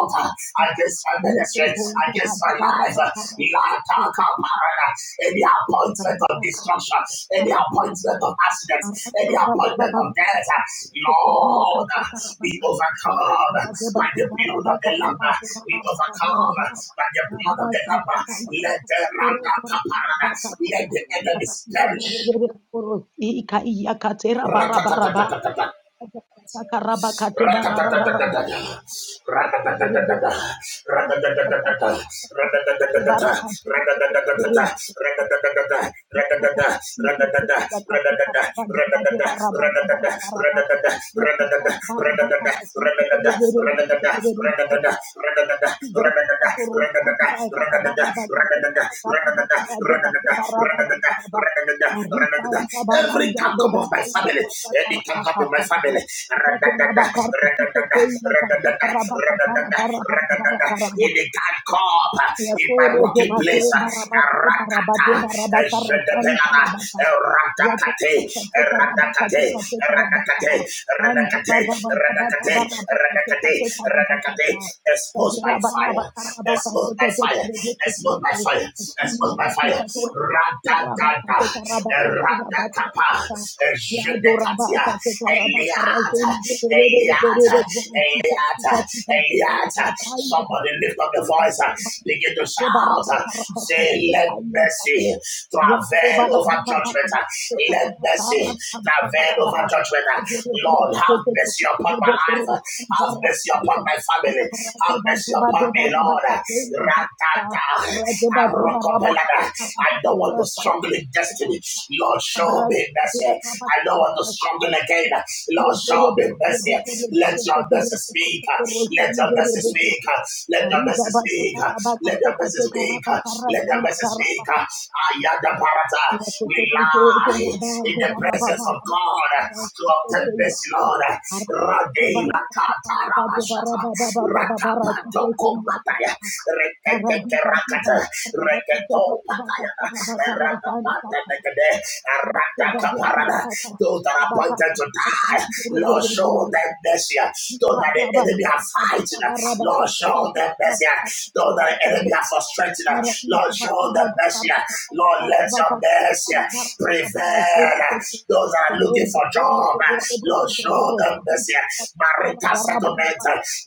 B: uh, uh, uh, the number, Every tongue of my family. Any can happen my family. Ra-da-da-da, ra-da-da-da, ra-da-da-da, ra-da-da-da, ra-da-da-da. It can come in my working place. Rakata, Jedepelana, Radakate, Radakate, Radakate, Radakate, Radakate, Radakate, Radakate. Expose my fire. Expose my fire. Expose my fire. Expose my fire. Radakata. Ratakapa, Jedekatia, Eliata, Eliata, Eliata, Eliata. Somebody lift up the voice, uh, begin to shout, uh, say, Let mercy travel over judgment, uh, let mercy travel over judgment. uh. Lord, have mercy upon my life, uh, have mercy upon my family, have mercy upon me, Lord. Ratata, Arokopelada. I don't want to struggle again. Lord, show me mercy. I know I'm struggling again. Lord, show me mercy. Let your mercy, let your mercy speak. Let your mercy speak. Let your mercy speak. Let your mercy speak. I am the parata. We lie in the presence of God to obtain mercy, Lord. Rade la taramashata. Rakata. Oh, Pataya. Rakapatade. Rakakaparada. Those that die, them mercy. Though that the enemy are fighting, Lord, show them mercy. Though that the enemy are frustrated, Lord, show them mercy. Lord, let your mercy prevail. Those that are looking for job, Lord, show them mercy. Marital settlement,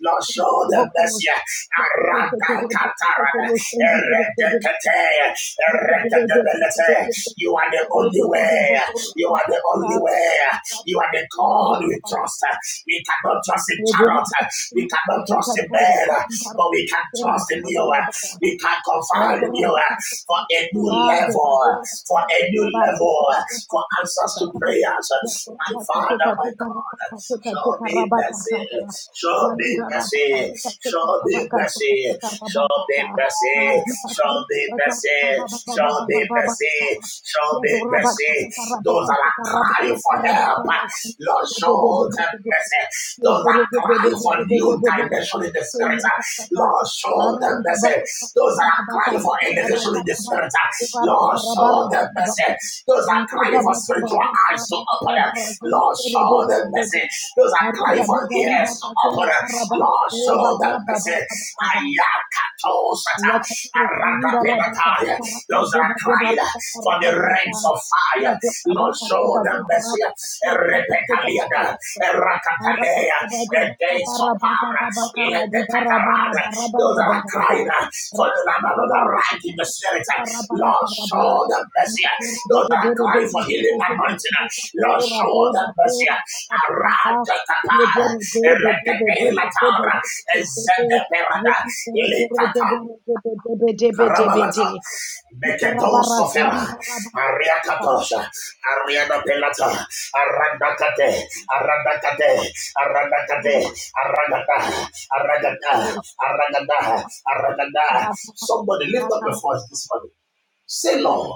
B: Lord, show them mercy. Aranda katarada, eredekete, eredekebelete. You are the only way. You are the only way. You are the God we trust. We cannot trust in chariots. uh, We cannot trust in men. uh, But we can trust in you. uh, We can confide in you uh, for a new level. uh, For a new level. uh, For answers to prayers. uh, Father, my show me mercy. Show me mercy. Show me mercy. Show me show show mercy. Those that are crying for help. uh, Lord, mercy. Those that are crying for new dimension in the spirit. uh, Lord, mercy. Those that are in spirit. uh, Lord, show them mercy. Those upon them. Lord, show them mercy. Those are crying for help. Lord, show them mercy. Ayato sataranda penataya. Those that are crying uh, for the rains of fire. Lord, show them mercy. Repetaliada. Rakatalea. A days of Let the catarada, those that are crying uh, for the land of the right in the spirit, uh, Lord, show them mercy. uh, Those that are crying for healing and anointing, uh, Lord, show them mercy. uh, Around the catar, let the day latar, and send the perada, let the Karabalata, Meketo Sofera, Ariakatosha, Ariana Pelata, Arandakate, Arandakate, Arandakate, Aragada, Aragada, Aragada, Aragada. Somebody lift up your voice this morning. Say, Lord,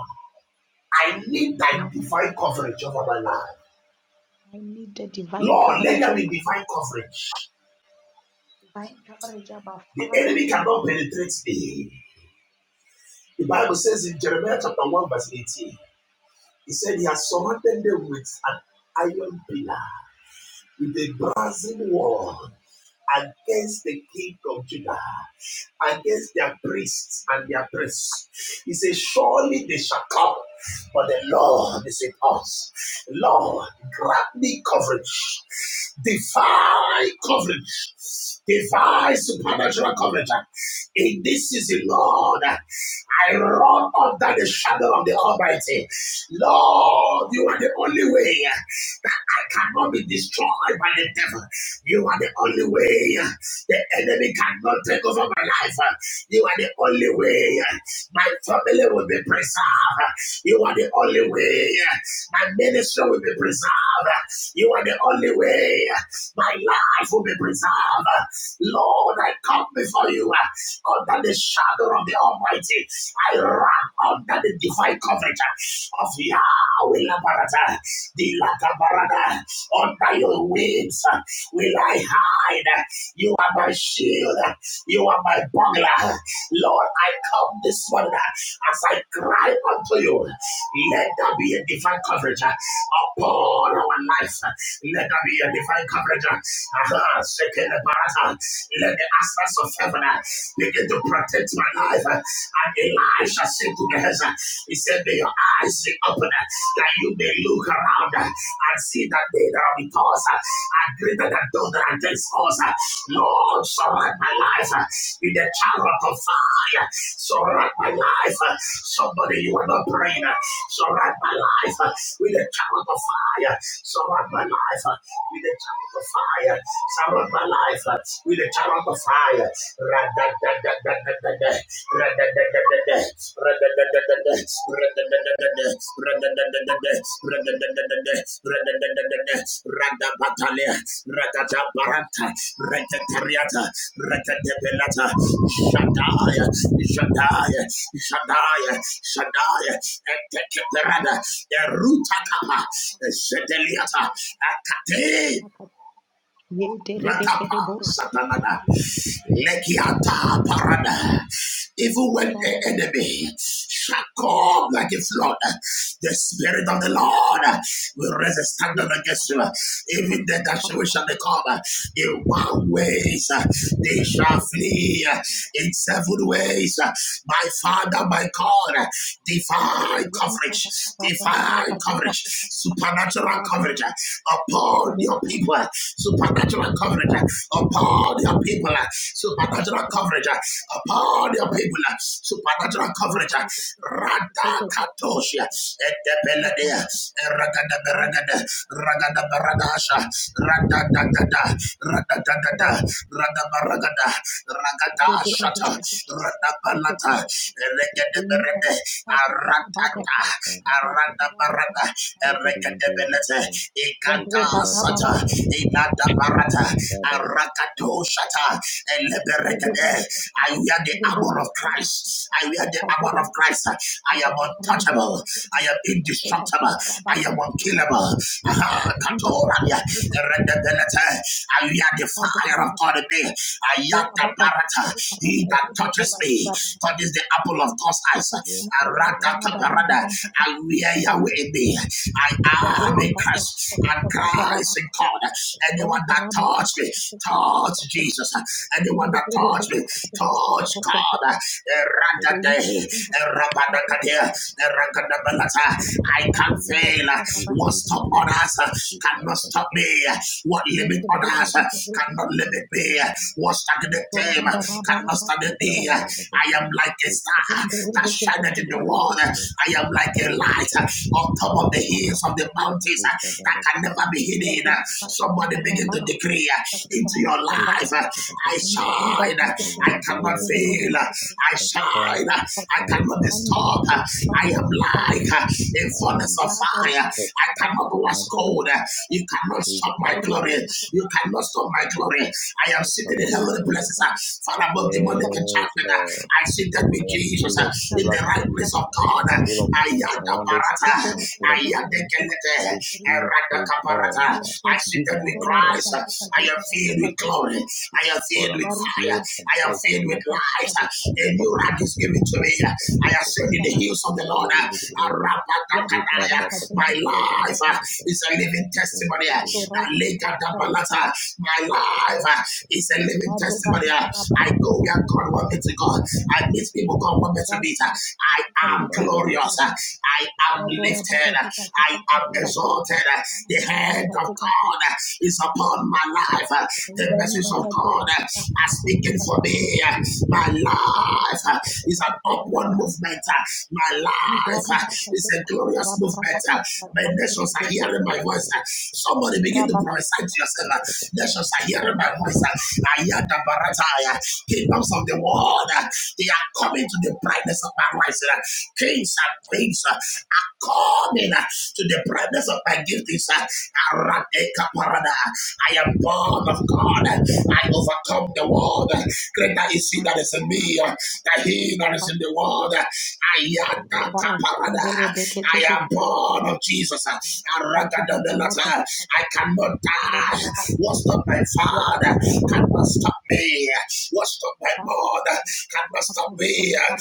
B: I need thy divine coverage over my life. Lord, let there be divine coverage. The enemy cannot penetrate me. The Bible says in Jeremiah chapter 1, verse 18. He said he has surrounded them with an iron pillar, with a brazen wall. This will be destroyed by the devil. You are the only way. The enemy cannot take over my life. You are the only way. My family will be preserved. You are the only way. My ministry will be preserved. You are the only way. My life will be preserved. Lord, I come before you uh, under the shadow of the Almighty. I run under the divine coverage of Yahweh Labarata, the Latabarada. Under your wings uh, will I you are my shield. You are my bugler. Lord, I come this morning as I cry unto you. Let there be a divine coverage upon our lives. Let there be a divine coverage. Aha, shaking the barata. Let the aspects of heaven begin to protect my life. And Elisha said to Gehazi, It's said, Lord, we die, we die, so we die, we die.
F: ye-
B: Ratapa,
F: terebekere boro.
B: Satanada, Lekiata Parada. Even when the enemy shall come like a flood, the Spirit of the Lord will raise a standard against you. Even then that we shall come in one ways, they shall flee in seven ways. My Father, my God, divine coverage, divine coverage, supernatural coverage upon your people, supernatural coverage upon your people, supernatural coverage upon your people. uh, Supernatural coverage. uh, Rada Katoshia. Etepeladea. Ragada Beragada. Ragada Baragasha. Rada Dagada. Rada Dagada. Rada Baragada. Ragada Shata. Rada Balata. Regada Berede. Aratata. Arada Barada. Regada Belete. Ikata Sata. Inada Barata. Arakato Shata. Eleberegade. I wear the armor of Christ. I wear the armor of Christ. I am untouchable. I am
D: Amen
B: indestructible. I am unkillable. Aha, Katorania, Rendebelete. I wear the fire of God in me. I am the barata. He that touches me God is the apple of God's eyes. Arada Kaparada. I wear Yahweh in me. I am in Christ and Christ in God. Anyone that touched me, touch Jesus. Anyone that touched me, Touch God. Eradade, erabadakadia, erakadabalata. I can fail. What stop others cannot stop me. What limit others cannot limit me. What stagnate them cannot stagnate me. I am like a star that shineth in the world. I am like a light on top of the hills of the mountains that can never be hidden. Somebody begin to decree into your life. I shine. I cannot fail. I shine. I cannot be stopped. I am like a furnace of fire. I cannot was cold. You cannot stop my glory. You cannot stop my glory. I am seated in heavenly places, uh, far above demonic enchantment. uh, I seated with Jesus uh, in the right place of God. uh, I am the parata. I am the Kenete. I am the Kaparata. I seated with Christ. uh, I am filled with glory. I am filled with fire. I am filled with light. A new life is given to me. I am set in the hills of the Lord. My life uh, is a living testimony. uh, My life uh, is a living testimony. uh, I go where God wants me to go. I meet people God wants me to meet. uh, I am glorious. uh, I am lifted. uh, I am exalted. uh, The hand of God uh, is upon my life. uh, The message of God are speaking for me. My life uh, is an upward movement. uh, My life uh, is a glorious movement. uh, My nations are hearing my voice. uh. Somebody begin to prophesy to yourself. uh, Nations are hearing my voice. uh. I hear the barataya. Kingdoms of the world, uh, they are coming to the brightness of my rising. uh. Kings and queens, coming uh, to the presence of my giftings. uh, I am born of God. uh, I overcome the world. uh, Greater is He that is in me uh, than He that is in the world. uh, Ayataka I am born of Jesus. uh, I was not uh, can stop me. uh, What's not uh, can be uh,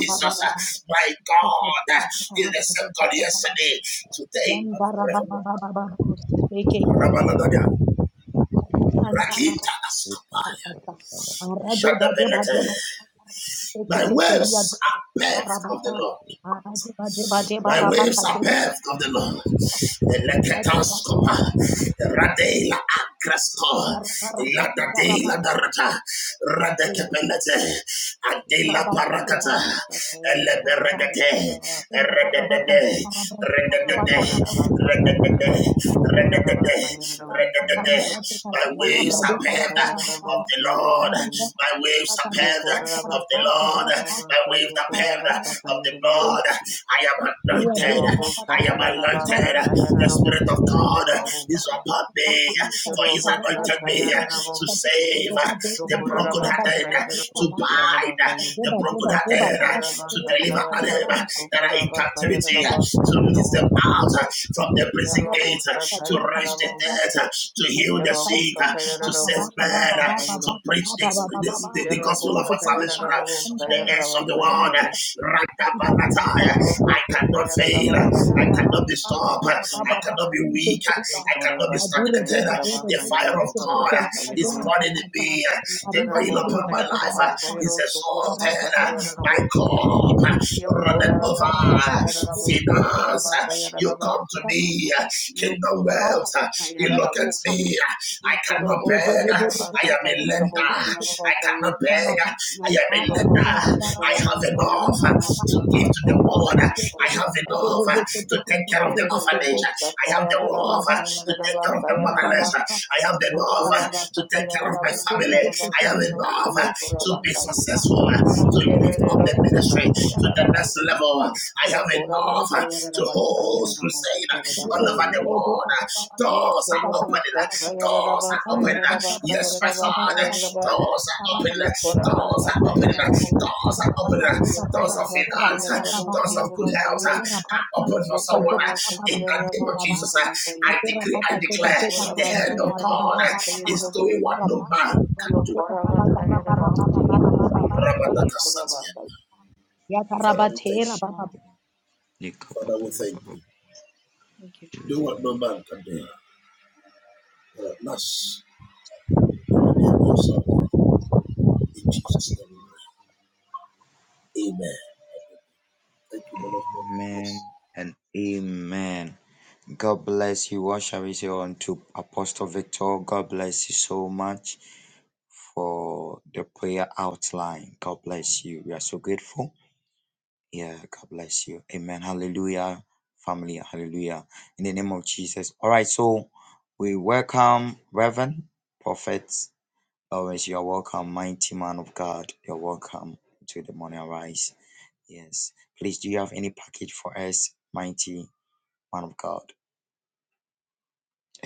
B: Jesus, uh, my God, uh, is the same God yesterday, today, and forevermore. Rakita ask. are paved of the Lord. My waves are paved of the Lord. Eleketoscopa, radela agrasko, ilada de la darata, radekepelete, adela paracata, eleberegate, rededede, rededede, rededede, rededede, rededede. My waves are paved of the Lord. My waves are paved. Yes, yes, the breath to bind, the breath to the that I hear, to out from it, to right, to hit, to save man, to preach the, the, the gospel of our salvation ends of the world. I cannot fail. I cannot be stopped. I cannot be weak. I cannot be stagnated. The fire of God is burning in me. The oil upon my life is exalted. My cup runneth over. Finance, you come to me. Kingdom wealth, you look at me. I cannot beg. I am a lender. I cannot beg. I am a lender. I have enough uh, to give to the world. I have enough uh, to take care of the orphanage. I have the love uh, to take care of the motherless. I have the love uh, to take care of my family. I have enough uh, to be successful, uh, to lift up the ministry to the next level. I have enough uh, to host crusade uh, all over the world. Doors are open. Doors are open. Yes, my father. Doors are open. Doors are open doors of finance, doors of good health upon your soul. In the name of Jesus, I decree, I declare, the hand of God is doing what no man can do. Father, we thank
H: Thank you, Jesus.
D: and amen. God bless you. What shall we say unto Apostle Victor? God bless you so much for the prayer outline. God bless you. We are so grateful. Yeah, God bless you. Amen. Hallelujah. Family, hallelujah. In the name of Jesus. All right, so we welcome Reverend Prophet Lawrence. You're welcome, mighty man of God. You're welcome to the morning rise. Yes. Please, do you have any package for us, mighty man of God?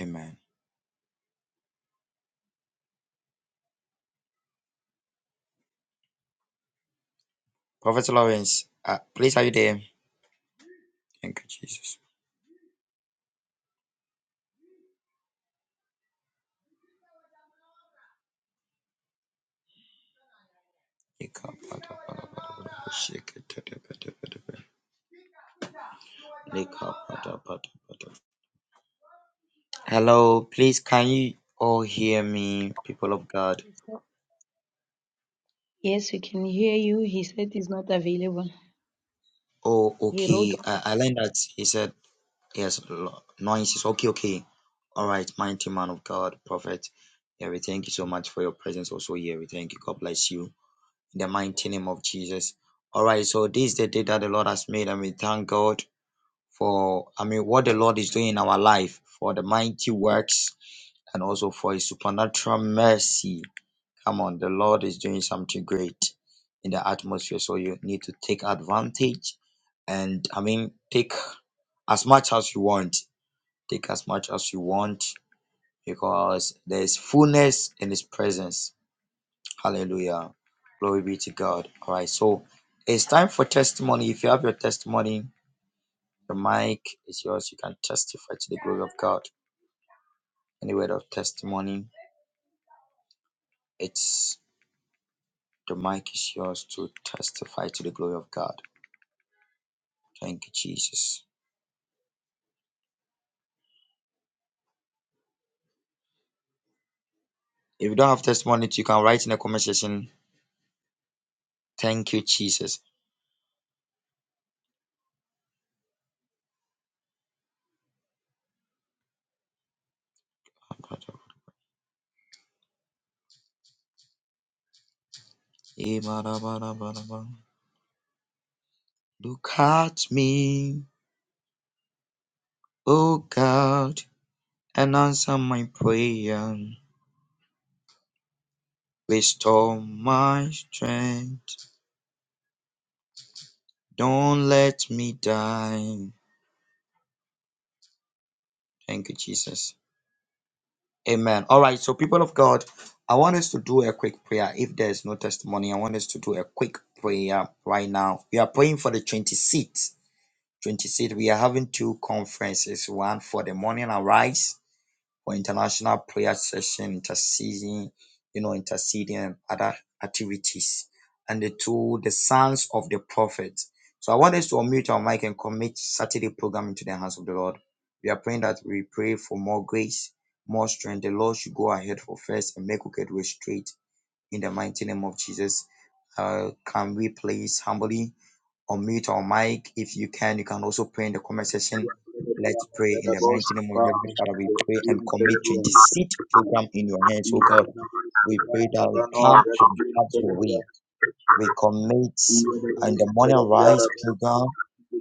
D: Amen. Prophet Lawrence, uh, please, are you there? Thank you, Jesus. Shake it. Hello, please can you all hear me, people of God?
F: Yes, we can hear you. He said he's not available.
D: Oh,
F: He wrote.
D: okay. I, I learned that he said yes, lo- noises. Okay, okay. All right, mighty man of God, prophet. Yeah, we thank you so much for your presence also here. We thank you. God bless you. In the mighty name of Jesus. All right, so this is the day that the Lord has made, and we thank God for, I mean, what the Lord is doing in our life, for the mighty works, and also for his supernatural mercy Come on, the Lord is doing something great in the atmosphere. So you need to take advantage and I mean take as much as you want. Take as much as you want because there's fullness in his presence. Hallelujah. Glory be to God. All right, so it's time for testimony. If you have your testimony, the mic is yours. You can testify to the glory of God. Any word of testimony, it's the mic is yours to testify to the glory of God. Thank you, Jesus. If you don't have testimony, you can write in the comment section. Thank you, Jesus. Look at me, oh God, and answer my prayer. Restore my strength. Don't let me die. Thank you, Jesus. Amen. All right, so people of God, I want us to do a quick prayer. If there's no testimony, I want us to do a quick prayer right now. We are praying for the 26th. 26th, we are having two conferences one for the morning arise for international prayer session, interceding, you know, interceding and other activities, and the two, the sons of the prophet. So I want us to unmute our mic and commit Saturday program into the hands of the Lord. We are praying that we pray for more grace, more strength. The Lord should go ahead for first and make wicked way straight in the mighty name of Jesus. Uh, can we please humbly? unmute your mic. If you can, you can also pray in the comment section. Let's pray in the mighty name of heavenly Father, we pray and commit 20 program in your hands, oh God. We pray that we come and have your way. We commit and the morning rise program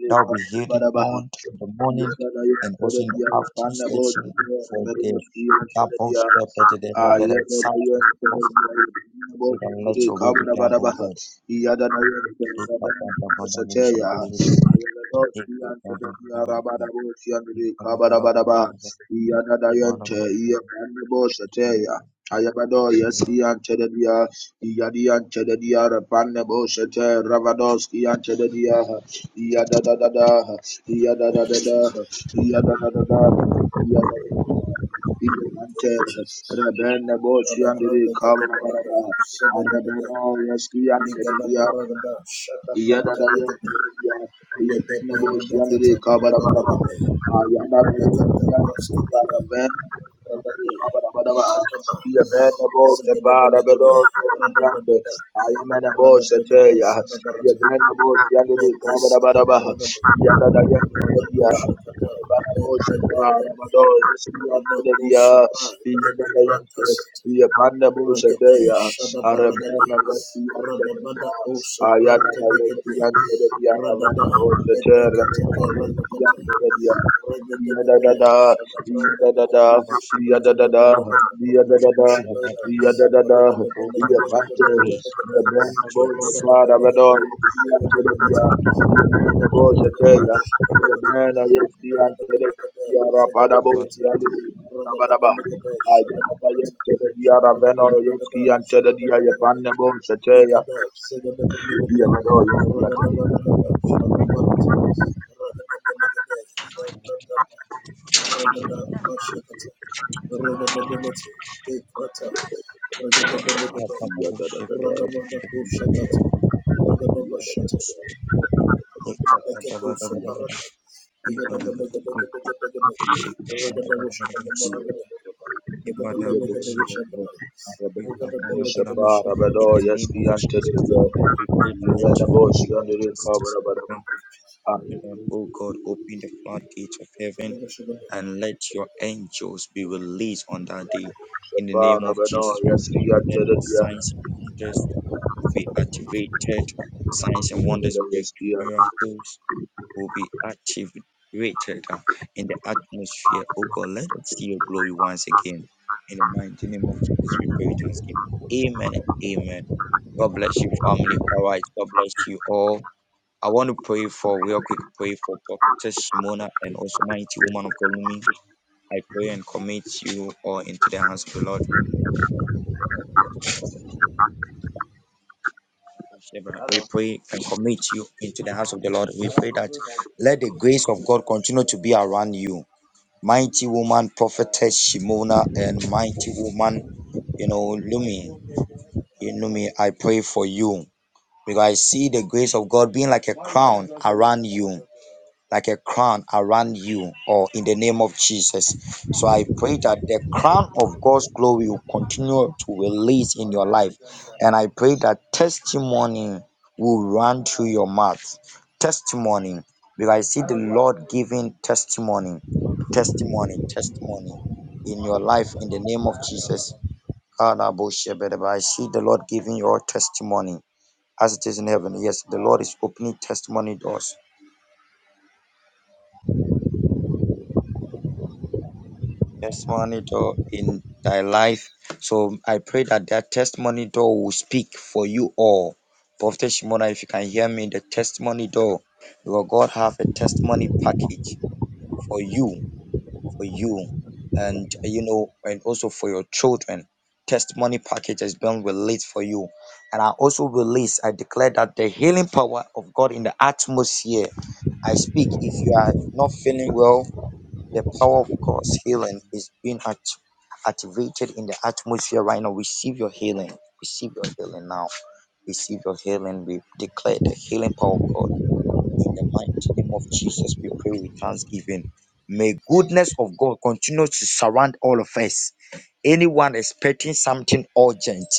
D: that will be hidden
G: Barabaha.
D: on in the morning and also in the afternoon section for the carbon shepherd, the better sound of the prophet. We don't let your will be done, oh God.
G: Ayabado, yes, he answered the yard, he had the answered the yard, Shete Ravadoski Antedadiah, Yadadadadah,
B: you.
G: Yadadadadah, Yadadadadah, Yadadadadah,
B: Thank you, Jesus.
G: Rebene Boshi
B: Baba
G: and the
B: branda
G: Kavana Barada, Rebene Yaski Antedadiah, Yadadadadah, Rebene Boshi and the Kavana Barada, Yadadadadah, Yadadadadah, he abandoned the bar of the Lord, the I am an abosh at Taya. He abandoned the other day, The other day, Kabadia. The The other day, the Abandabosh at Yadadada, yadadada,
D: worship with
G: yadadada,
D: with
G: yadadada,
D: Father
G: yadadada,
D: O Lord, have your
G: yabate,
D: way and
G: yabena
D: shall be
G: bosha
D: seen
G: kara
D: from
G: badon, yante debia,
D: God
G: yabena bosha teya, yabena yesti yante debia, rapada bosha yadadada, badaba, ayabada yente debia, raveno yesti yante debia, yabana bosha teya, yabado yesti yante debia, yadadada, yadadada, yadadada, Amen.
D: O God, open the floodgates of heaven and leads on that day. In the name of Jesus, we that signs and wonders will miracles will activated atmosphere. Or let us see your good again. In the mighty name of Jesus, we pray. Thanks. Amen. Amen. God bless you, family. All right. God bless you all. want to pray for real quick, pray for prophetess Shimona and also mighty woman of God Lumi. pray and commit you all into the hands of the Lord. Whichever. Pray and commit you into the hands of the Lord. Let the grace of God continue to be around you. Mighty woman, prophetess Shimona and mighty woman, you know, Lumi. You know me, I pray for you because I see the grace of God being like a crown around you. like a crown around you or in the name of Jesus. So I pray that the crown of God's glory will continue to release in your life. And I pray that testimony will run through your mouth. Testimony. Because I see the Lord giving testimony, testimony, testimony in your life in the name of Jesus. Kalaboshebedeba. I see the Lord giving your testimony as it is in heaven. Yes, the Lord is opening testimony doors testimony door in thy life. So I pray that that testimony door will speak for you all. Prophet Shimona, if you can hear me, the testimony door, because God have a testimony package for you, for you, and you know, and also for your children. Testimony package has been released for you. And I also release, I declare that the healing power of God in the atmosphere. I speak. If you are not feeling well, the power of God's healing is being act- activated in the atmosphere right now. Receive your healing. Receive your healing now. Receive your healing. We declare the healing power of God. In the mighty name of Jesus, we pray with thanksgiving. May goodness of God continue to surround all of us. Anyone expecting something urgent,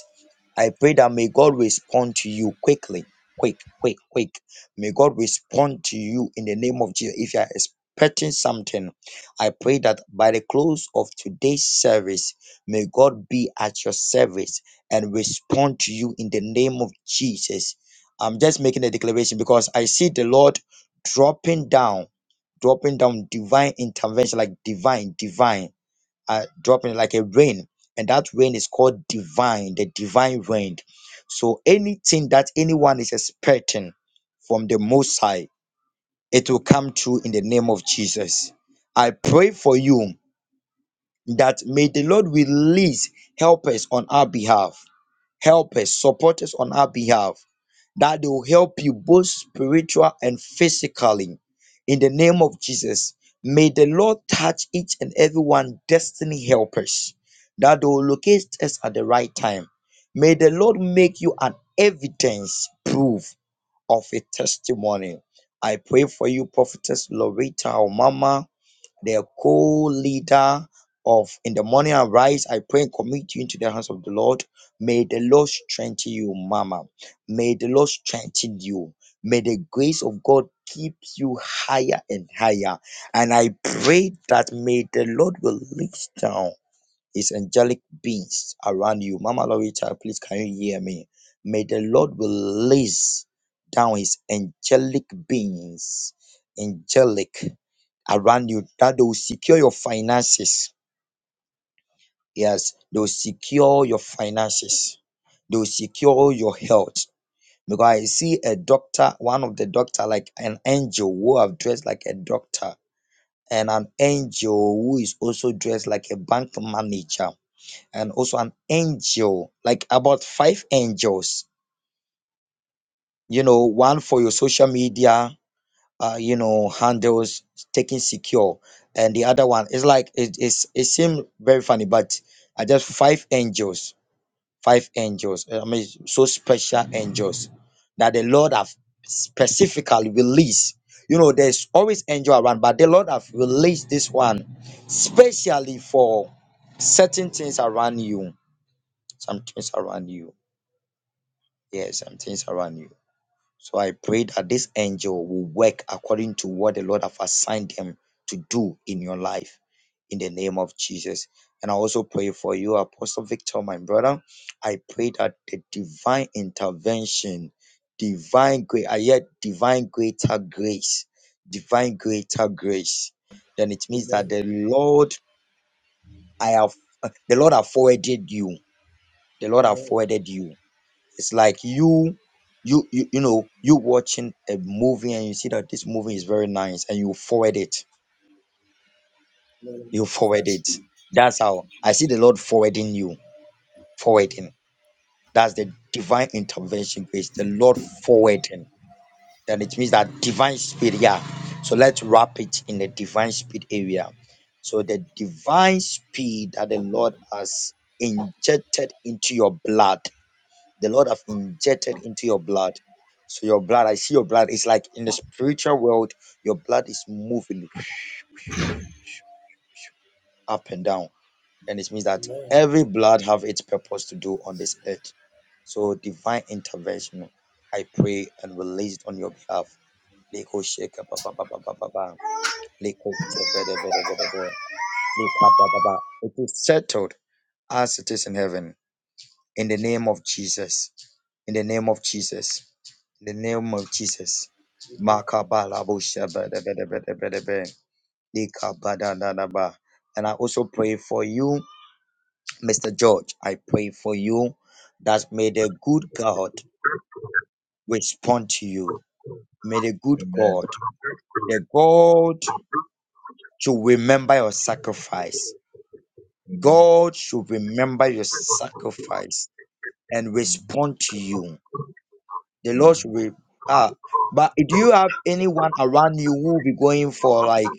D: I pray that may God respond to you quickly, quick, quick, quick. May God respond to you in the name of Jesus. If you are expecting something, I pray that by the close of today's service, may God be at your service and respond to you in the name of Jesus. I'm just making a declaration because I see the Lord dropping down, dropping down divine intervention, like divine, divine are dropping like a rain, and that rain is called divine, the divine rain. So anything that anyone is expecting from the Most High, it will come true in the name of Jesus. I pray for you that may the Lord release helpers on our behalf help us, support us on our behalf, that they will help you both spiritual and physically. In the name of Jesus, may the Lord touch each and every one destiny helpers, that they will locate us at the right time. May the Lord make you an evidence proof of a testimony. I pray for you, Prophetess Loretta Omama the co-leader of in the morning arise i pray and commit you into the hands of the lord may the lord strengthen you mama may the lord strengthen you may the grace of god keep you higher and higher and i pray that may the lord will lift down his angelic beings around you. Mama Lorita, please can you hear me? May the Lord release down his angelic beings, angelic around you that they will secure your finances. Yes, they will secure your finances. They will secure your health. Because I see a doctor, one of the doctor, like an angel who have dressed like a doctor, and an angel who is also dressed like a bank manager and also an angel, like about five angels, you know, one for your social media, uh, you know, handles taking secure, and the other one is like it. it is it seemed very funny, but I just five angels, five angels. I mean, so special angels that the Lord have specifically released. You know, there's always angel around, but the Lord have released this one specially for certain things around you, some things around you. Yes, some things around you. So I pray that this angel will work according to what the Lord have assigned him to do in your life in the name of Jesus. And I also pray for you, Apostle Victor, my brother. I pray that the divine intervention, divine great, I hear divine greater grace, divine greater grace. Then it means that the Lord, I have, uh, the Lord have forwarded you. The Lord have forwarded you it's like you you you you know you watching a movie and you see that this movie is very nice and you forward it you forward it that's how i see the lord forwarding you forwarding that's the divine intervention grace the lord forwarding then it means that divine speed yeah so let's wrap it in the divine speed area so the divine speed that the lord has injected into your blood the Lord have injected into your blood. So your blood, I see your blood. It's like in the spiritual world, your blood is moving [sniffs] up and down. And it means that every blood have its purpose to do on this earth. So divine intervention, I pray and release it on your behalf. Leko sheka ba ba ba ba ba ba ba. Leko shebe de be de be de be. Leka ba ba ba. It is settled as it is in heaven. in the name of Jesus. In the name of Jesus. In the name of Jesus. Makabalabushabadabadabadabadabe. Likabadadadaba. And I also pray for you, Mr. George. I pray for you that may the good God respond to you. May the good God, the God should remember your sacrifice.
G: Amen.
D: God should remember your sacrifice and respond to you The Lord should be ah. But do you have anyone around you who will be going for like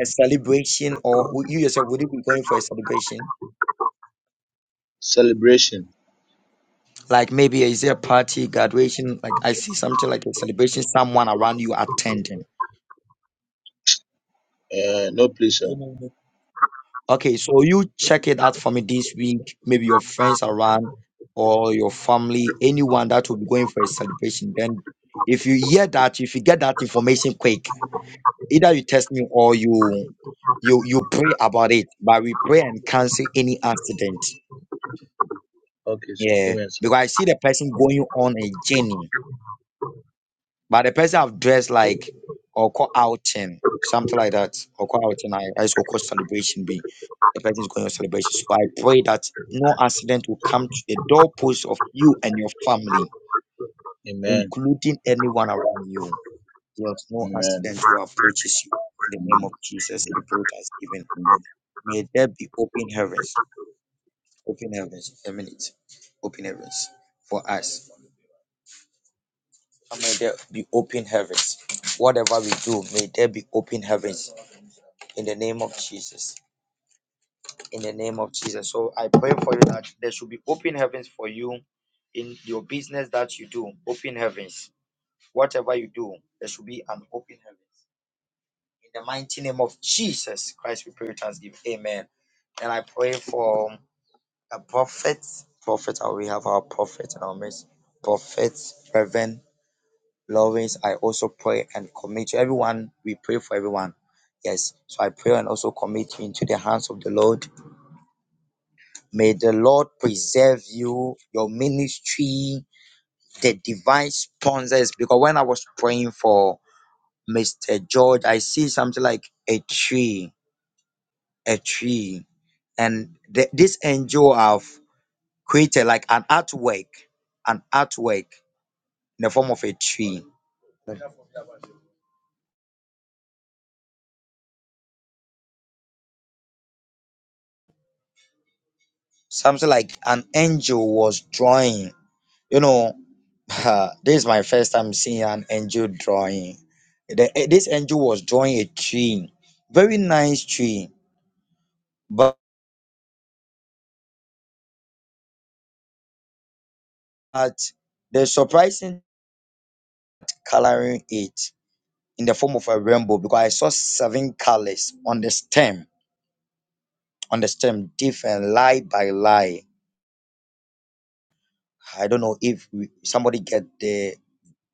D: a celebration, or would you yourself would you be going for a celebration?
G: Celebration.
D: Like maybe is there a party, graduation? Like I see something like a celebration, someone around you attending.
G: Uh, no, please, sir.
D: Mhm. Okay, so you check it out for me this week. Maybe your friends around or your family, anyone that will be going for a celebration. Then, if you hear that, if you get that information quick, Either you test me or you you you pray about it. But we pray and cancel any accident.
G: Okay, sir.
D: Yeah.
G: Amen, sir.
D: Because I see the person going on a journey. But the person have dressed like or call outing, something like that. Or call outing. I, I so call celebration be the person is going on celebration. So I pray that no accident will come to the doorpost of you and your family,
G: Amen.
D: including anyone around you. Yes, no
G: Amen.
D: accident will approaches you. In the name of Jesus, we pray thanksgiving. May there be open heavens, open heavens, a minute, open heavens for us. And May there be open heavens. Whatever we do, may there be open heavens in the name of Jesus. In the name of Jesus. So I pray for you that there should be open heavens for you in your business that you do. Open heavens. Whatever you do, there should be an open heavens. In the mighty name of Jesus Christ, we pray with thanksgiving. Amen. And I pray for A prophet, prophet, uh, we have our prophet in our midst. Prophet, Reverend Lawrence, I also pray and commit you. everyone. We pray for everyone. Yes. So I pray and also commit you into the hands of the Lord. May the Lord preserve you, your ministry, the divine sponsors. Because when I was praying for Mr. George, I see something like a tree, a tree. And the, this angel have created like an artwork, an artwork. in the form of a tree. Something like an angel was drawing. You know, [laughs] this is my first time seeing an angel drawing. The- eh, this angel was drawing a tree, very nice tree, but the surprising coloring it in the form of a rainbow because I saw seven colors on the stem, on the stem, different lie by lie. I don't know if we, somebody get the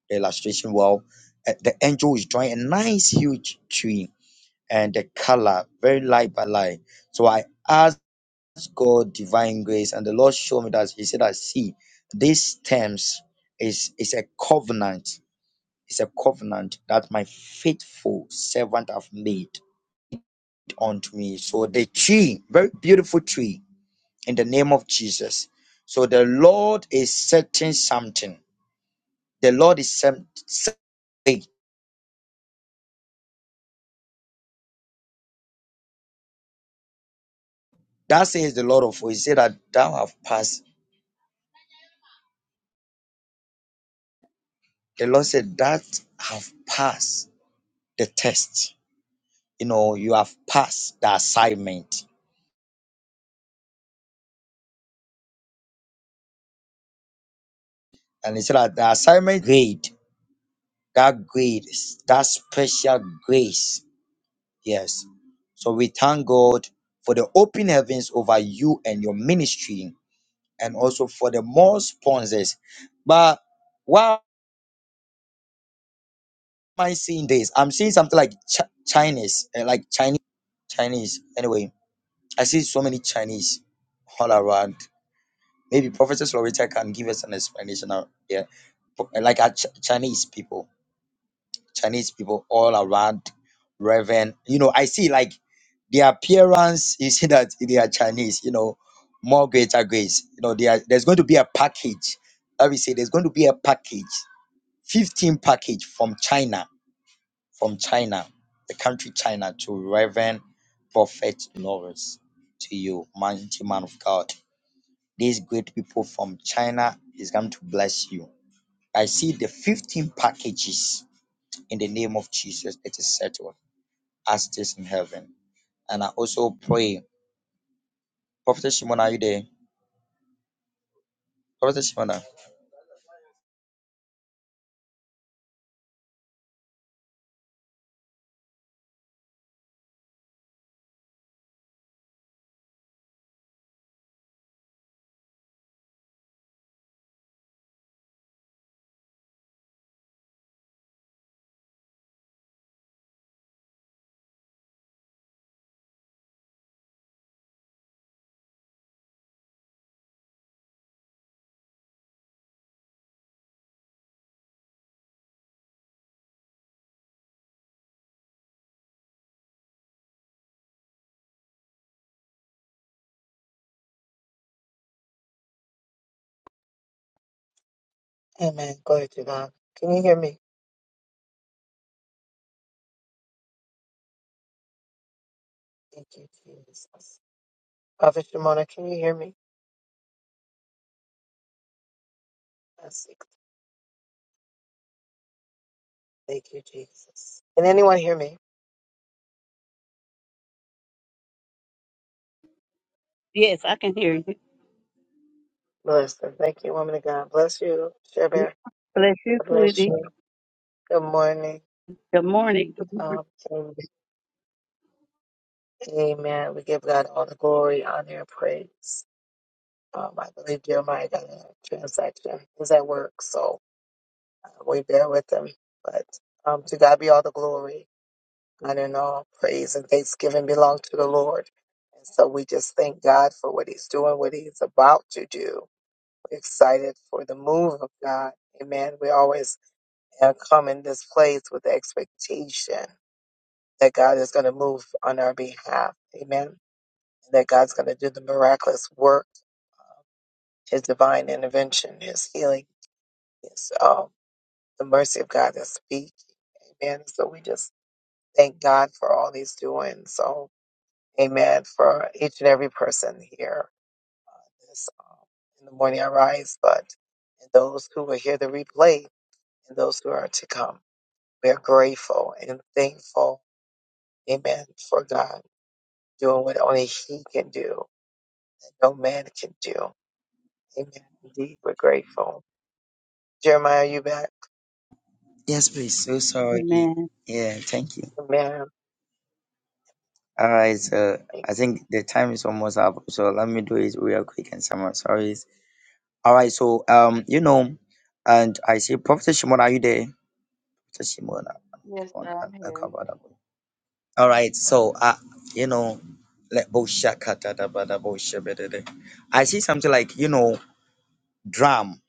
D: the illustration well. Uh, the angel is drawing a nice huge tree and the color very light by light. So I asked God divine grace, and the Lord showed me that He said, "I see these terms is is a covenant." It's a covenant that my faithful servant have made unto me. So the tree, very beautiful tree, in the name of Jesus. So the Lord is setting something. The Lord is setting That says the Lord of hosts. He said that thou have passed. The Lord said that have passed the test. You know, you have passed the assignment. And he said that the assignment grade, that grade, that special grace. Yes. So we thank God for the open heavens over you and your ministry and also for the more sponsors. But why am I seeing this? I'm seeing something like Ch- Chinese, eh, like Chinese, Chinese. Anyway, I see so many Chinese all around. Maybe Professor Loretta can give us an explanation out there. Pro- Like our Ch- Chinese people, Chinese people all around, Reverend. You know, I see like their appearance, you see that they are Chinese, you know, more greater grace. You know, they are, there's going to be a package. Let me say, there's going to be a package, 15 package from China, from China, the country China, to Reverend Prophet Lawrence, to you, mighty man of God. These great people from China is going to bless you. I see the 15 packages in the name of Jesus that is settled as it is in heaven. And I also pray. Prophet Shimon, are you there? Prophet Shimon.
I: Yes, I can hear you. Bless you, sweetie. Good morning. Good morning.
D: Yes, please. So sorry.
I: Amen.
D: Yeah, thank you. All right, so I think the time is almost up, so let me do it real quick and some sorry. All right, so um, you know, and I see Prophet Shimon, are you there? Prophet Shimon, come on, uh, uh, come on All right, so uh, you know, let boshakatadabadaboshabedede. I see something like you know drum,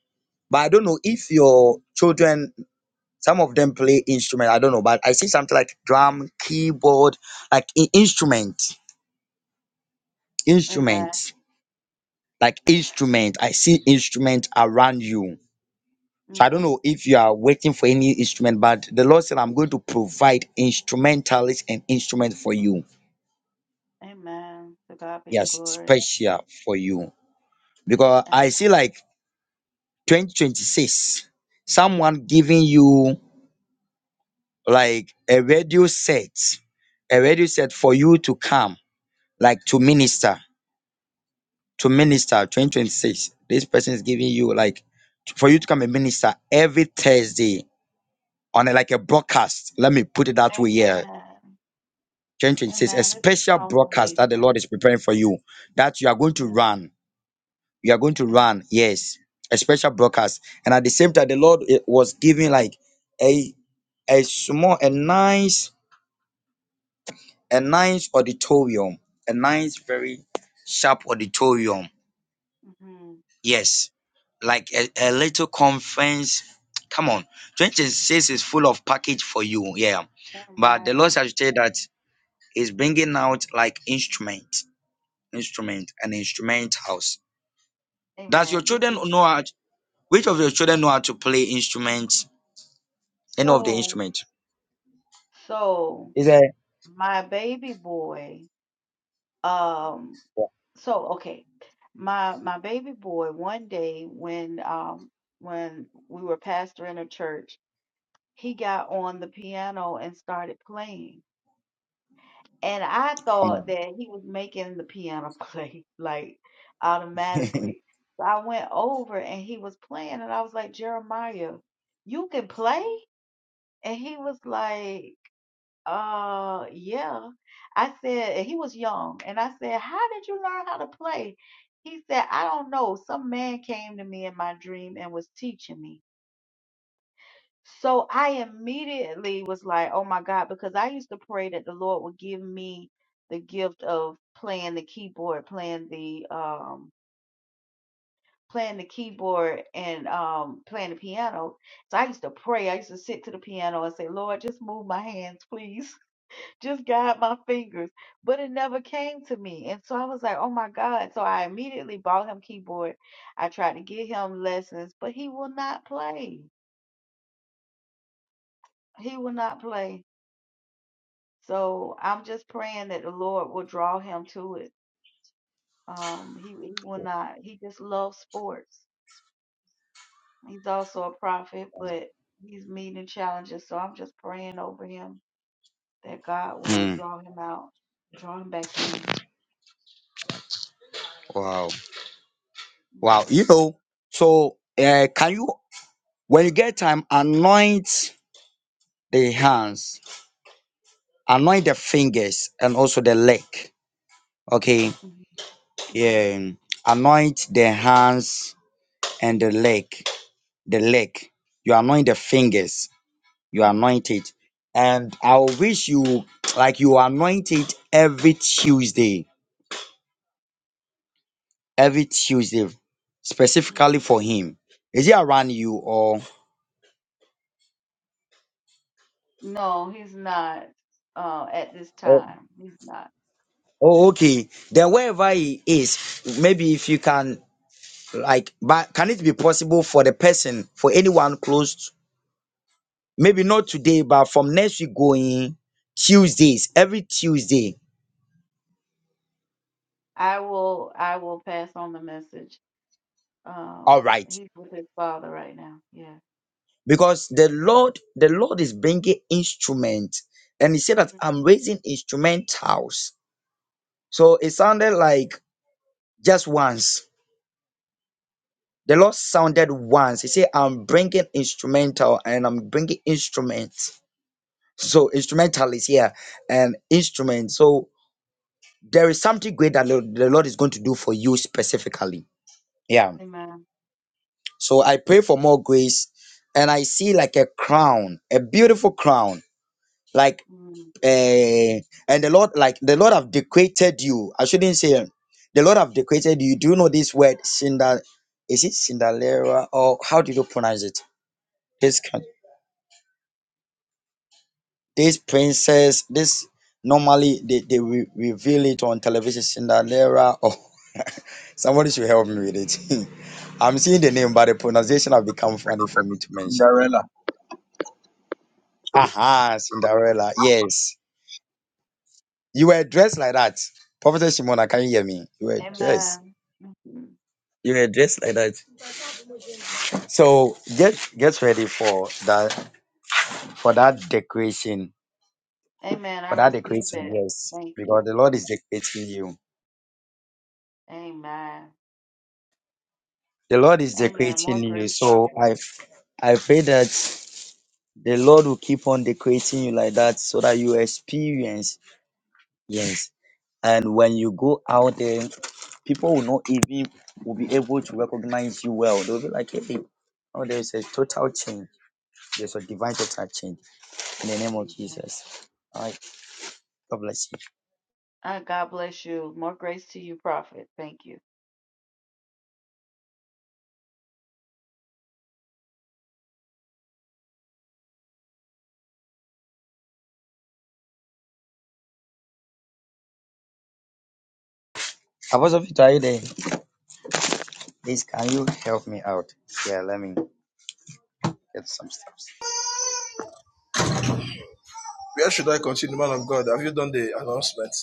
D: but I don't know if your children, some of them play instrument. I don't know, but I see something like drum, keyboard, like i- instrument, instrument, like instrument. I see instrument around you. So I don't know if you are waiting for any instrument, but the Lord said I'm going to provide instrumentalists and instrument for you. Yes, special for you. because I see like 2026, someone giving you like a radio set, a radio set for you to come, like to minister, to minister 2026. This person is giving you like for you to come and minister every Thursday on a, like a broadcast. Let me put it that way here. 2026, a special broadcast that the Lord is preparing for you that you are going to run you are going to run yes a special broadcast and at the same time the lord eh, was giving like a a small a nice a nice auditorium a nice very sharp auditorium yes like a, a little conference come on 26 is full of package for you yeah but the lord has said that is bringing out like instrument instrument and instrument house does your children know how which of your children know how to play instruments any of the instrument. Is it? come on? Mm, wow, wow. You know, so uh, can you, when you get time, anoint the hands, anoint the fingers, and also the leg. Okay, yeah. Anoint the hands and the leg. The leg. You anoint the fingers. You anoint it, and I wish you like you anoint it every Tuesday. every Tuesday specifically for him? Is he around you or oh okay. Then wherever he is, maybe if you can like but can it be possible for the person, for anyone close to, maybe not today, but from next week going Tuesdays, every Tuesday. All right. Because the Lord, the Lord is bringing instrument, and He said that I'm raising instrumentals. So it sounded like just once. The Lord sounded once. He said, I'm bringing instrumental and I'm bringing instruments. So, instrumental is here and instrument. So, there is something great that the the Lord is going to do for you specifically. Yeah. So, I pray for more grace and I see like a crown, a beautiful crown, like, uh, and the Lord, like, the Lord have decorated you. I shouldn't say, the Lord have decorated you. Do you know this word, cinder? Is it cinderella or how do you pronounce it? This kind. These princess, this normally they, they re- reveal it on television, Cinderella or [laughs] somebody should help me with it. [laughs] I'm seeing the name, but the pronunciation have become funny for me to mention.
G: Cinderella.
D: Aha, Cinderella. Yes. You were dressed like that. Prophetess Shimona, can you hear me? You were dressed. You were dressed like that. So get get ready for that for that decoration. For that decoration, yes. Because the Lord is decorating you. The Lord is decorating you. So I I pray that the Lord will keep on decorating you like that so that you experience. Yes. And when you go out there, people will not even will be able to recognize you well. They'll be like, hey, oh, there's a total change. There's a divine total change in the name of Jesus. All right, God bless you. Apostle Peter, are you there? Please, can you help me out? Yeah, let me get some steps.
B: Where should I continue, man of God? Have you done the announcement?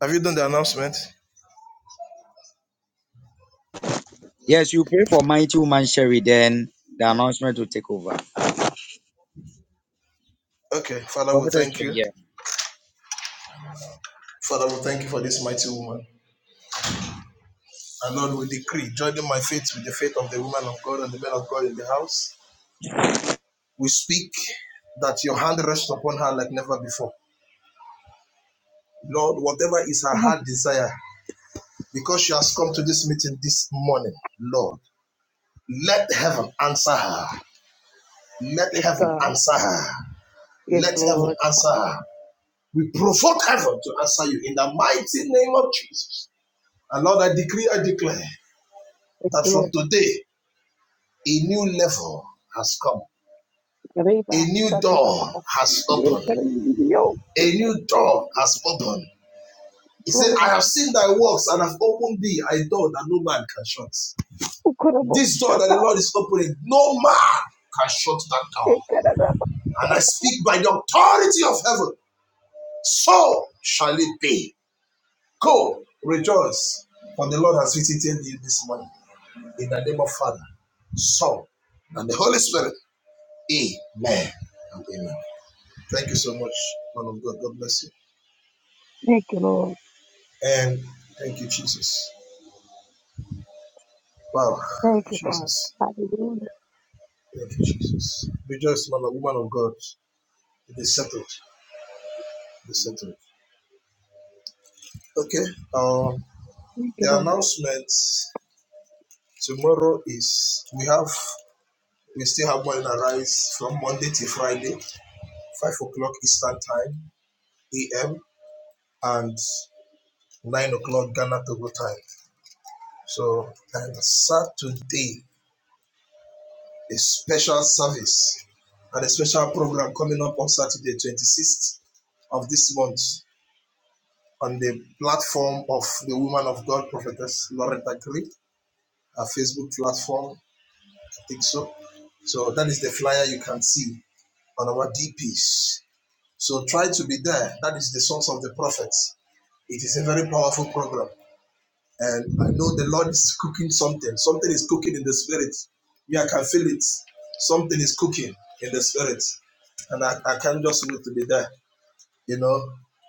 B: Have you done the announcement?
D: Yes, you pray for mighty woman Sherry, then the announcement will take over.
B: Okay, Father, we thank you. Lord, thank you for this mighty woman. And Lord, we decree, joining my faith with the faith of the woman of God and the men of God in the house, we speak that your hand rests upon her like never before. Lord, whatever is her
I: Oh,
B: heart desire, because she has come to this meeting this morning, Lord, let heaven answer her. Let
I: Yes,
B: heaven
I: God.
B: answer her.
I: Yes,
B: Let heaven
I: Lord.
B: answer her. We provoke heaven to answer you in the mighty name of Jesus. And Lord, I decree, I declare
I: Yes,
B: that from
I: Lord.
B: today, a new level has come. A
I: Reba,
B: new
I: sakaba,
B: door
I: aba.
B: has
I: Yes,
B: opened.
I: yo, yes,
B: A new door has opened. He said, I
I: Lord.
B: have seen thy works and have opened thee a door that no man can shut.
I: Ukurobo,
B: This door that
I: shaka,
B: the Lord is opening, no man can shut that door.
I: ekaraba,
B: And I speak by the authority of heaven, so shall it be. Go, rejoice, for the Lord has visited you this morning. In the name of Father, Son, and the Holy Spirit. Amen and amen. Thank you so much, man of God. God bless you.
I: Thank you, Lord.
B: And thank you, Jesus. Wow.
I: Thank you, Father.
B: Thank
I: Hallelujah.
B: you, Jesus. Rejoice, man, a woman of God. It is settled. It is settled. Okay. Um,
I: Thank you,
B: the
I: Lord.
B: announcement tomorrow is we, we still have morning arise from Monday to Friday, 5 o'clock Eastern Time, AM, and 9 o'clock Ghana Togo time. So, and Saturday, a special service and a special program coming up on Saturday, 26th of this month. on the platform of the Woman of God Prophetess Loretta Greek, her Facebook platform. So that is the flyer you can see on our DPs. So try to be there. That is the source of the prophets. It is a very powerful program. And I know the Lord is cooking something. Something is cooking in the spirit. Yeah, I can feel it. Something is cooking in the spirit. And I, I can't just wait to be there. You know,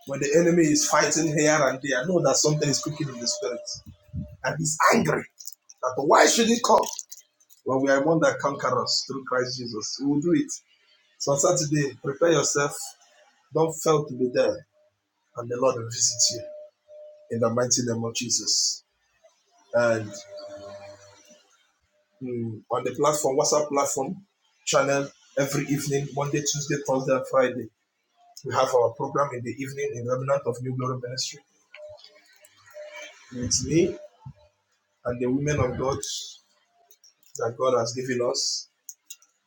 B: when the enemy is fighting here and there, I know that something is cooking in the spirit. And he's angry That why should it come? Well, we are more than conquerors through Christ Jesus. We will do it. So on Saturday, prepare yourself. Don't fail to be there. And the Lord will visit you in the mighty name of Jesus. And mm, on the platform, WhatsApp platform channel, every evening, Monday, Tuesday, Thursday, and Friday, we have our program in the evening in Remnant of New Glory Ministry. It's me and the women of God that God has given us.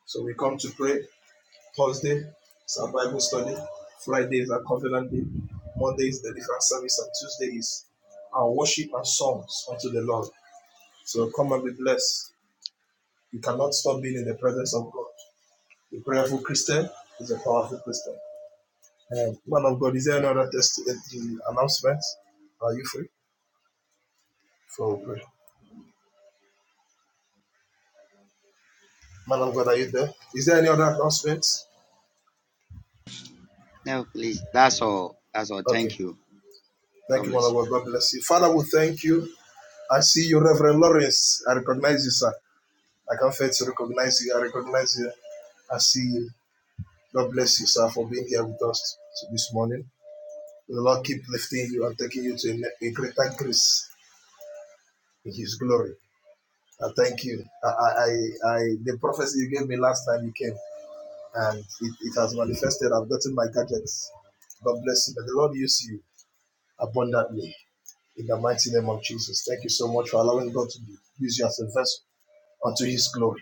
B: So we come to pray Thursday is our Bible study. Friday is our covenant day. Monday is the different service, and Tuesday is our worship and songs unto the Lord. So come and be blessed. You cannot stop being in the presence of God. The prayerful Christian is a powerful Christian. Um, man of God, is there any other test announcement? Are you free for prayer? Man of God, are you there? Is there any other announcements?
D: No, please. That's all. That's all. Thank
B: Okay.
D: you. God
B: Thank you, man of
D: bless you.
B: God. God bless you. Father, we thank you. I see you, Reverend Lawrence. I recognize you, sir. I can fail to recognize you. I recognize you. I see you. God bless you, sir, for being here with us this morning. May The Lord keep lifting you and taking you to a, greater grace in His glory. I thank you. I, I, I, the prophecy you gave me last time you came, and it, it has manifested. I've gotten my gadgets. God bless you. May the Lord use you abundantly in the mighty name of Jesus. Thank you so much for allowing God to use you as a vessel unto His glory.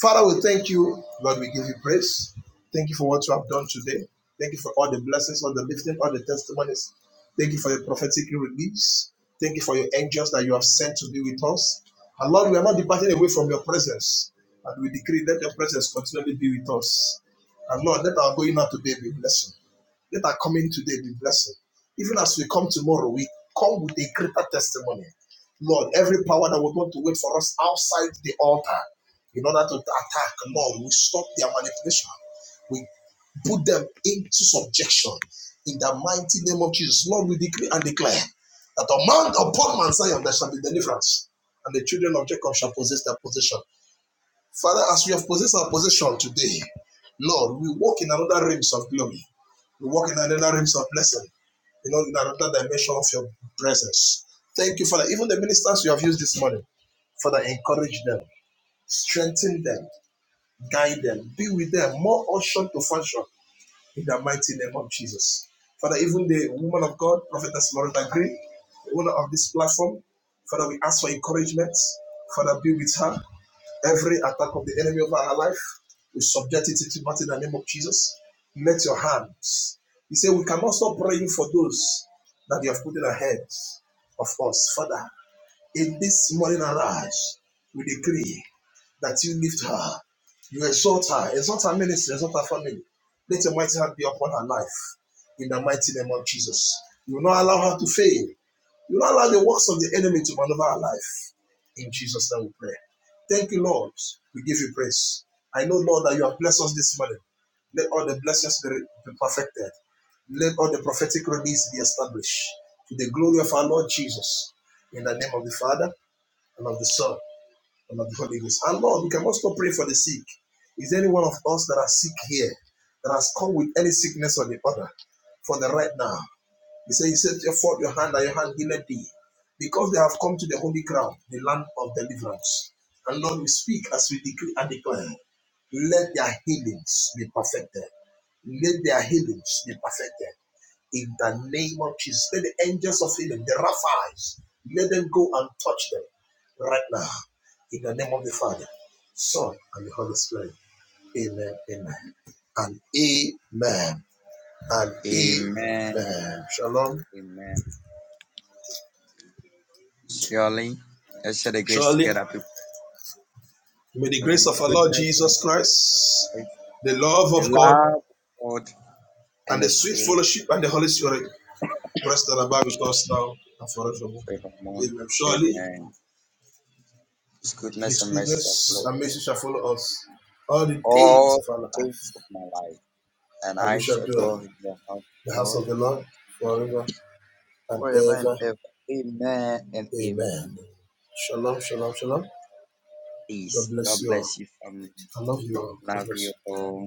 B: Father, we thank you. Lord, we give you praise. Thank you for what you have done today. Thank you for all the blessings, all the lifting, all the testimonies. Thank you for your prophetic release. Thank you for your angels that you have sent to be with us. And Lord, we are not departing away from your presence. And we decree that your presence continually be with us. And Lord, let our going out today be blessed. Let our coming today be blessed. Even as we come tomorrow, we come with a greater testimony. Lord, every power that would want to wait for us outside the altar in order to attack, Lord, we stop their manipulation. We put them into subjection in the mighty name of Jesus. Lord, we decree and declare that among upon Mount Zion there shall be deliverance, and the children of Jacob shall possess their possession. Father, as we have possessed our possession today, Lord, we walk in another realms of glory. We walk in another realms of blessing, you know, in another dimension of your presence. Thank you, Father. Even the ministers you have used this morning, Father, encourage them, strengthen them, guide them, be with them, more usher to function in the mighty name of Jesus. Father, even the woman of God, Prophetess Loretta Green, the owner of this platform, Father, we ask for encouragement. Father, be with her. Every attack of the enemy over our life, we subject it to Martin in the name of Jesus. Let your hands. He said, We cannot stop praying for those that you have put in the hands of us. Father, in this morning arise, we decree that you lift her, you exalt her, exalt her ministry, exalt her family. Let your mighty hand be upon her life in the mighty name of Jesus. You will not allow her to fail. You will not allow the works of the enemy to maneuver her life. In Jesus' name we pray. Thank you, Lord. We give you praise. I know, Lord, that you have blessed us this morning. Let all the blessings be, be perfected. Let all the prophetic release be established to the glory of our Lord Jesus. In the name of the Father, and of the Son, and of the Holy Ghost. And Lord, we can also pray for the sick. Is there any one of us that are sick here that has come with any sickness or the other? For the right now. He said, He said, Therefore, your hand and your hand healed thee. Because they have come to the holy ground, the land of deliverance. And Lord, we speak as we decree and declare. Let their healings be perfected. Let their healings be perfected. In the name of Jesus. Let the angels of healing, the raphais, right now. Of the Father, Son, and the Holy Spirit. Amen and
D: Amen.
B: amen. Lord,
D: Amen. Surely, let's share the grace
B: Surely,
D: together, people.
B: may the
D: Surely,
B: grace of our Lord
D: goodness,
B: Jesus Christ, the love
D: the
B: of God,
D: love of God, and
B: and
D: the
B: the sweet
D: shade
B: fellowship and the Holy Spirit Rest and abide with us now and forevermore.
D: of the moon.
B: Amen. Surely
D: Amen. His goodness
B: his
D: and mercy shall
B: goodness
D: flow
B: and
D: us
B: mercy shall follow us all the days
D: all
B: of our life.
D: days of my life, and
B: And we
D: I
B: shall
D: shall
B: dwell in
D: dwell in your house,
B: the house
D: Lord,
B: of the Lord forever and
D: forever and
B: ever.
D: ever. Amen and amen.
B: Amen. Shalom, shalom, shalom. God
D: Peace.
B: bless
D: God
B: you all.
D: bless you, family.
B: I love you all. God bless
D: Love
B: you.
D: you all.